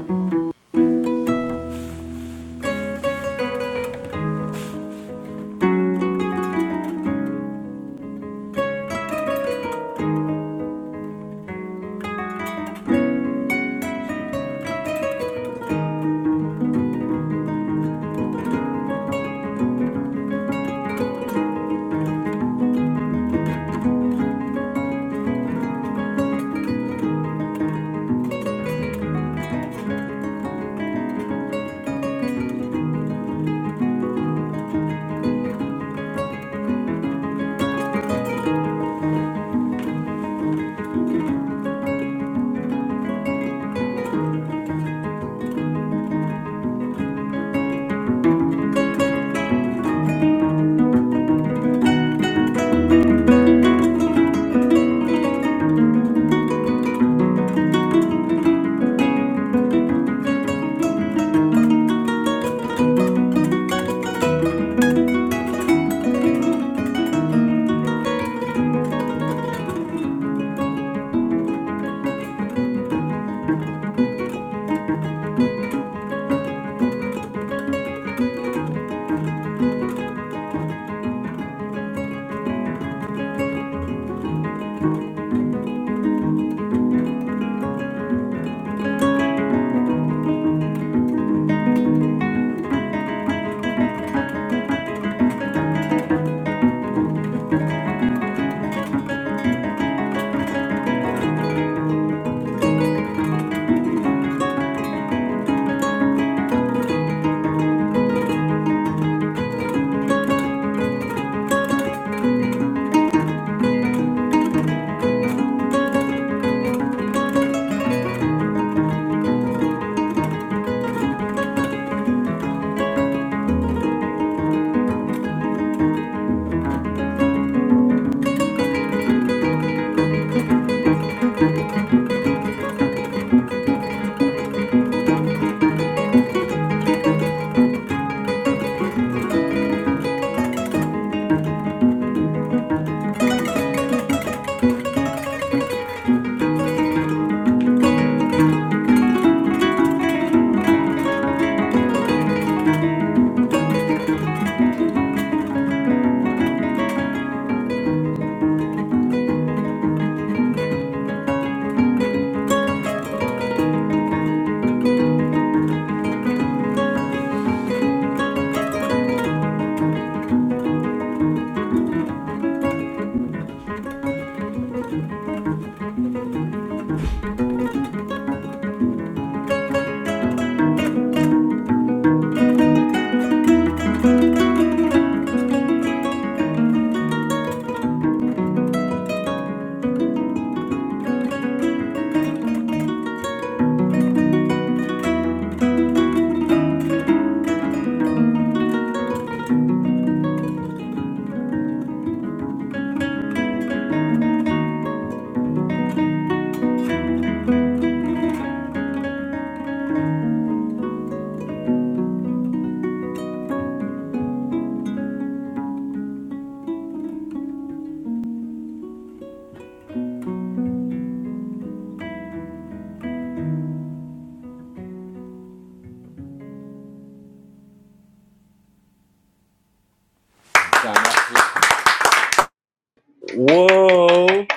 Whoa.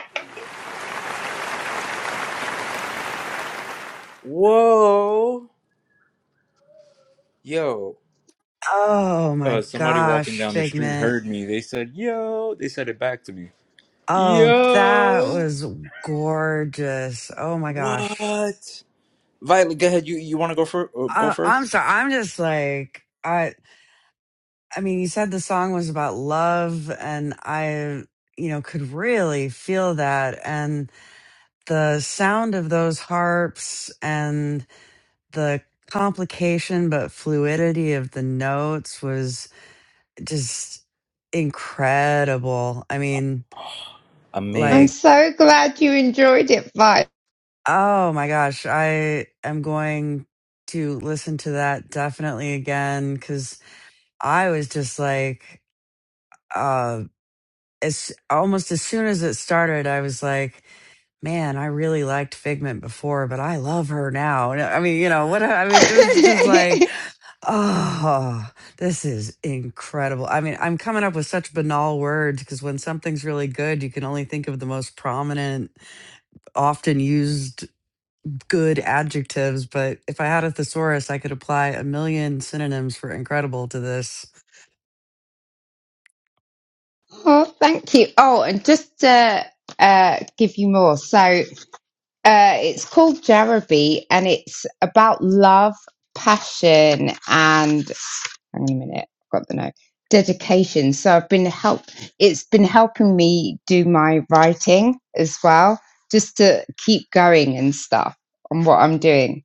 Whoa. Yo. oh my uh, somebody walking gosh down the street figment heard me. They said, "Yo," they said it back to me. oh that Yo, was gorgeous oh my gosh what? Violet, go ahead. You you want to go for uh, go I, i'm first? sorry i'm just like I. I mean, you said the song was about love, and I, you know, could really feel that. And the sound of those harps and the complication but fluidity of the notes was just incredible. I mean, I'm Amazing. like, so glad you enjoyed it, Vi. oh my gosh, I am going to listen to that definitely again because I was just like, uh, as almost as soon as it started, I was like, man, I really liked Figment before, but I love her now. And I mean, you know, what I mean, there was just like, [laughs] oh, this is incredible. I mean, I'm coming up with such banal words because when something's really good, you can only think of the most prominent, often used good adjectives. But if I had a thesaurus, I could apply a million synonyms for incredible to this. oh, thank you. Oh, and just to uh, give you more. So uh, it's called Jarabi and it's about love, passion, and. hang on a minute, I've got the note. Dedication. So I've been help. It's been helping me do my writing as well, just to keep going and stuff on what I'm doing.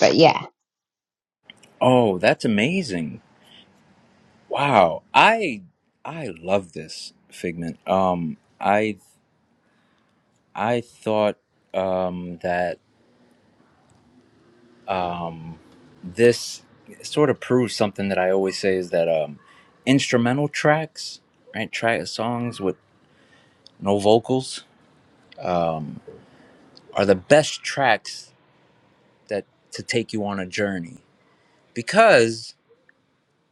But yeah, Oh, that's amazing. Wow. I I love this figment. Um, I I thought um that this sort of proves something that I always say is that um instrumental tracks, right? Track songs with no vocals um are the best tracks that to take you on a journey because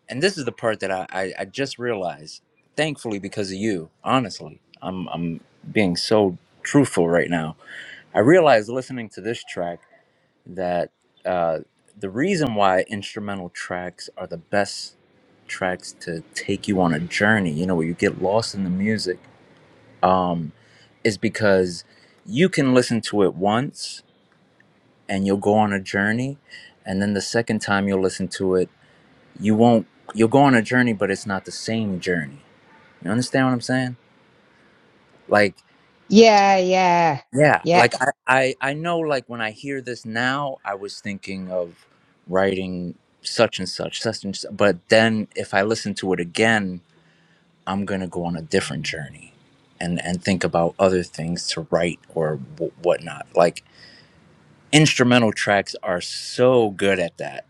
and this is the part that I, I, I just realized thankfully because of you honestly I'm, I'm being so truthful right now i realized listening to this track that uh, the reason why instrumental tracks are the best tracks to take you on a journey you know where you get lost in the music um, is because you can listen to it once and you'll go on a journey and then the second time you'll listen to it you won't you'll go on a journey but it's not the same journey you understand what i'm saying like yeah, yeah, yeah yeah. like i i, I know like when i hear this now i was thinking of writing such and such such and such, but then if i listen to it again i'm gonna go on a different journey and and think about other things to write or w- whatnot like instrumental tracks are so good at that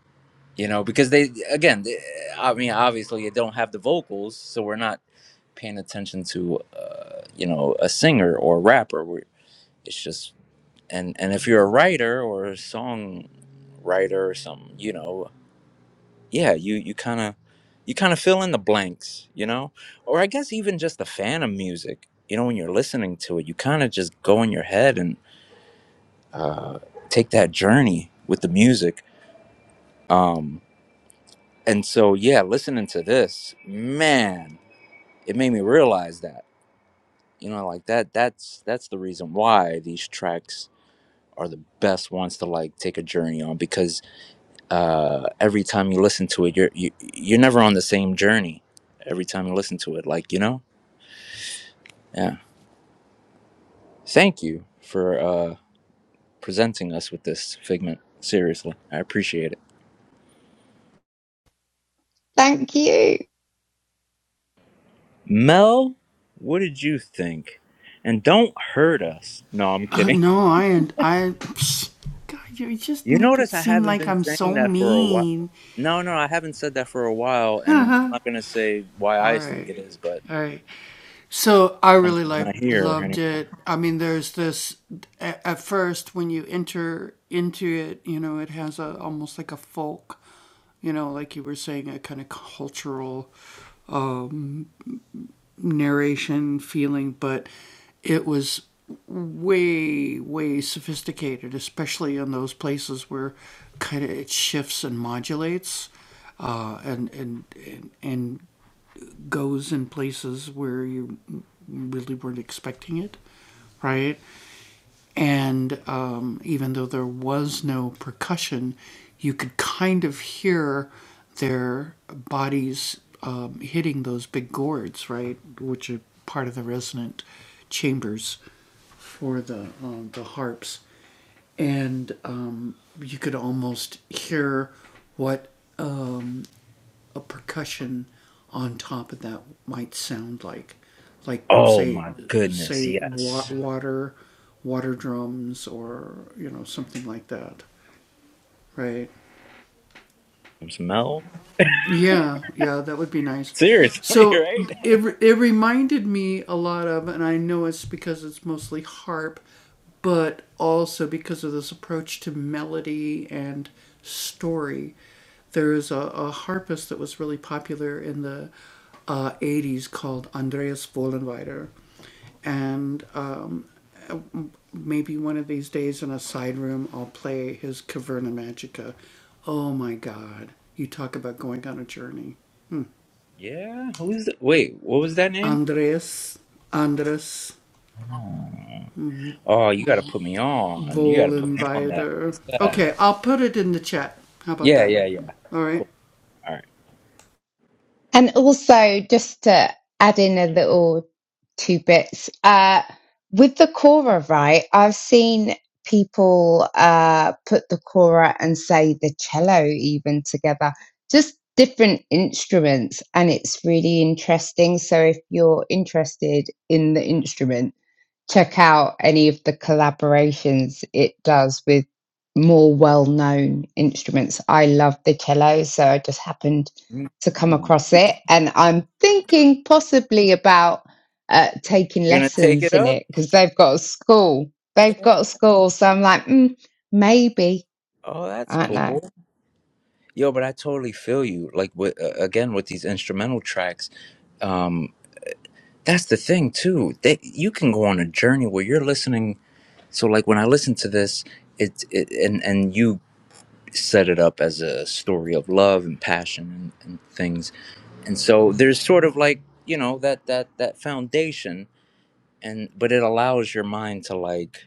you know because they again they, i mean obviously you don't have the vocals so we're not paying attention to uh, you know a singer or a rapper We're- it's just and and if you're a writer or a song writer or something you know yeah you you kind of you kind of fill in the blanks you know or i guess even just a fan of music you know when you're listening to it you kind of just go in your head and uh, take that journey with the music um and so yeah listening to this man it made me realize that you know like that that's that's the reason why these tracks are the best ones to like take a journey on because uh every time you listen to it you're you, you're never on the same journey every time you listen to it like you know yeah thank you for uh presenting us with this figment seriously i appreciate it Thank you. mel what did you think and don't hurt us no i'm kidding. You notice I haven't been saying that for a while. No, no, I haven't said that for a while, and I'm not gonna say why I think it is, but something's not here anymore. Oh my goodness, yes. Smell? Seriously, [laughs] right? Yeah. Who's the, wait? What was that name? Oh, Oh, you gotta put me on. You gotta put me on that. What's that? Yeah, yeah, yeah. Cool. All right. And also, just to add in a little two bits, uh, with the Cora, right? I've seen people uh, put the Cora and say the cello even together, just different instruments, and it's really interesting. So, if you're interested in the instrument check out any of the collaborations it does with more well-known instruments. I love the cello, so I just happened to come Mm. across it, and I'm thinking possibly about uh, taking You gonna take it lessons in up? it because they've got a school. Yeah. They've got a school, so I'm like, mm, maybe Oh, that's I don't know. cool. Yo, but I totally feel you. Like with, uh, again with these instrumental tracks, um, that's the thing too. They you can go on a journey where you're listening. So like when I listen to this, it, it and and you set it up as a story of love and passion and, and things. And so there's sort of like you know that that that foundation, and but it allows your mind to like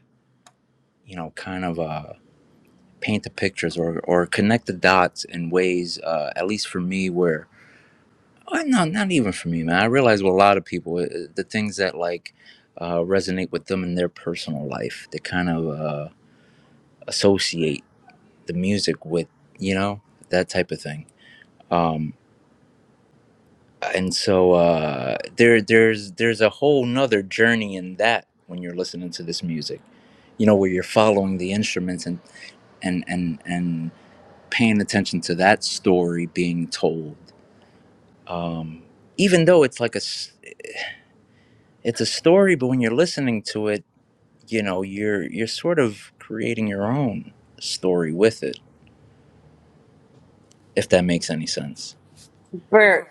you know kind of uh paint the pictures or or connect the dots in ways uh, at least for me where Oh, no, not even for me, man. I realize with a lot of people, uh, the things that like uh, resonate with them in their personal life, they kind of uh, associate the music with, you know, that type of thing. Um, and so uh, there, there's there's a whole nother journey in that when you're listening to this music, you know, where you're following the instruments and and and and paying attention to that story being told. Um, even though it's like a s- it's a story, but when you're listening to it you know you're you're sort of creating your own story with it if that makes any sense For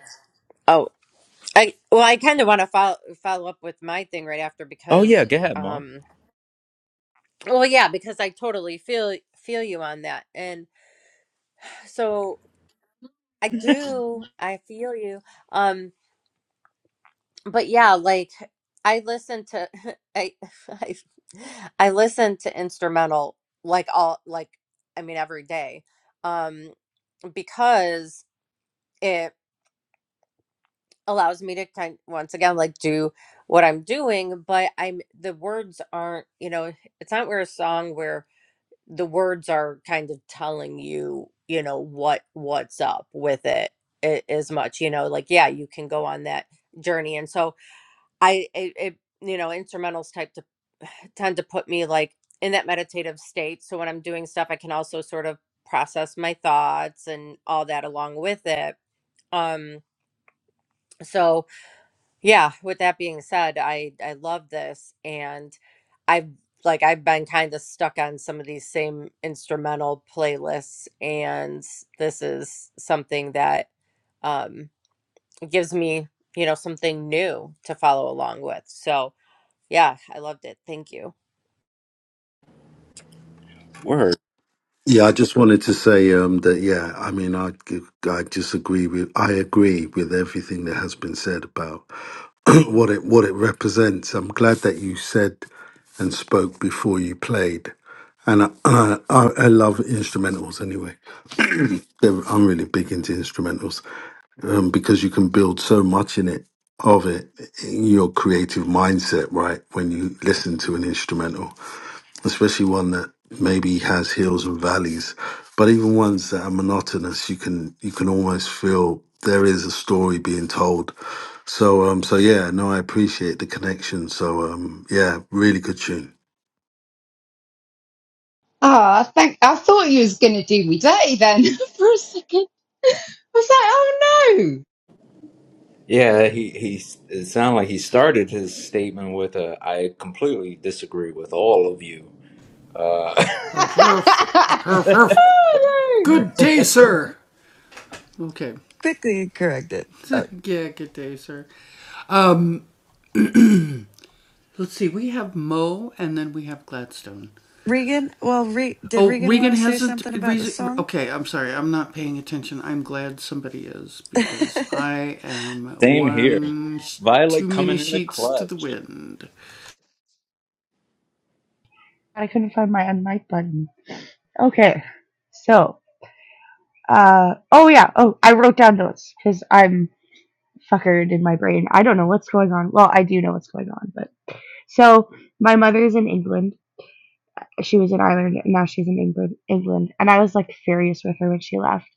oh, I well, I kind of want to follow follow up with my thing right after oh yeah because go ahead mo um, well, yeah, because I totally feel feel you on that, and so I do, I feel you. Um, but yeah, like I listen to [laughs] I [laughs] I I listen to instrumental like all like I mean every day, um, because. it. allows me to kind once again like do what I'm doing, but I'm the words aren't, you know, it's not where a song where the words are kind of telling you, you know, what what's up with it a- as much, you know, like yeah, you can go on that journey. And so I it, it you know, instrumentals type to [sighs] tend to put me like in that meditative state. So when I'm doing stuff, I can also sort of process my thoughts and all that along with it. Um so yeah, with that being said, I I love this and I've like I've been kind of stuck on some of these same instrumental playlists and this is something that um gives me, you know, something new to follow along with. So, yeah, I loved it. Thank you. Word. Yeah, I just wanted to say um, that. Yeah, I mean, I I just agree with I agree with everything that has been said about [clears throat] what it what it represents. I'm glad that you said and spoke before you played, and I [clears throat] I, I love instrumentals anyway. [clears throat] They're, I'm really big into instrumentals um, because you can build so much in it of it in your creative mindset, right? When you listen to an instrumental, especially one that maybe has hills and valleys, but even ones that are monotonous, you can you can almost feel there is a story being told. So um so yeah, no, I appreciate the connection. So um yeah, really good tune. Oh, I think I thought you was gonna do me dirty then [laughs] for a second. I was like, oh no. Yeah, he he. It sounded like he started his statement with a, "I completely disagree with all of you." Uh, [laughs] oh no. Quickly correct it. Uh, Regan, well, Re- did Regan want to say something about the song? [laughs] same here. Violet coming in the clutch. I couldn't find my unmic button. Okay, so uh oh yeah oh I wrote down notes because I'm fuckered in my brain. I don't know what's going on. Well, I do know what's going on, but so my mother's in England she was in Ireland and now she's in England England and I was like furious with her when she left.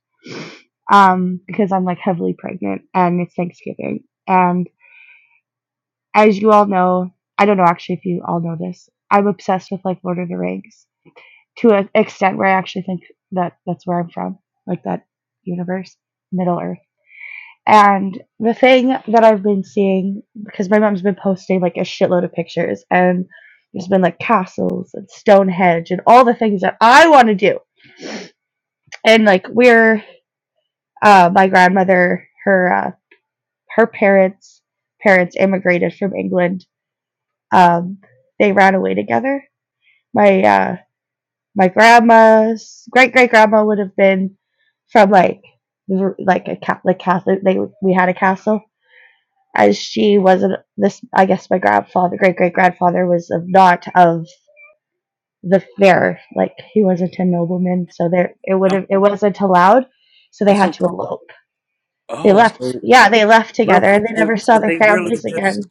Um because I'm like heavily pregnant and it's Thanksgiving. And as you all know, I don't know actually if you all know this. I'm obsessed with like Lord of the Rings to an extent where I actually think that that's where I'm from, like that universe, Middle Earth. And the thing that I've been seeing, because my mom's been posting like a shitload of pictures, and there's been like castles and Stonehenge and all the things that I want to do and like we're uh, my grandmother, her uh, her parents parents immigrated from England. Um, they ran away together. My uh, my grandma's great great grandma would have been from like like a ca- like Catholic. They we had a castle. As she wasn't this, I guess my grandfather, great great grandfather, was of not of the fair. Like he wasn't a nobleman, so there it would i have it wasn't allowed. So they had so to elope. They oh left. so Yeah, they left real together quick and they so, never saw so their they really families just again.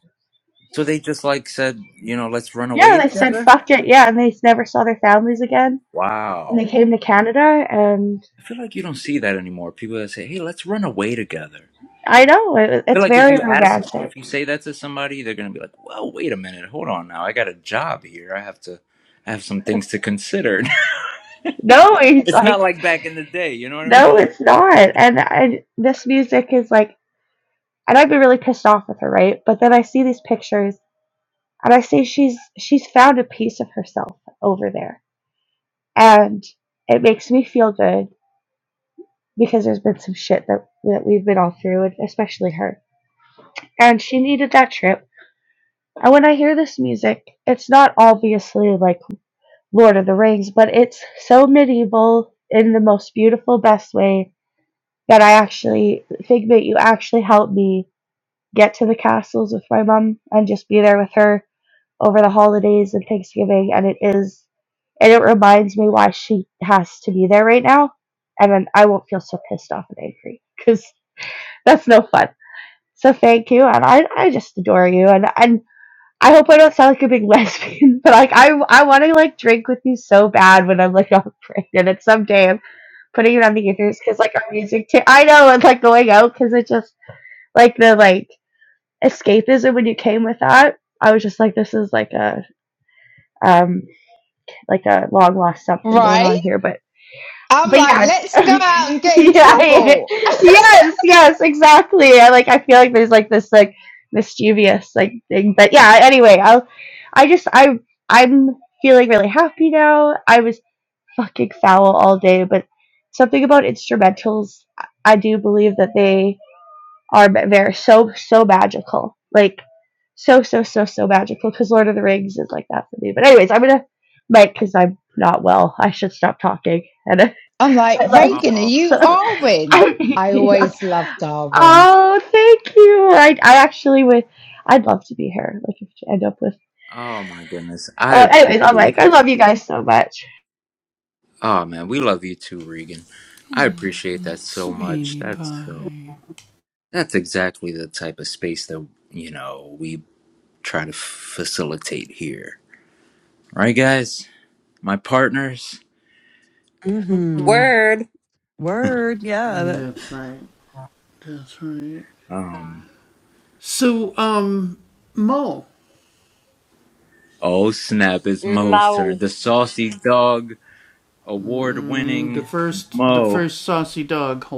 so they just like said you know let's run away Yeah, they said together fuck it. Yeah, and they never saw their families again. And wow they came to Canada, and I feel like you don't see that anymore. People that say, "Hey, let's run away together." I know it, I feel it's like if very you ask, romantic. if you say that to somebody, they're gonna be like, "Well, wait a minute, hold on now. I got a job here. I have to, I have some things to consider." [laughs] No, he's it's not like, like back in the day. You know what I mean? no, it's not. And I, this music is like, and I'd be really pissed off with her, right? But then I see these pictures, and I see she's she's found a piece of herself over there, and it makes me feel good because there's been some shit that that we've been all through, and especially her. And she needed that trip. And when I hear this music, it's not obviously like Lord of the Rings, but it's so medieval in the most beautiful, best way that I actually, Figment, you actually helped me get to the castles with my mom and just be there with her over the holidays and Thanksgiving. And it is, and it reminds me why she has to be there right now. And then I won't feel so pissed off and angry because that's no fun. So thank you. And I, I just adore you. And, and I hope I don't sound like a big lesbian, [laughs] but like I I want to like drink with you so bad when I'm like [laughs] all pregnant, and someday I'm putting it on the ethers because like our music. ta- I know it's like going out because it just like the like escapism when you came with that. I was just like, this is like a um like a long lost something going Right? on here, but I'm but like, yeah, [laughs] let's go out and yeah, get in yeah, trouble. yes, yes, exactly. I like. I feel like there's like this like mischievous like thing, but yeah. Anyway, I, I just I I'm feeling really happy now. I was fucking foul all day, but something about instrumentals, I I do believe that they are ma- they're so so magical, like so so so so magical. Because Lord of the Rings is like that for me. But anyways, I'm gonna mic because I'm not well. I should stop talking and. I'm [laughs] like, I love Reagan, are Oh you my goodness. [laughs] Arwen? I mean, I yeah. always loved Arwen. Oh, thank you. I, I actually would. I'd love to be her. Like if you end up with. Oh my goodness. I Oh, anyways, I'm like, appreciate I that. love you guys so much. Oh man, we love you too, Regan. I appreciate that so much. That's so. That's exactly the type of space that you know we try to facilitate here. Right, guys? my partners. Mm-hmm. Word [laughs] Word. Yeah. that- Um, oh snap! It's Mo's turn. Mo The saucy dog award-winning Mo.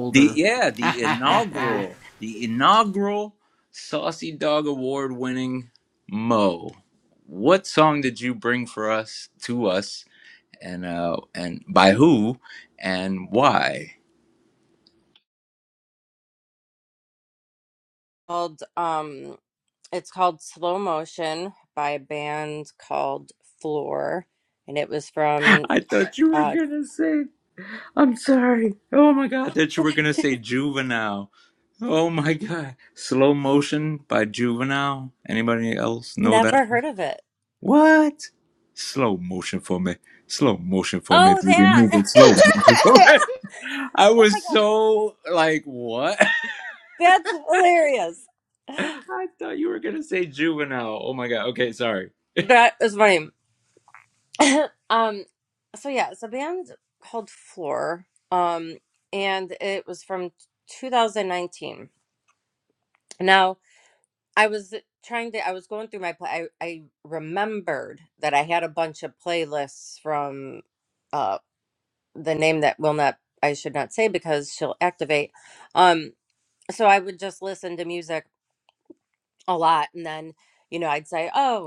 The yeah, the inaugural, the inaugural saucy dog award-winning Mo. What song did you bring for us to us, and uh, and by who, and why? called um it's called Slow Motion by a band called Floor and it was [laughs] from I thought you were uh gonna say. I'm sorry. Oh my god. I thought you were gonna [laughs] say juvenile. Oh my god. Slow motion by juvenile. Anybody else know that? never heard of it. What? Slow motion for me. Slow motion for me. Oh, Baby, move that. it. [laughs] [laughs] Slow motion for me. [laughs] I Oh my was god, so like, what? [laughs] that's hilarious. I thought you were gonna say juvenile. Oh my god. Okay, sorry. That is funny. Um, so yeah, it's a band called Floor. Um, and it was from 2019. Now, I was trying to. I was going through my. Play, I I remembered that I had a bunch of playlists from, uh, the name that will not. I should not say because she'll activate. Um, so I would just listen to music a lot, and then you know I'd say, oh.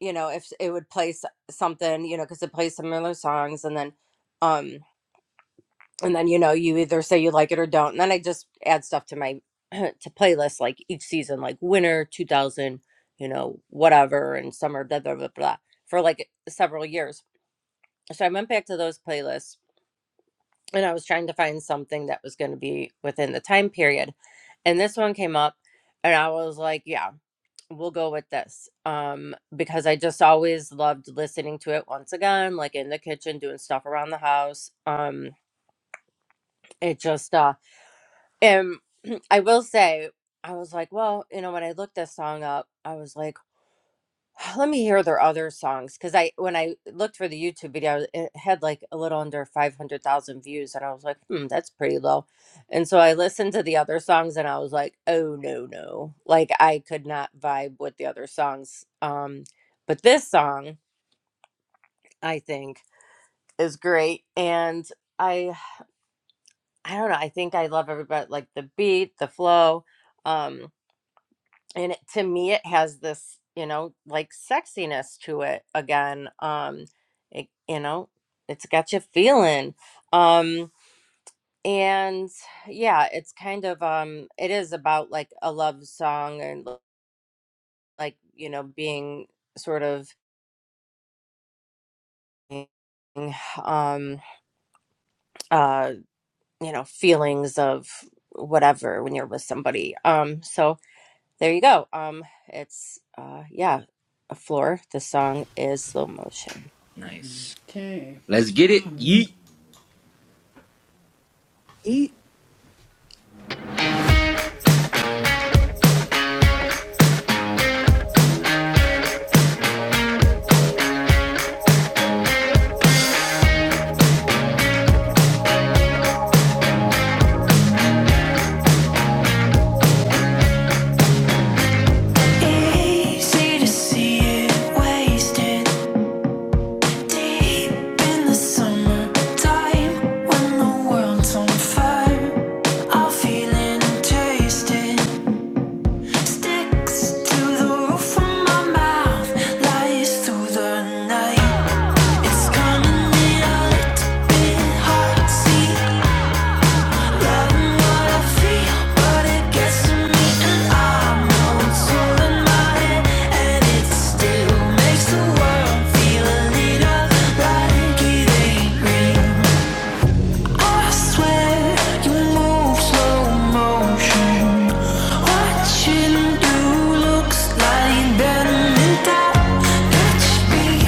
you know if it would play s- something you know because it plays similar songs and then um and then you know you either say you like it or don't and then i just add stuff to my [clears throat] to playlist like each season like winter 2000 you know whatever and summer blah blah blah blah for like several years so i went back to those playlists and i was trying to find something that was going to be within the time period and this one came up and i was like yeah we'll go with this um because i just always loved listening to it once again like in the kitchen doing stuff around the house um it just uh and [clears throat] i will say i was like well you know when i looked this song up i was like [sighs] Let me hear their other songs because I, when I looked for the YouTube video, it had like a little under 500,000 views, and I was like, hmm, that's pretty low. And so I listened to the other songs and I was like, oh, no, no. Like, I could not vibe with the other songs. Um, but this song, I think, is great. And I, [sighs] I don't know, I think I love everybody, like the beat, the flow. um. and it, to me it has this you know like sexiness to it again um it, you know it's got you feeling um and yeah it's kind of um it is about like a love song and l- like you know being sort of um uh you know feelings of whatever when you're with somebody um so there you go um it's uh yeah a floor the song is slow motion Nice. Let's get it. Yeet. Eat. It's coming in a little bit hard, see Better than that, catch me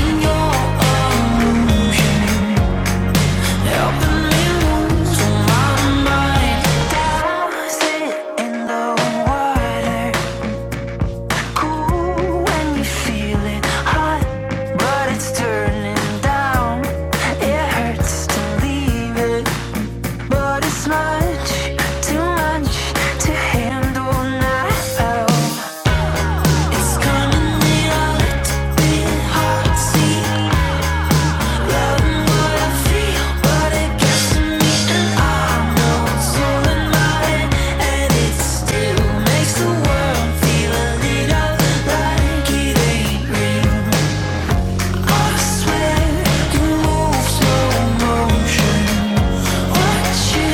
in your arms. It's gonna need a little bit hard, see I swear you move slow motion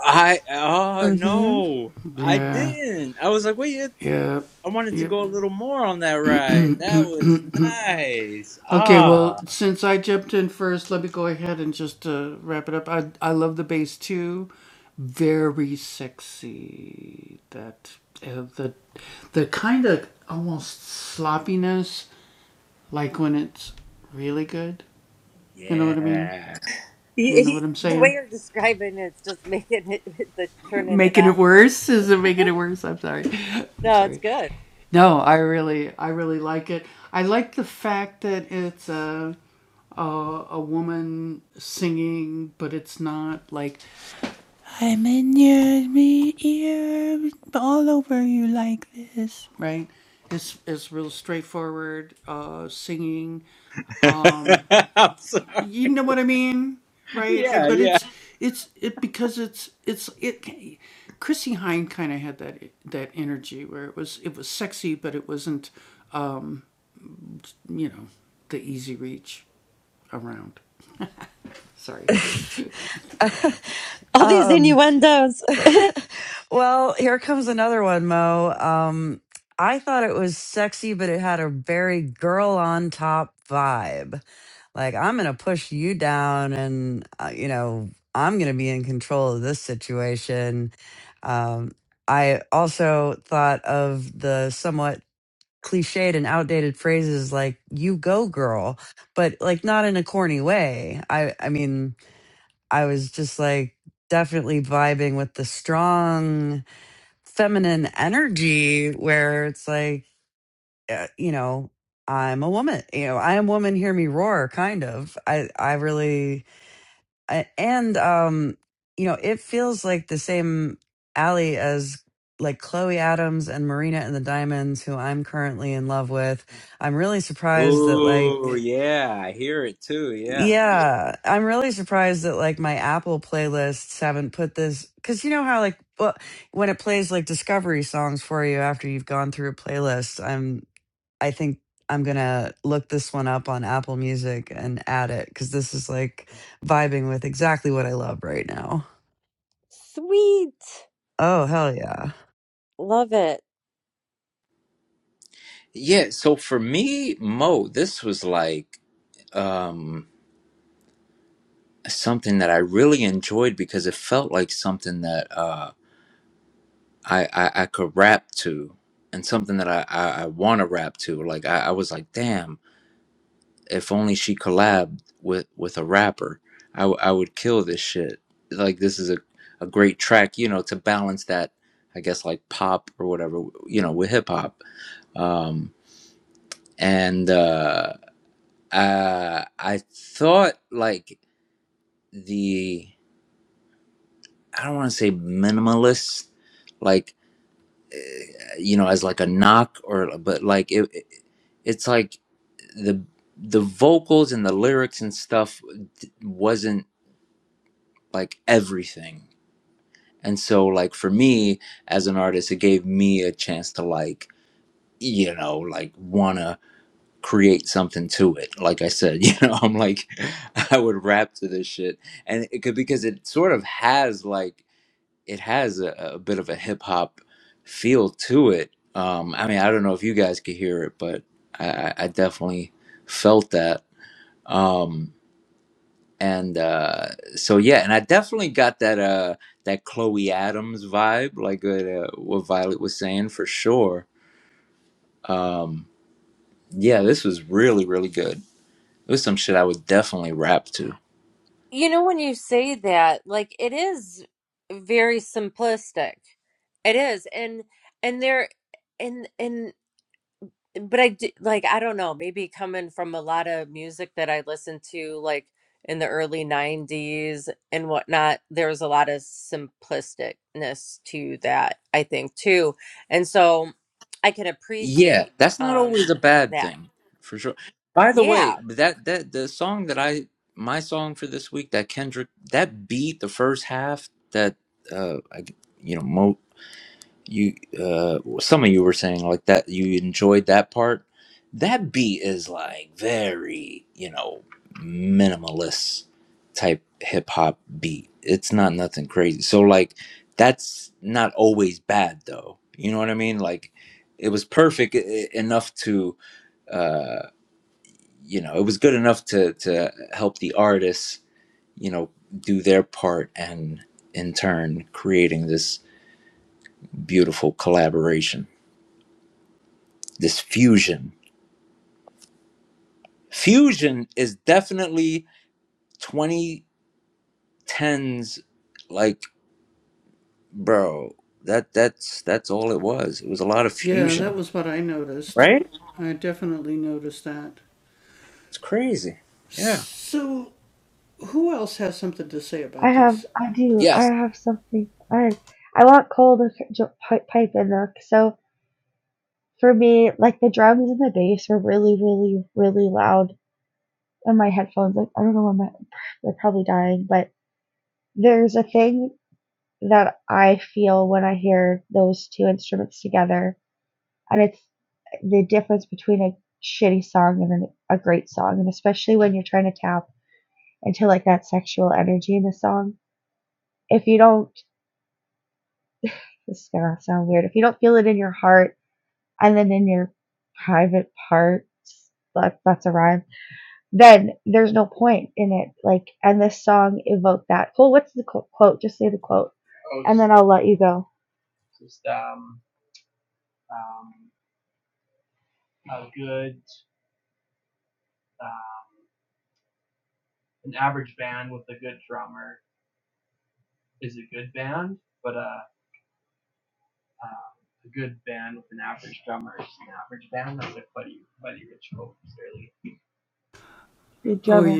I oh Mm-hmm. no. I didn't. I was like, wait, I wanted to go a little more on that ride. That [laughs] was nice. Ah, yeah. He, he, the way you're describing it's just making it [laughs] the turning it on even more. Uh-huh. No, it's good. [laughs] I'm sorry. Yeah, yeah. [laughs] All these um, innuendos. [laughs] well, here comes another one, Mo. Um, I thought it was sexy, but it had a very girl on top vibe. Like, I'm going to push you down and, uh, you know, I'm going to be in control of this situation. Um, I also thought of the somewhat cliched and outdated phrases like you go girl but like not in a corny way i i mean i was just like definitely vibing with the strong feminine energy where it's like uh, you know i'm a woman you know i am woman hear me roar kind of i i really and um you know it feels like the same alley as like chloe adams and marina and the diamonds who i'm currently in love with i'm really surprised that Oh, like yeah. I hear it too. Yeah. yeah i'm really surprised that like my apple playlists haven't put this because you know how like well, when it plays like discovery songs for you after you've gone through a playlist i'm I think I'm gonna look this one up on Apple Music and add it because this is like vibing with exactly what I love right now. Sweet. Oh hell yeah! Love it. Yeah. So for me, Mo, this was like um, something that I really enjoyed because it felt like something that uh, I, I I could rap to, and something that I I, I want to rap to. Like I, I was like, damn. if only she collabed with with a rapper I w- I would kill this shit like this is a, a great track you know to balance that i guess like pop or whatever you know with hip-hop um and uh i i thought like the i don't want to say minimalist like eh, you know as like a knock or but like it it- it's like the the vocals and the lyrics and stuff d- wasn't. like everything. And so like for me as an artist, it gave me a chance to like, you know, like wanna create something to it. Like I said, [laughs] you know, I'm like [laughs] I would rap to this shit. And it could because it sort of has like it has a, a bit of a hip hop feel to it. Um I mean I don't know if you guys could hear it, but I, I I definitely felt that. Um and uh so yeah and i definitely got that uh that chloe adams vibe like uh, what violet was saying for sure um yeah this was really really good it was some shit i would definitely rap to You know, when you say that, like it is very simplistic. It is. And and there and and but I I d- like I don't know, maybe coming from a lot of music that I listened to like in the early 90s and whatnot, there was a lot of simplisticness to that, I think too. And so I can yeah appreciate that's not um always a bad that. thing for sure by the way Yeah. that that the song that i my song for this week that kendrick that beat the first half that uh I, you know mo you uh some of you were saying like that you enjoyed that part that beat is like very you know minimalist type hip hop beat it's not nothing crazy so like that's not always bad though you know what i mean like it was perfect e- e- enough to uh you know it was good enough to to help the artists you know do their part and in turn creating this beautiful collaboration this fusion. Fusion is definitely 2010s like bro, that that's that's all it was. It was a lot of fusion, right? It's crazy. Yeah. I have, I do, I Yes, have something. I, I want Cole to c- j- pi- pipe in though. So for me, like the drums and the bass were really, really, really loud in my headphones. Like I don't know when my, they're probably dying, but there's a thing that I feel when I hear those two instruments together and it's the difference between a shitty song and an, a great song and especially when you're trying to tap into like that sexual energy in the song if you don't this is gonna sound weird if you don't feel it in your heart and then in your private parts like that's a rhyme then there's no point in it like and this song evoked that well what's the quote just say the quote and then i'll let you go the drummer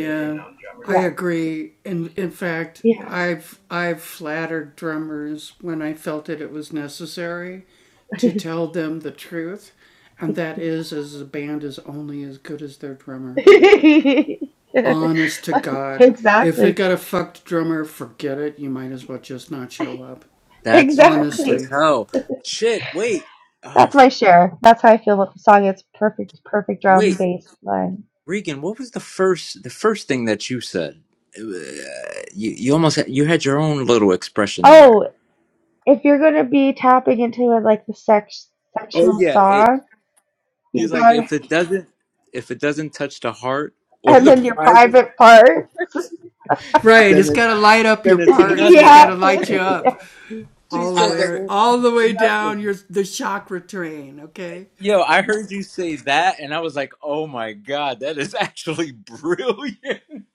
yeah yeah [laughs] exactly [laughs] that's fun as Exactly. hell. Shit, wait. Oh, That's f- my share. That's how I feel about the song. It's perfect, perfect drum wait. bass line. Regan, what was the first the first thing that you said? It wa- uh, you you almost had, you had your own little expression there. Oh, if you're gonna be tapping into it like the sex Oh sexual yeah, it song, you've he's like got to, if it doesn't if it doesn't touch the heart or and the then [laughs] your private private part. Then it then [laughs] it's yeah. nothing. She said that nothing. Yo, I heard you say that and I was like, "Oh my god, that is actually brilliant." [laughs]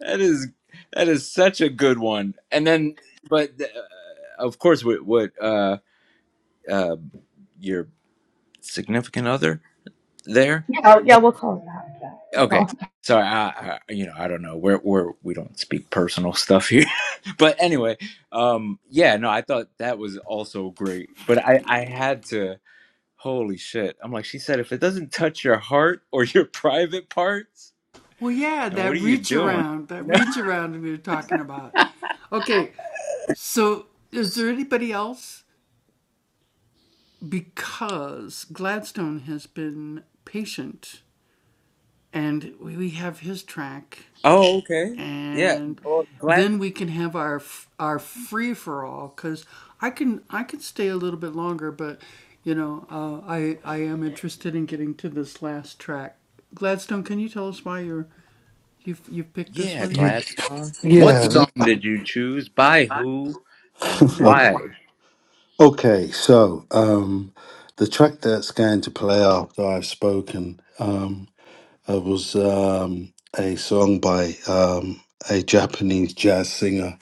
that is that is such a good one. And then but uh, of course what what uh uh your significant other there? Yeah, yeah, we'll call it that. Yeah, we'll Okay. call Sorry, I, I you know, I don't know. We're we're we don't speak personal stuff here. [laughs] but anyway, um yeah, no, I thought that was also great. But I I had to Holy shit. I'm like, she said, if it doesn't touch your heart or [laughs] your private parts, and what are you doing? [laughs] Oh, okay. Yeah. Oh, glad. Yeah, Ye- Gladstone. What Yeah, [laughs] song did you choose? By who and Okay, why? okay, so um the track that's going to play after I've spoken um uh, was um a song by um a Japanese jazz singer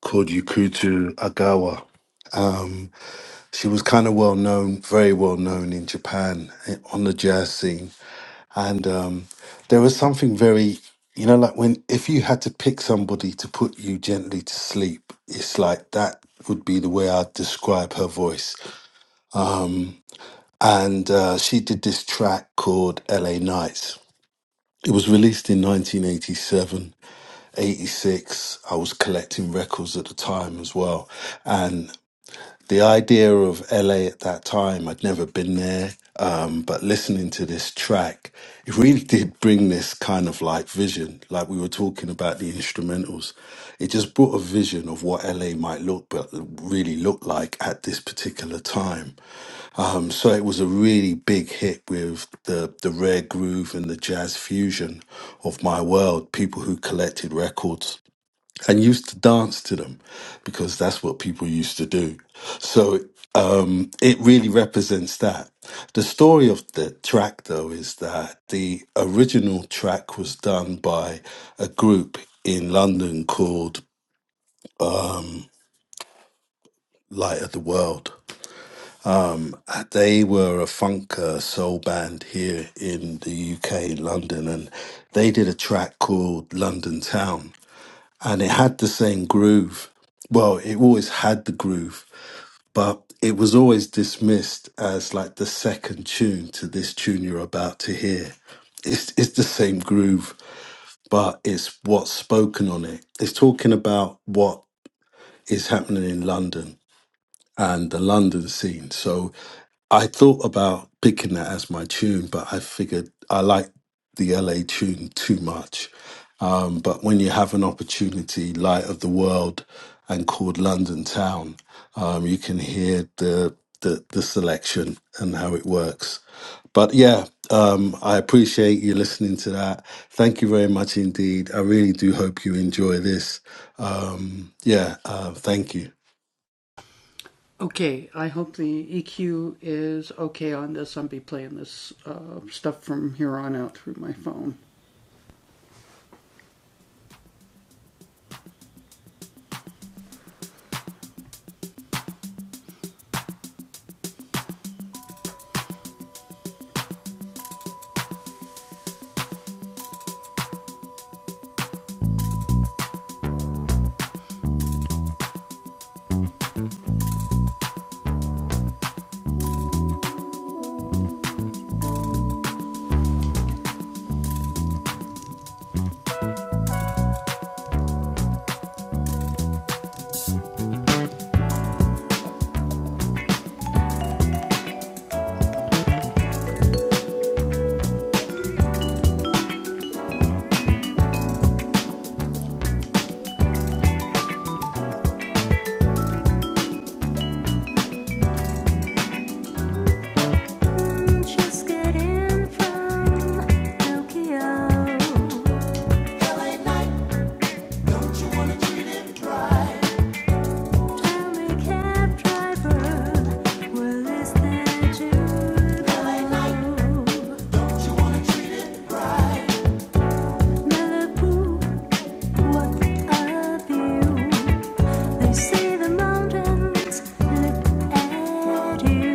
called Yukutu Agawa. Um, she was kind of well known, very well known in Japan eh, on the jazz scene. And um, there was something very, you know, like when if you had to pick somebody to put you gently to sleep, it's like that would be the way I'd describe her voice. And uh, she did this track called LA Nights. It was released in 1987, 86. I was collecting records at the time as well. the idea of LA at that time, I'd never been there, um, but listening to this track, it really did bring this kind of like vision. Like we were talking about the instrumentals, it just brought a vision of what LA might look, but really look like at this particular time. Um, so it was a really big hit with the the rare groove and the jazz fusion of my world. People who collected records and used to dance to them because that's what people used to do. So um, it really represents that. The story of the track, though, is that the original track was done by a group in London called Light of the World. Uh, They were a funk uh, soul band here in the UK, London, and they did a track called London Town. And it had the same groove well, it always had the groove, but it was always dismissed as like the second tune to this tune you're about to hear. It's, it's the same groove, but it's what's spoken on it. It's talking about what is happening in London and the London scene. So I thought about picking that as my tune, but I figured I like the LA tune too much. Um, but when you have an opportunity, Light of the World and called London Town, um, you can hear the, the the selection and how it works. But yeah, um, I appreciate you listening to that. Thank you very much indeed. I really do hope you enjoy this. Um, yeah, uh, thank you. Just getting from Tokyo. Tell cab driver, will this let you what a view! They say the mountains look at you.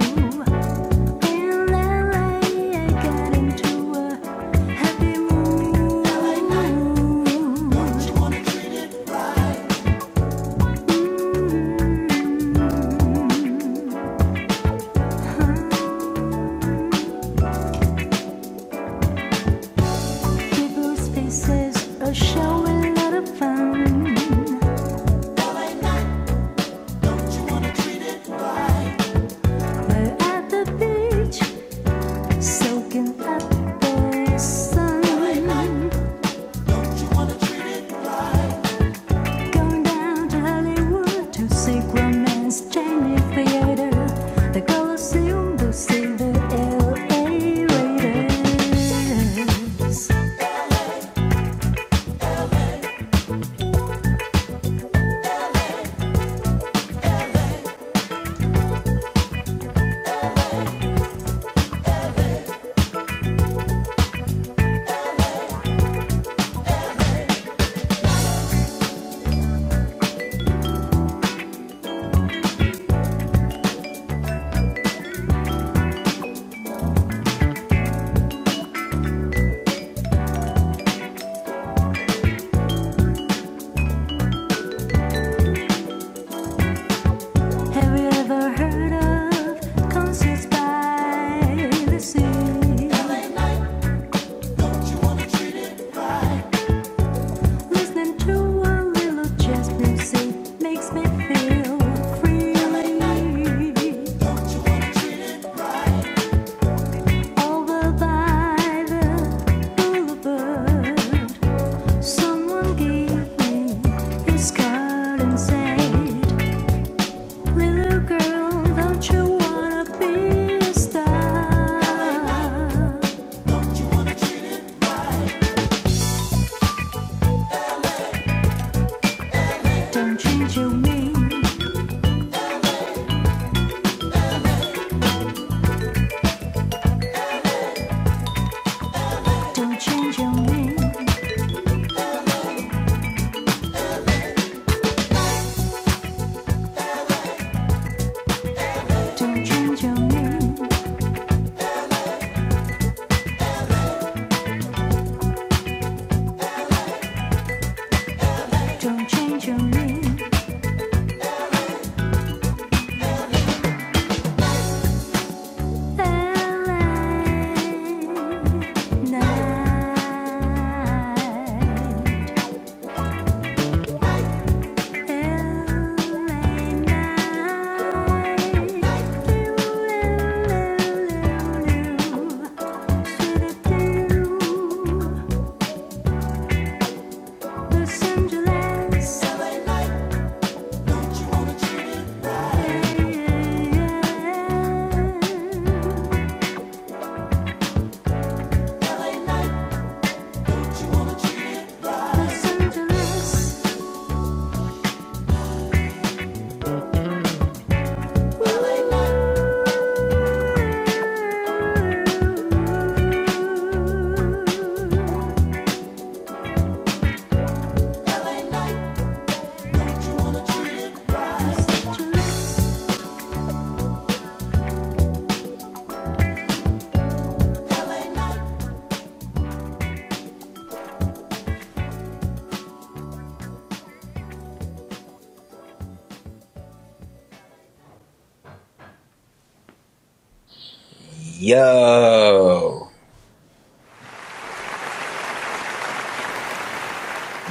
In LA, I got into a happy mood. People's faces are showing a lot of fun. We're at the beach, soaking up the sun. Going down to Hollywood to see romance, Jamie Theater, the Coliseum, to see the LA Raiders. Have you ever heard of concerts by the sea? Listening to a little jazz music makes me feel freely. Over by the boulevard, someone gave me his card and said, "Little girl, don't you wanna be a star? Don't change your name, don't change your name, don't change your name, don't change your name." Los Angeles, yeah, yeah, yeah. Yo,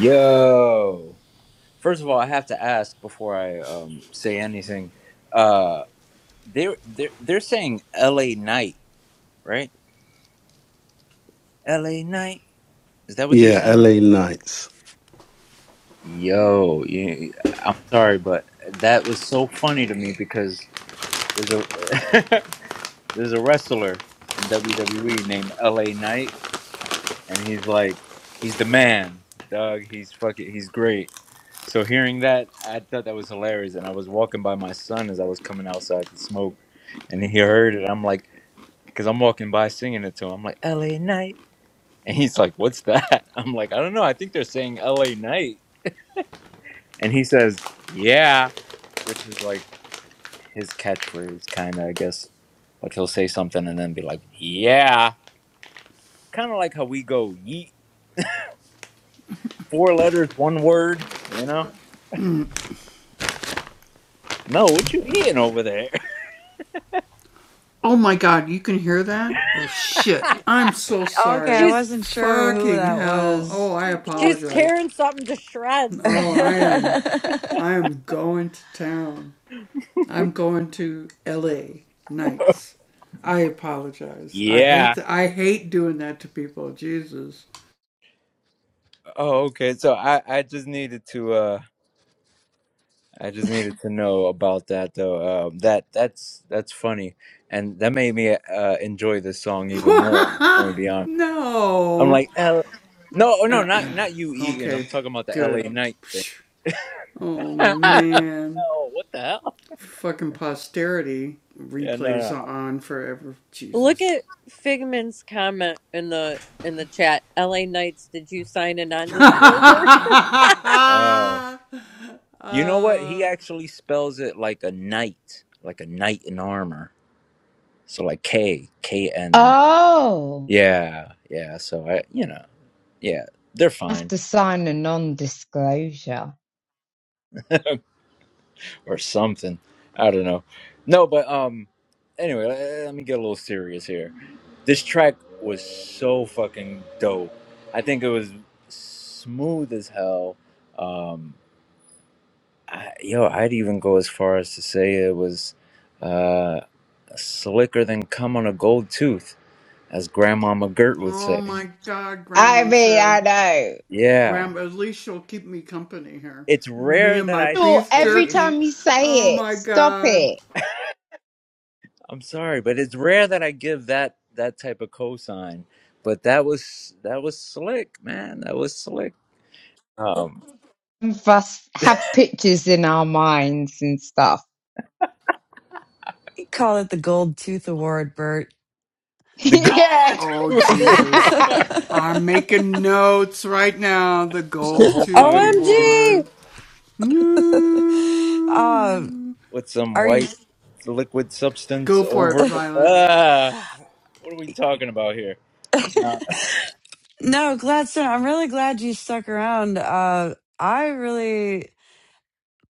yo. First of all, I have to ask before I um, say anything. Uh, they're, they're, they're saying LA Night, right? LA Night. Is that what they're Yeah, saying? LA Nights. Yo, you, I'm sorry, but that was so funny to me because there's a [laughs] there's a wrestler in WWE named LA Knight, and he's like, he's the man, dog. He's fucking, he's great. So hearing that, I thought that was hilarious, and I was walking by my son as I was coming outside to smoke, and he heard it. I'm like, because I'm walking by singing it to him. I'm like, LA Knight, and he's like, what's that? [laughs] I'm like, I don't know. I think they're saying LA Knight, and he says. Yeah, which is like his catchphrase, kind of, I guess. Like he'll say something and then be like, yeah. Kind of like how we go, yeet. Four letters, one word, you know? Mel, what you eating over there? [laughs] Oh, Okay, I She's wasn't sure who that was. she's tearing something to shreds. [laughs] [laughs] yeah. Oh, okay. So I, I just needed to, uh, I just needed to know about that though. Um, that that's that's funny, and that made me uh, enjoy this song even more. I'm gonna be honest. I'm like, L- no, oh, no, not not you eating. I'm talking about the L.A. Night thing. [laughs] no, what the hell? Yeah, no, Look at Figment's comment in the in the chat. LA Knights, did you sign a non-disclosure? no. Uh, you know what? He actually spells it like a knight, like a knight in armor. So like K, K N. oh, Yeah, yeah. So I, you know, yeah, they're I have fine to sign a non disclosure. [laughs] or something. I don't know. No, but um, anyway, let, let me get a little serious here. This track was so fucking dope. I think it was smooth as hell. Um. I, yo, I'd even go as far as to say it was uh, slicker than cum on a gold tooth, as Grandma McGirt would say. I mean, I know. Yeah, it's rare that I Sure, Every say. time you say it, stop it. I'm sorry, but it's rare that I give that that type of cosign. But that was that was slick, man. That was slick. Um, Some Of us have pictures in our minds and stuff. Call it the Gold Tooth Award, Bert. [laughs] the yeah. [laughs] [laughs] gold. [laughs] [laughs] Oh my goodness. OMG! um, with some are you? white liquid substance over it. Ah, what are we talking about here? No, Gladstone. I'm really glad you stuck around. Uh, I really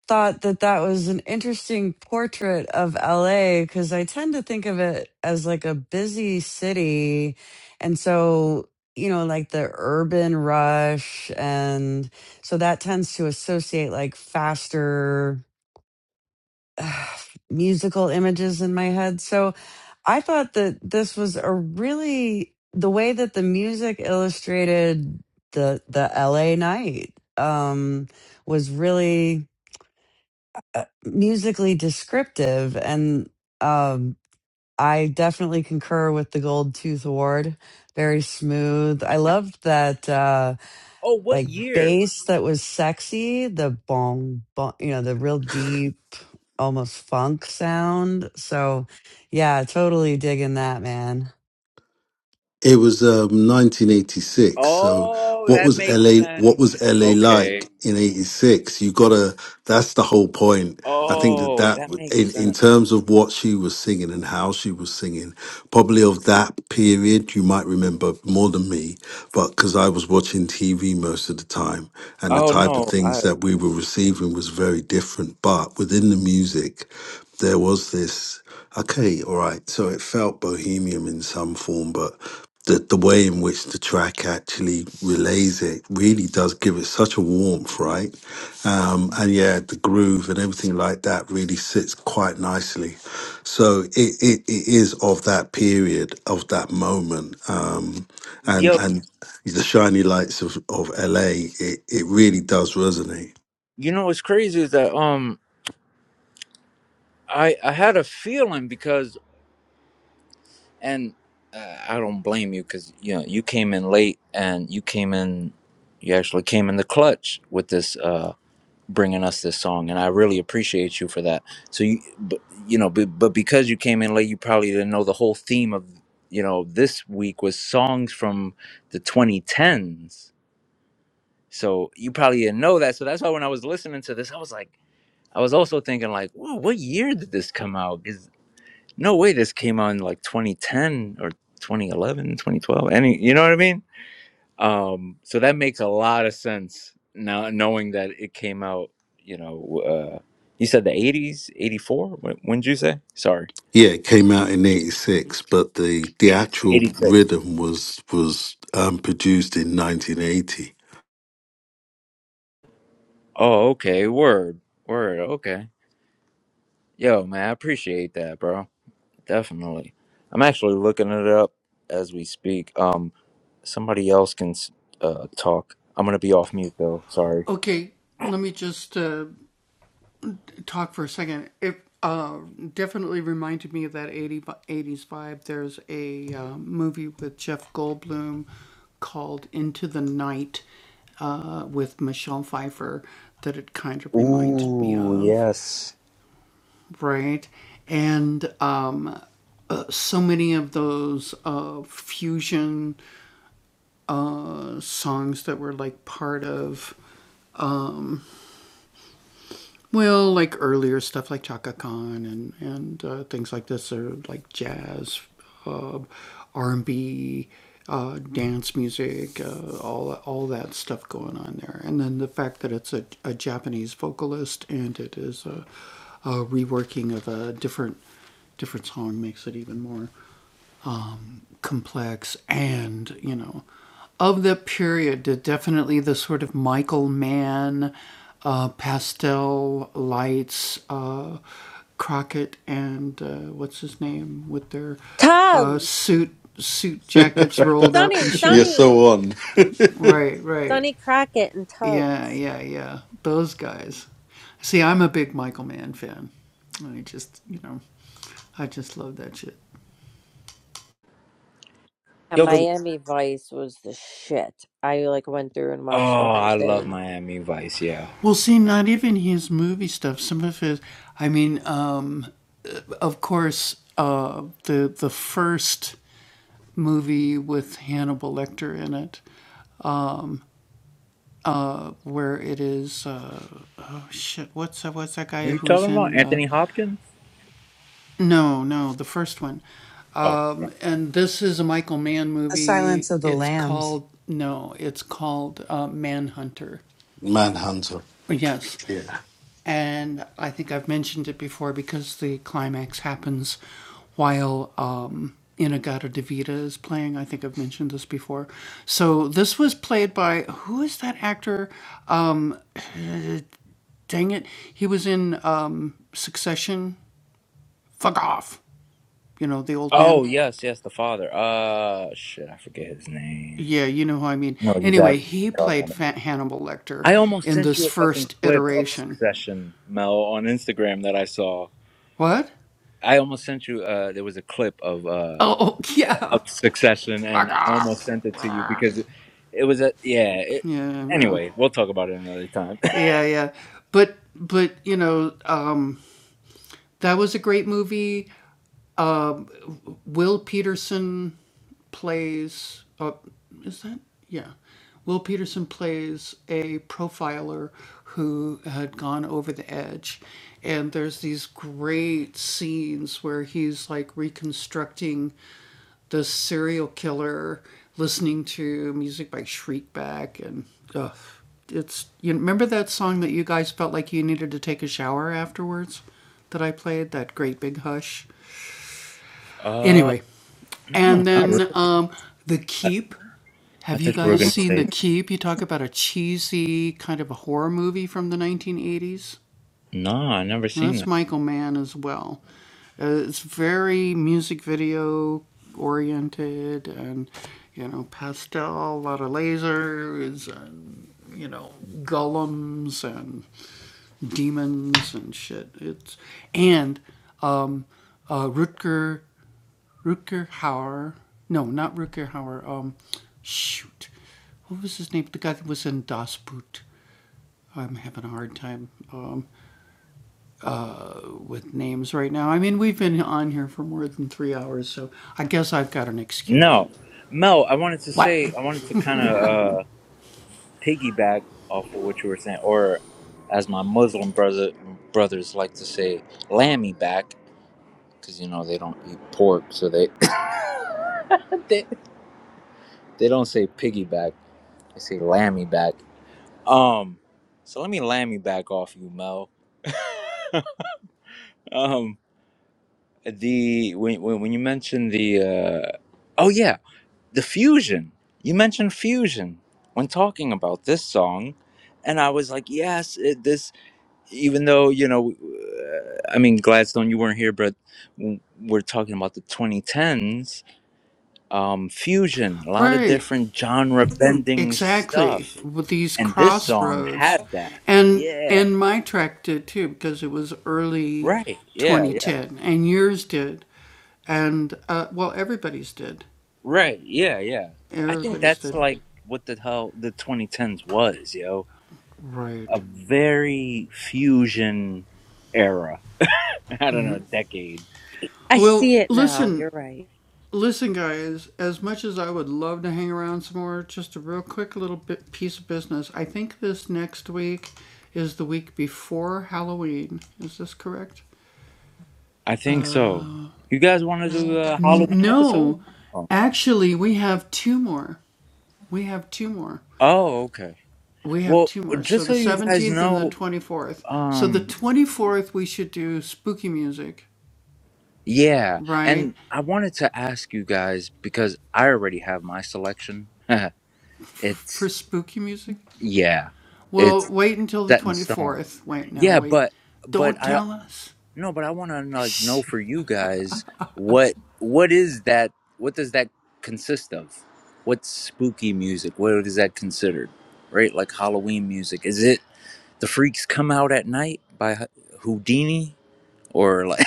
thought that that was an interesting portrait of LA because I tend to think of it as like a busy city. And so, you know, like the urban rush. And so that tends to associate like faster [sighs] uh, musical images in my head. So I thought that this was a really, the way that the music illustrated the, the LA night um, was really uh, musically descriptive and um I definitely concur with the Gold Tooth Award. Very smooth. I loved that uh Oh, what like year? bass that was sexy, the bong, bong you know, the real deep almost funk sound. So yeah, totally digging that man. It was um, 1986. So Oh, what that was makes LA? What sense. was LA Okay. like in '86? You gotta. That's the whole point. I think that Oh, that that would- in, makes in sense. terms of what she was singing and how she was singing, probably of that period, you might remember more than me, but because I was watching TV most of the time and the Oh type of no, I things that we were receiving was very different. But within the music, there was this, okay, all right. So it felt bohemian in some form, but the, the way in which the track actually relays it really does give it such a warmth, right? um, and yeah, the groove and everything like that really sits quite nicely. So it, it, it is of that period, of that moment, um, and yo, and the shiny lights of, of LA. It, it really does resonate. you know what's crazy is that um, I I had a feeling because and uh, I don't blame you because you know you came in late and you came in, you actually came in the clutch with this. uh bringing us this song and i really appreciate you for that so you but you know but, but because you came in late you probably didn't know the whole theme of you know this week was songs from the 2010s so you probably didn't know that so that's why when i was listening to this i was like i was also thinking like whoa what year did this come out is no way this came out in like 2010 or 2011 2012 any you know what i mean um, so that makes a lot of sense now, knowing that it came out. You know, uh, you said the '80s, '84. When, when did you say? Sorry, Yeah, it came out in '86, but the the actual '86. rhythm was was um, produced in 1980. Oh, okay. Word, word. Okay. Yo, man, I appreciate that, bro. Definitely. I'm actually looking it up as we speak. Um, somebody else can s- uh, talk. I'm gonna be off mute though. Sorry. Ooh, yes. Tubbs. Sonny, [laughs] You're Sonny. so on, [laughs] Sonny Crockett and Tubbs. And Yo, but, Miami Vice was the shit. I like went through and oh, watched the whole I love thing. Miami Vice. Yeah. Who are you talking about? Anthony Hopkins? Oh, The Silence of the Lambs. Manhunter. Yeah. oh yes, yes, the father. Uh, shit, I forget his name. No, exactly what you're talking about. I almost sent you a fucking clip of Succession, Mel, on Instagram that I saw. I almost sent you. Uh, there was a clip of uh of Succession, and I almost sent it to you because it, it was a yeah. It, anyway, we'll talk about it another time. [laughs] Uh, no, not really. I, I thought you were gonna say no. I never seen that. No, Mel, I wanted to say, I wanted to kind of uh, piggyback off of what you were saying, or as my Muslim brother brothers like to say, lammy back, because you know they don't eat pork, so they [laughs] [coughs] they, they don't say piggyback, they say lammy back. Um, so let me lammy back off you, Mel. [laughs] um, the when when, when you mentioned the uh, oh yeah. the fusion. You mentioned fusion when talking about this song, and I was like, yes, it, this. Even though you know, uh, I mean Gladstone, you weren't here, but w- we're talking about the 2010s um, fusion, a lot of different genre bending stuff, and this song had that. Yeah, right. Yeah, yeah, right. Yeah, yeah. I think that's like what the hell the 2010s was, yo a very fusion era. [laughs] I don't know, decade. I see it now. You're right. I think so. You guys want to do a Halloween episode? Oh, oh okay. Well, just so you guys know, um, yeah, and I wanted to ask you guys because I already have my selection. [laughs] it's yeah, it's set in stone. Yeah, but but I No, but I want to like know for you guys what what is that? What does that consist of? What's spooky music? What is that considered? Right, like Halloween music. Is it the freaks come out at night by H- Houdini or like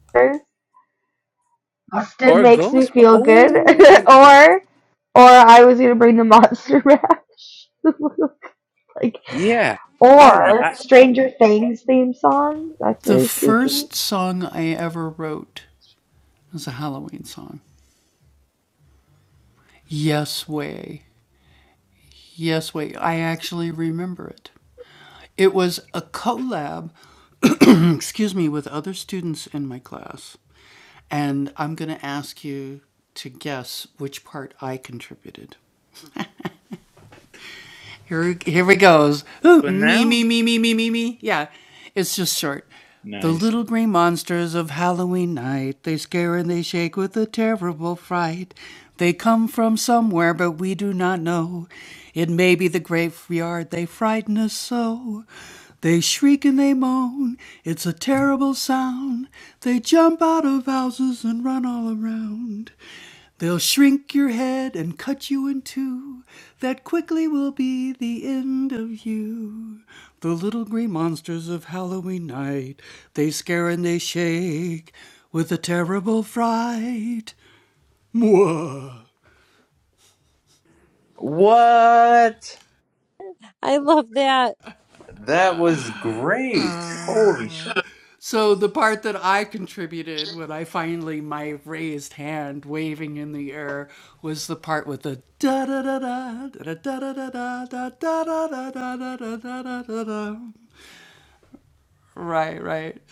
it that. [laughs] Austin or makes me Ghost? feel good. Oh, [laughs] or or I was gonna bring the monster mash. [laughs] like yeah. I don't know. or I Stranger Things theme song. That's very spooky but now nice. What? I love that. That was great. Holy shit!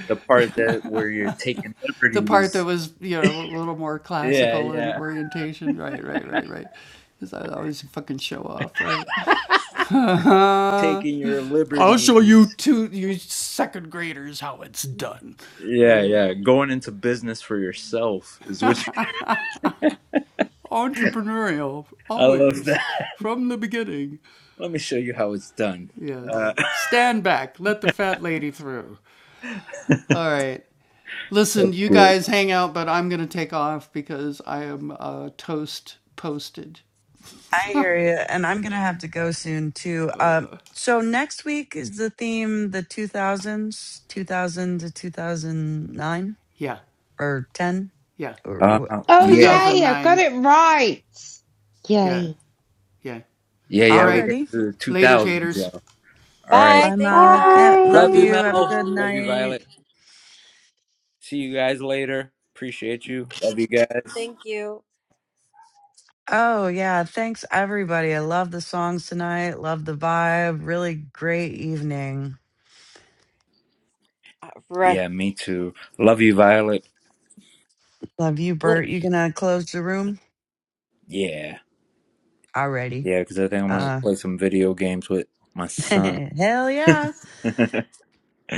The part that where you're taking liberties. [laughs] Yeah, yeah. taking your liberties. Yeah, yeah. Going into business for yourself is what you- [laughs] I love that. Let me show you how it's done. Uh, [laughs] That's good. I hear you, and I'm gonna have to go soon too. Um, so next week is the theme the 2000s, 2000 to 2009 or 10 or Uh, or- oh, yeah. yay, I got it right. Yay. Yeah, yeah. We're going already. to do the 2000s, y'all. All right. Bye. Bye, Thank I you, Mal. Mel. Ca- love Love you, you. Mel. Have a good am Love you, night. Violet. See you guys later. Appreciate you. Love you guys. Thank you. Oh yeah, thanks everybody. I love the songs tonight. Love the vibe. Really great evening. All right. Yeah, me too. Love you, Violet. Love you, Look. Bert. You gonna close the room Yeah. already? Yeah, because I think I'm going to Uh, play some video games with my [laughs] son. hell yeah. [laughs]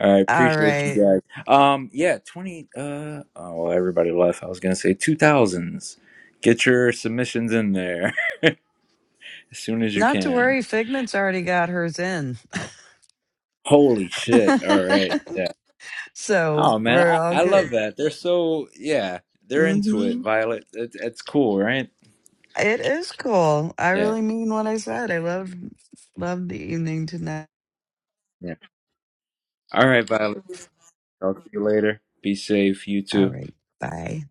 I All appreciate you right. guys. Um, yeah, twenty. Uh, oh, well, everybody left. I was gonna say two thousands. Get your submissions in there [laughs] as soon as you Not to can. worry, Figment's already got hers in. Holy shit! All right, [laughs] yeah. so Oh man, we're I, all I good. love that. They're so yeah. They're into it, hmm Violet. It's, it's cool, right? It is cool. I Yeah, really mean what I said. I love love the evening tonight. yeah. All right, Violet. Talk to you later. Be safe. You All too. right. Bye.